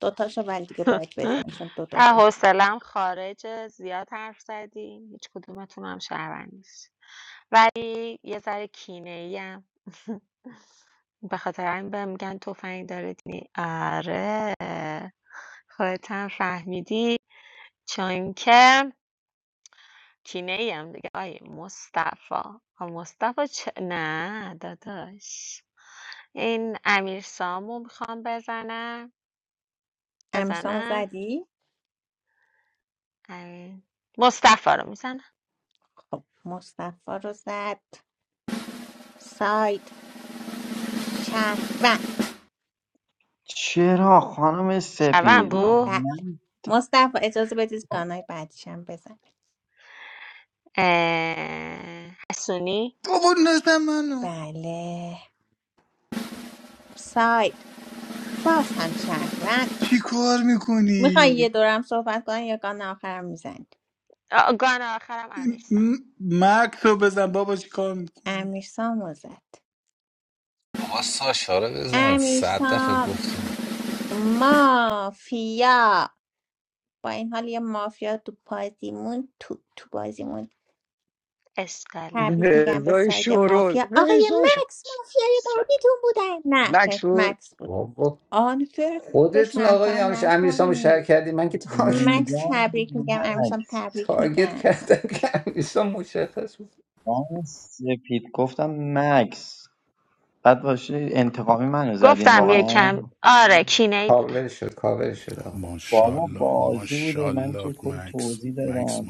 دوتاشو ولی دیگه باید بزن چون دو دور اه، بود. حوصلم خارجه زیاد حرف زدیم هیچ کدومتون هم شهروند نیست ولی یه ذره کینه بخاطر همین بهم میگن تفنگ داره دینی آره خودت هم فهمیدی تینه ای دیگه موسا همون چه ما میخوام برم امیرسامو اه، زدی امین. موس خب مصطفی رو زد ساید شهروند چرا خانم سپید بله نه، مصطفی اجازه بدید گانای بعدیشم بزن اه، بابا نزن منو بله ساید باز هم شهروند چی کار میخوای یه میکنی دورم صحبت کنی یا گان آخرم میزنی مکس رو بزن بابا چی کار میکنی امیرسامو زد آقا ساشا رو بزن صد دفعه امیرسام گفتیم مافیا با این حال یه مافیا تو بازیمون تو تو بازیمون اسکلت تبریک میگم به رضای ساید شورول مافیا آقای رضا شو- مکس مافیای بعدیتون بودن نه خیر، مکسور مکس بود بابا آنفر رو خودتون آقا این شهروند همیشه امیرسامو شهر نکنی کردی من که مکس تارگت میگم تبریک میگم امیرسام مکس تبریک تارگت میگم کردم که امیرسام مشخص بود من سپید گفتم مکس بعد باشه انتقامی منو زدین گفتم یه واقعا کم آره کینه ای بودم کاور شد کاور شد آقا بابا بازی بوده من که کل توضیح دادم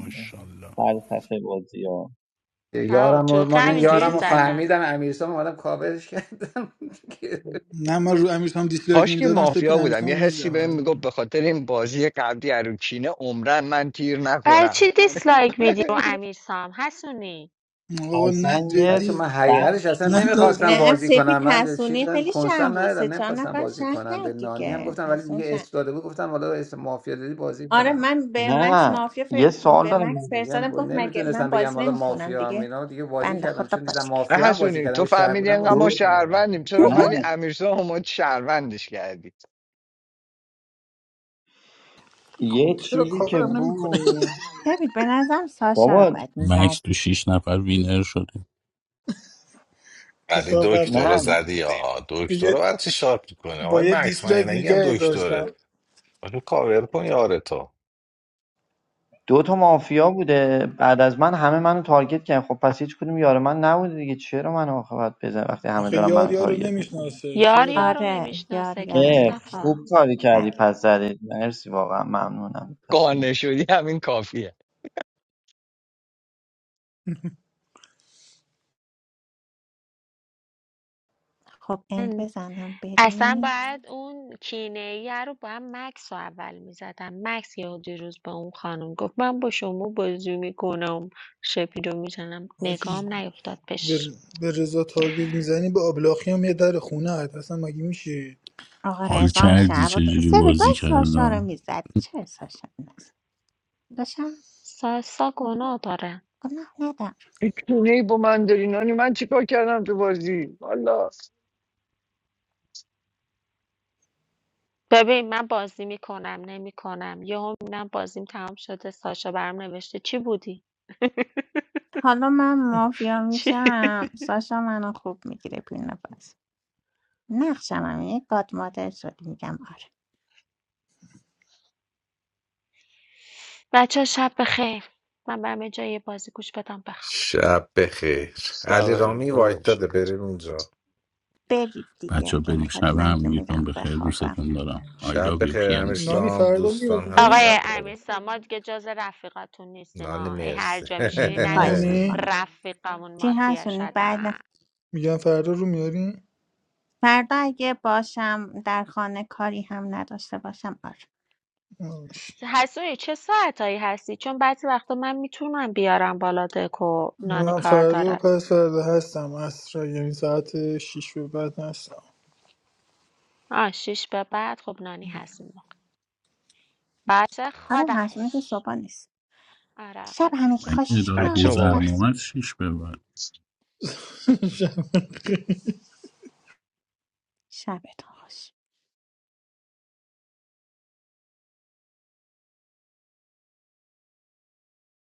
فلسفه بازی ها آه، یارم رو شوخی ما یعنی پاش همینجوری یارم رو میزدم زدم فهمیدم امیرسام اومدم کاورش کردم نه من رو امیرسام دیسلایک کاش که نمیدادم سپید مافیا بودم یه امیرسام حسی میزد بهم آره. میگفت به خاطر این بازی قبلی اروکینه عمرن من تیر برای نخورم چی دیسلایک میدی رو امیر سام حسونی آقا اصلا نه یه بچه جدی من حقیقتش اصلا فکتی که نمیخواستم نه نداشتم بازی سپی کنم من به تسونی چیزم خیلی شهر کنسم بود سه ندادم چهار نمیخواستم نفر بازی شهر کنم به کرد نانی هم دیگه گفتم ولی دیگه حسون اسم داده بود گفتم حالا اسم مافیا دادی بازی آره کنم من به مکس نه مافیا ف... یه سوال به دارم مکس من. دیگه فرستادم هم گفت مگه من نمیتونستم بگم بازی حالا نمیکنم مافیا هم دیگه اینا دیگه بازی بنده کردم خدا چون دیدم بازی کرد نه مافیا هم بازی حسونی کردم تو یه شهر فهمیدی بودم انقدر بازی ما دو نمیکنه شهروندیم چرا نه اومدی امیرسا اومد شهروندش کردی یه چرا چیزی که کاورم نمیکنه بود ببین به نظرم ساشا رو بابا باید مکس میزد تو شیش نفر وینر شده ولی کسافت دکترا نه زدی آقا دکترا دیگه برای چی شارپ میکنه آقای با یه مکس من یه دیسلایک نگیم نگه دکتره داشتم آقا کاور کن یارتو دو تا مافیا بوده بعد از من همه منو تارگت کردن خب پس هیچ کدوم یار من نبوده دیگه چرا منو آخه باید بزن وقتی همه آخه دارن یار منو یارو تارگت می‌کنن؟ نمیشناسه یار شورو یارو آره یار نمیشناسه که یارو عه، نمیشت مصطفی خوب کاری بله کردی پس زدید مرسی واقعا ممنونم دست قانع شدی همین کافیه خب اند بزنم اصلا بریم باید اون کینه ایه رو با هم مکس رو اول میزدم مکس یه دیروز با اون خانم گفت من با شما بازی میکنم شپیدو میزنم آجی نگام نیفتاد بهش به, به رضا تارگت میزنی به آبلاخی هم یه در خونه هد اصلا مگه میشه آقا حال رضا هم کردی شهر بود چجوری سبید بازی باید ساشا رو کردم میزد چرا ساشا رو نزد داشتم ساسا گناه داره گناه ندم این کونه ای با من داری نانی من چیکار کردم تو بازی والا ببین من بازی میکنم نمیکنم یهو میبینم بازیم تمام شده ساشا برم نوشته چی بودی حالا من مافیا چی میشم ساشا منو خوب میگیره بین نفس نقشم هم یه گاد مادر شد میگم آره بچه شب بخیر من برم یه جای یه بازی گوش بدم بخوام شب بخیر علی سبب واقعا رامی تو وایت باشه. داده بریم اونجا برید دیگه بچه ها اگه برید میخواد شب من که همگیتون میرم به خیر بخوابم دوستتون دارم I love شب you بخیر PMC نانی امیرسام فردا دوستان میاد همه رو شب آقای بخیر امیرسا ما دیگه جز رفیقاتون نیستیم نانی ما هی هر مرسی جا میشینی نگو خواهش نانی میکنم رفیقمون چی مافیا هستونی شدن بله میگم فردا رو میاری فردا اگه باشم در خانه کاری هم نداشته باشم آره آش. حسونی چه ساعتایی هستی چون بعضی وقتا من میتونم بیارم بالا دکو نانی من کار فردا و داره پس فردا هستم اصرا یعنی ساعت شیش به بعد هستم آه شیش به بعد خب نانی هستیم ما باشه آره هستونی که خدافش صبح نیست آره شب خدافز همگی مگه خوش اداره بچه خداحافظ بابا خداحافظ گذرنامه شیش ببر شبتون خوش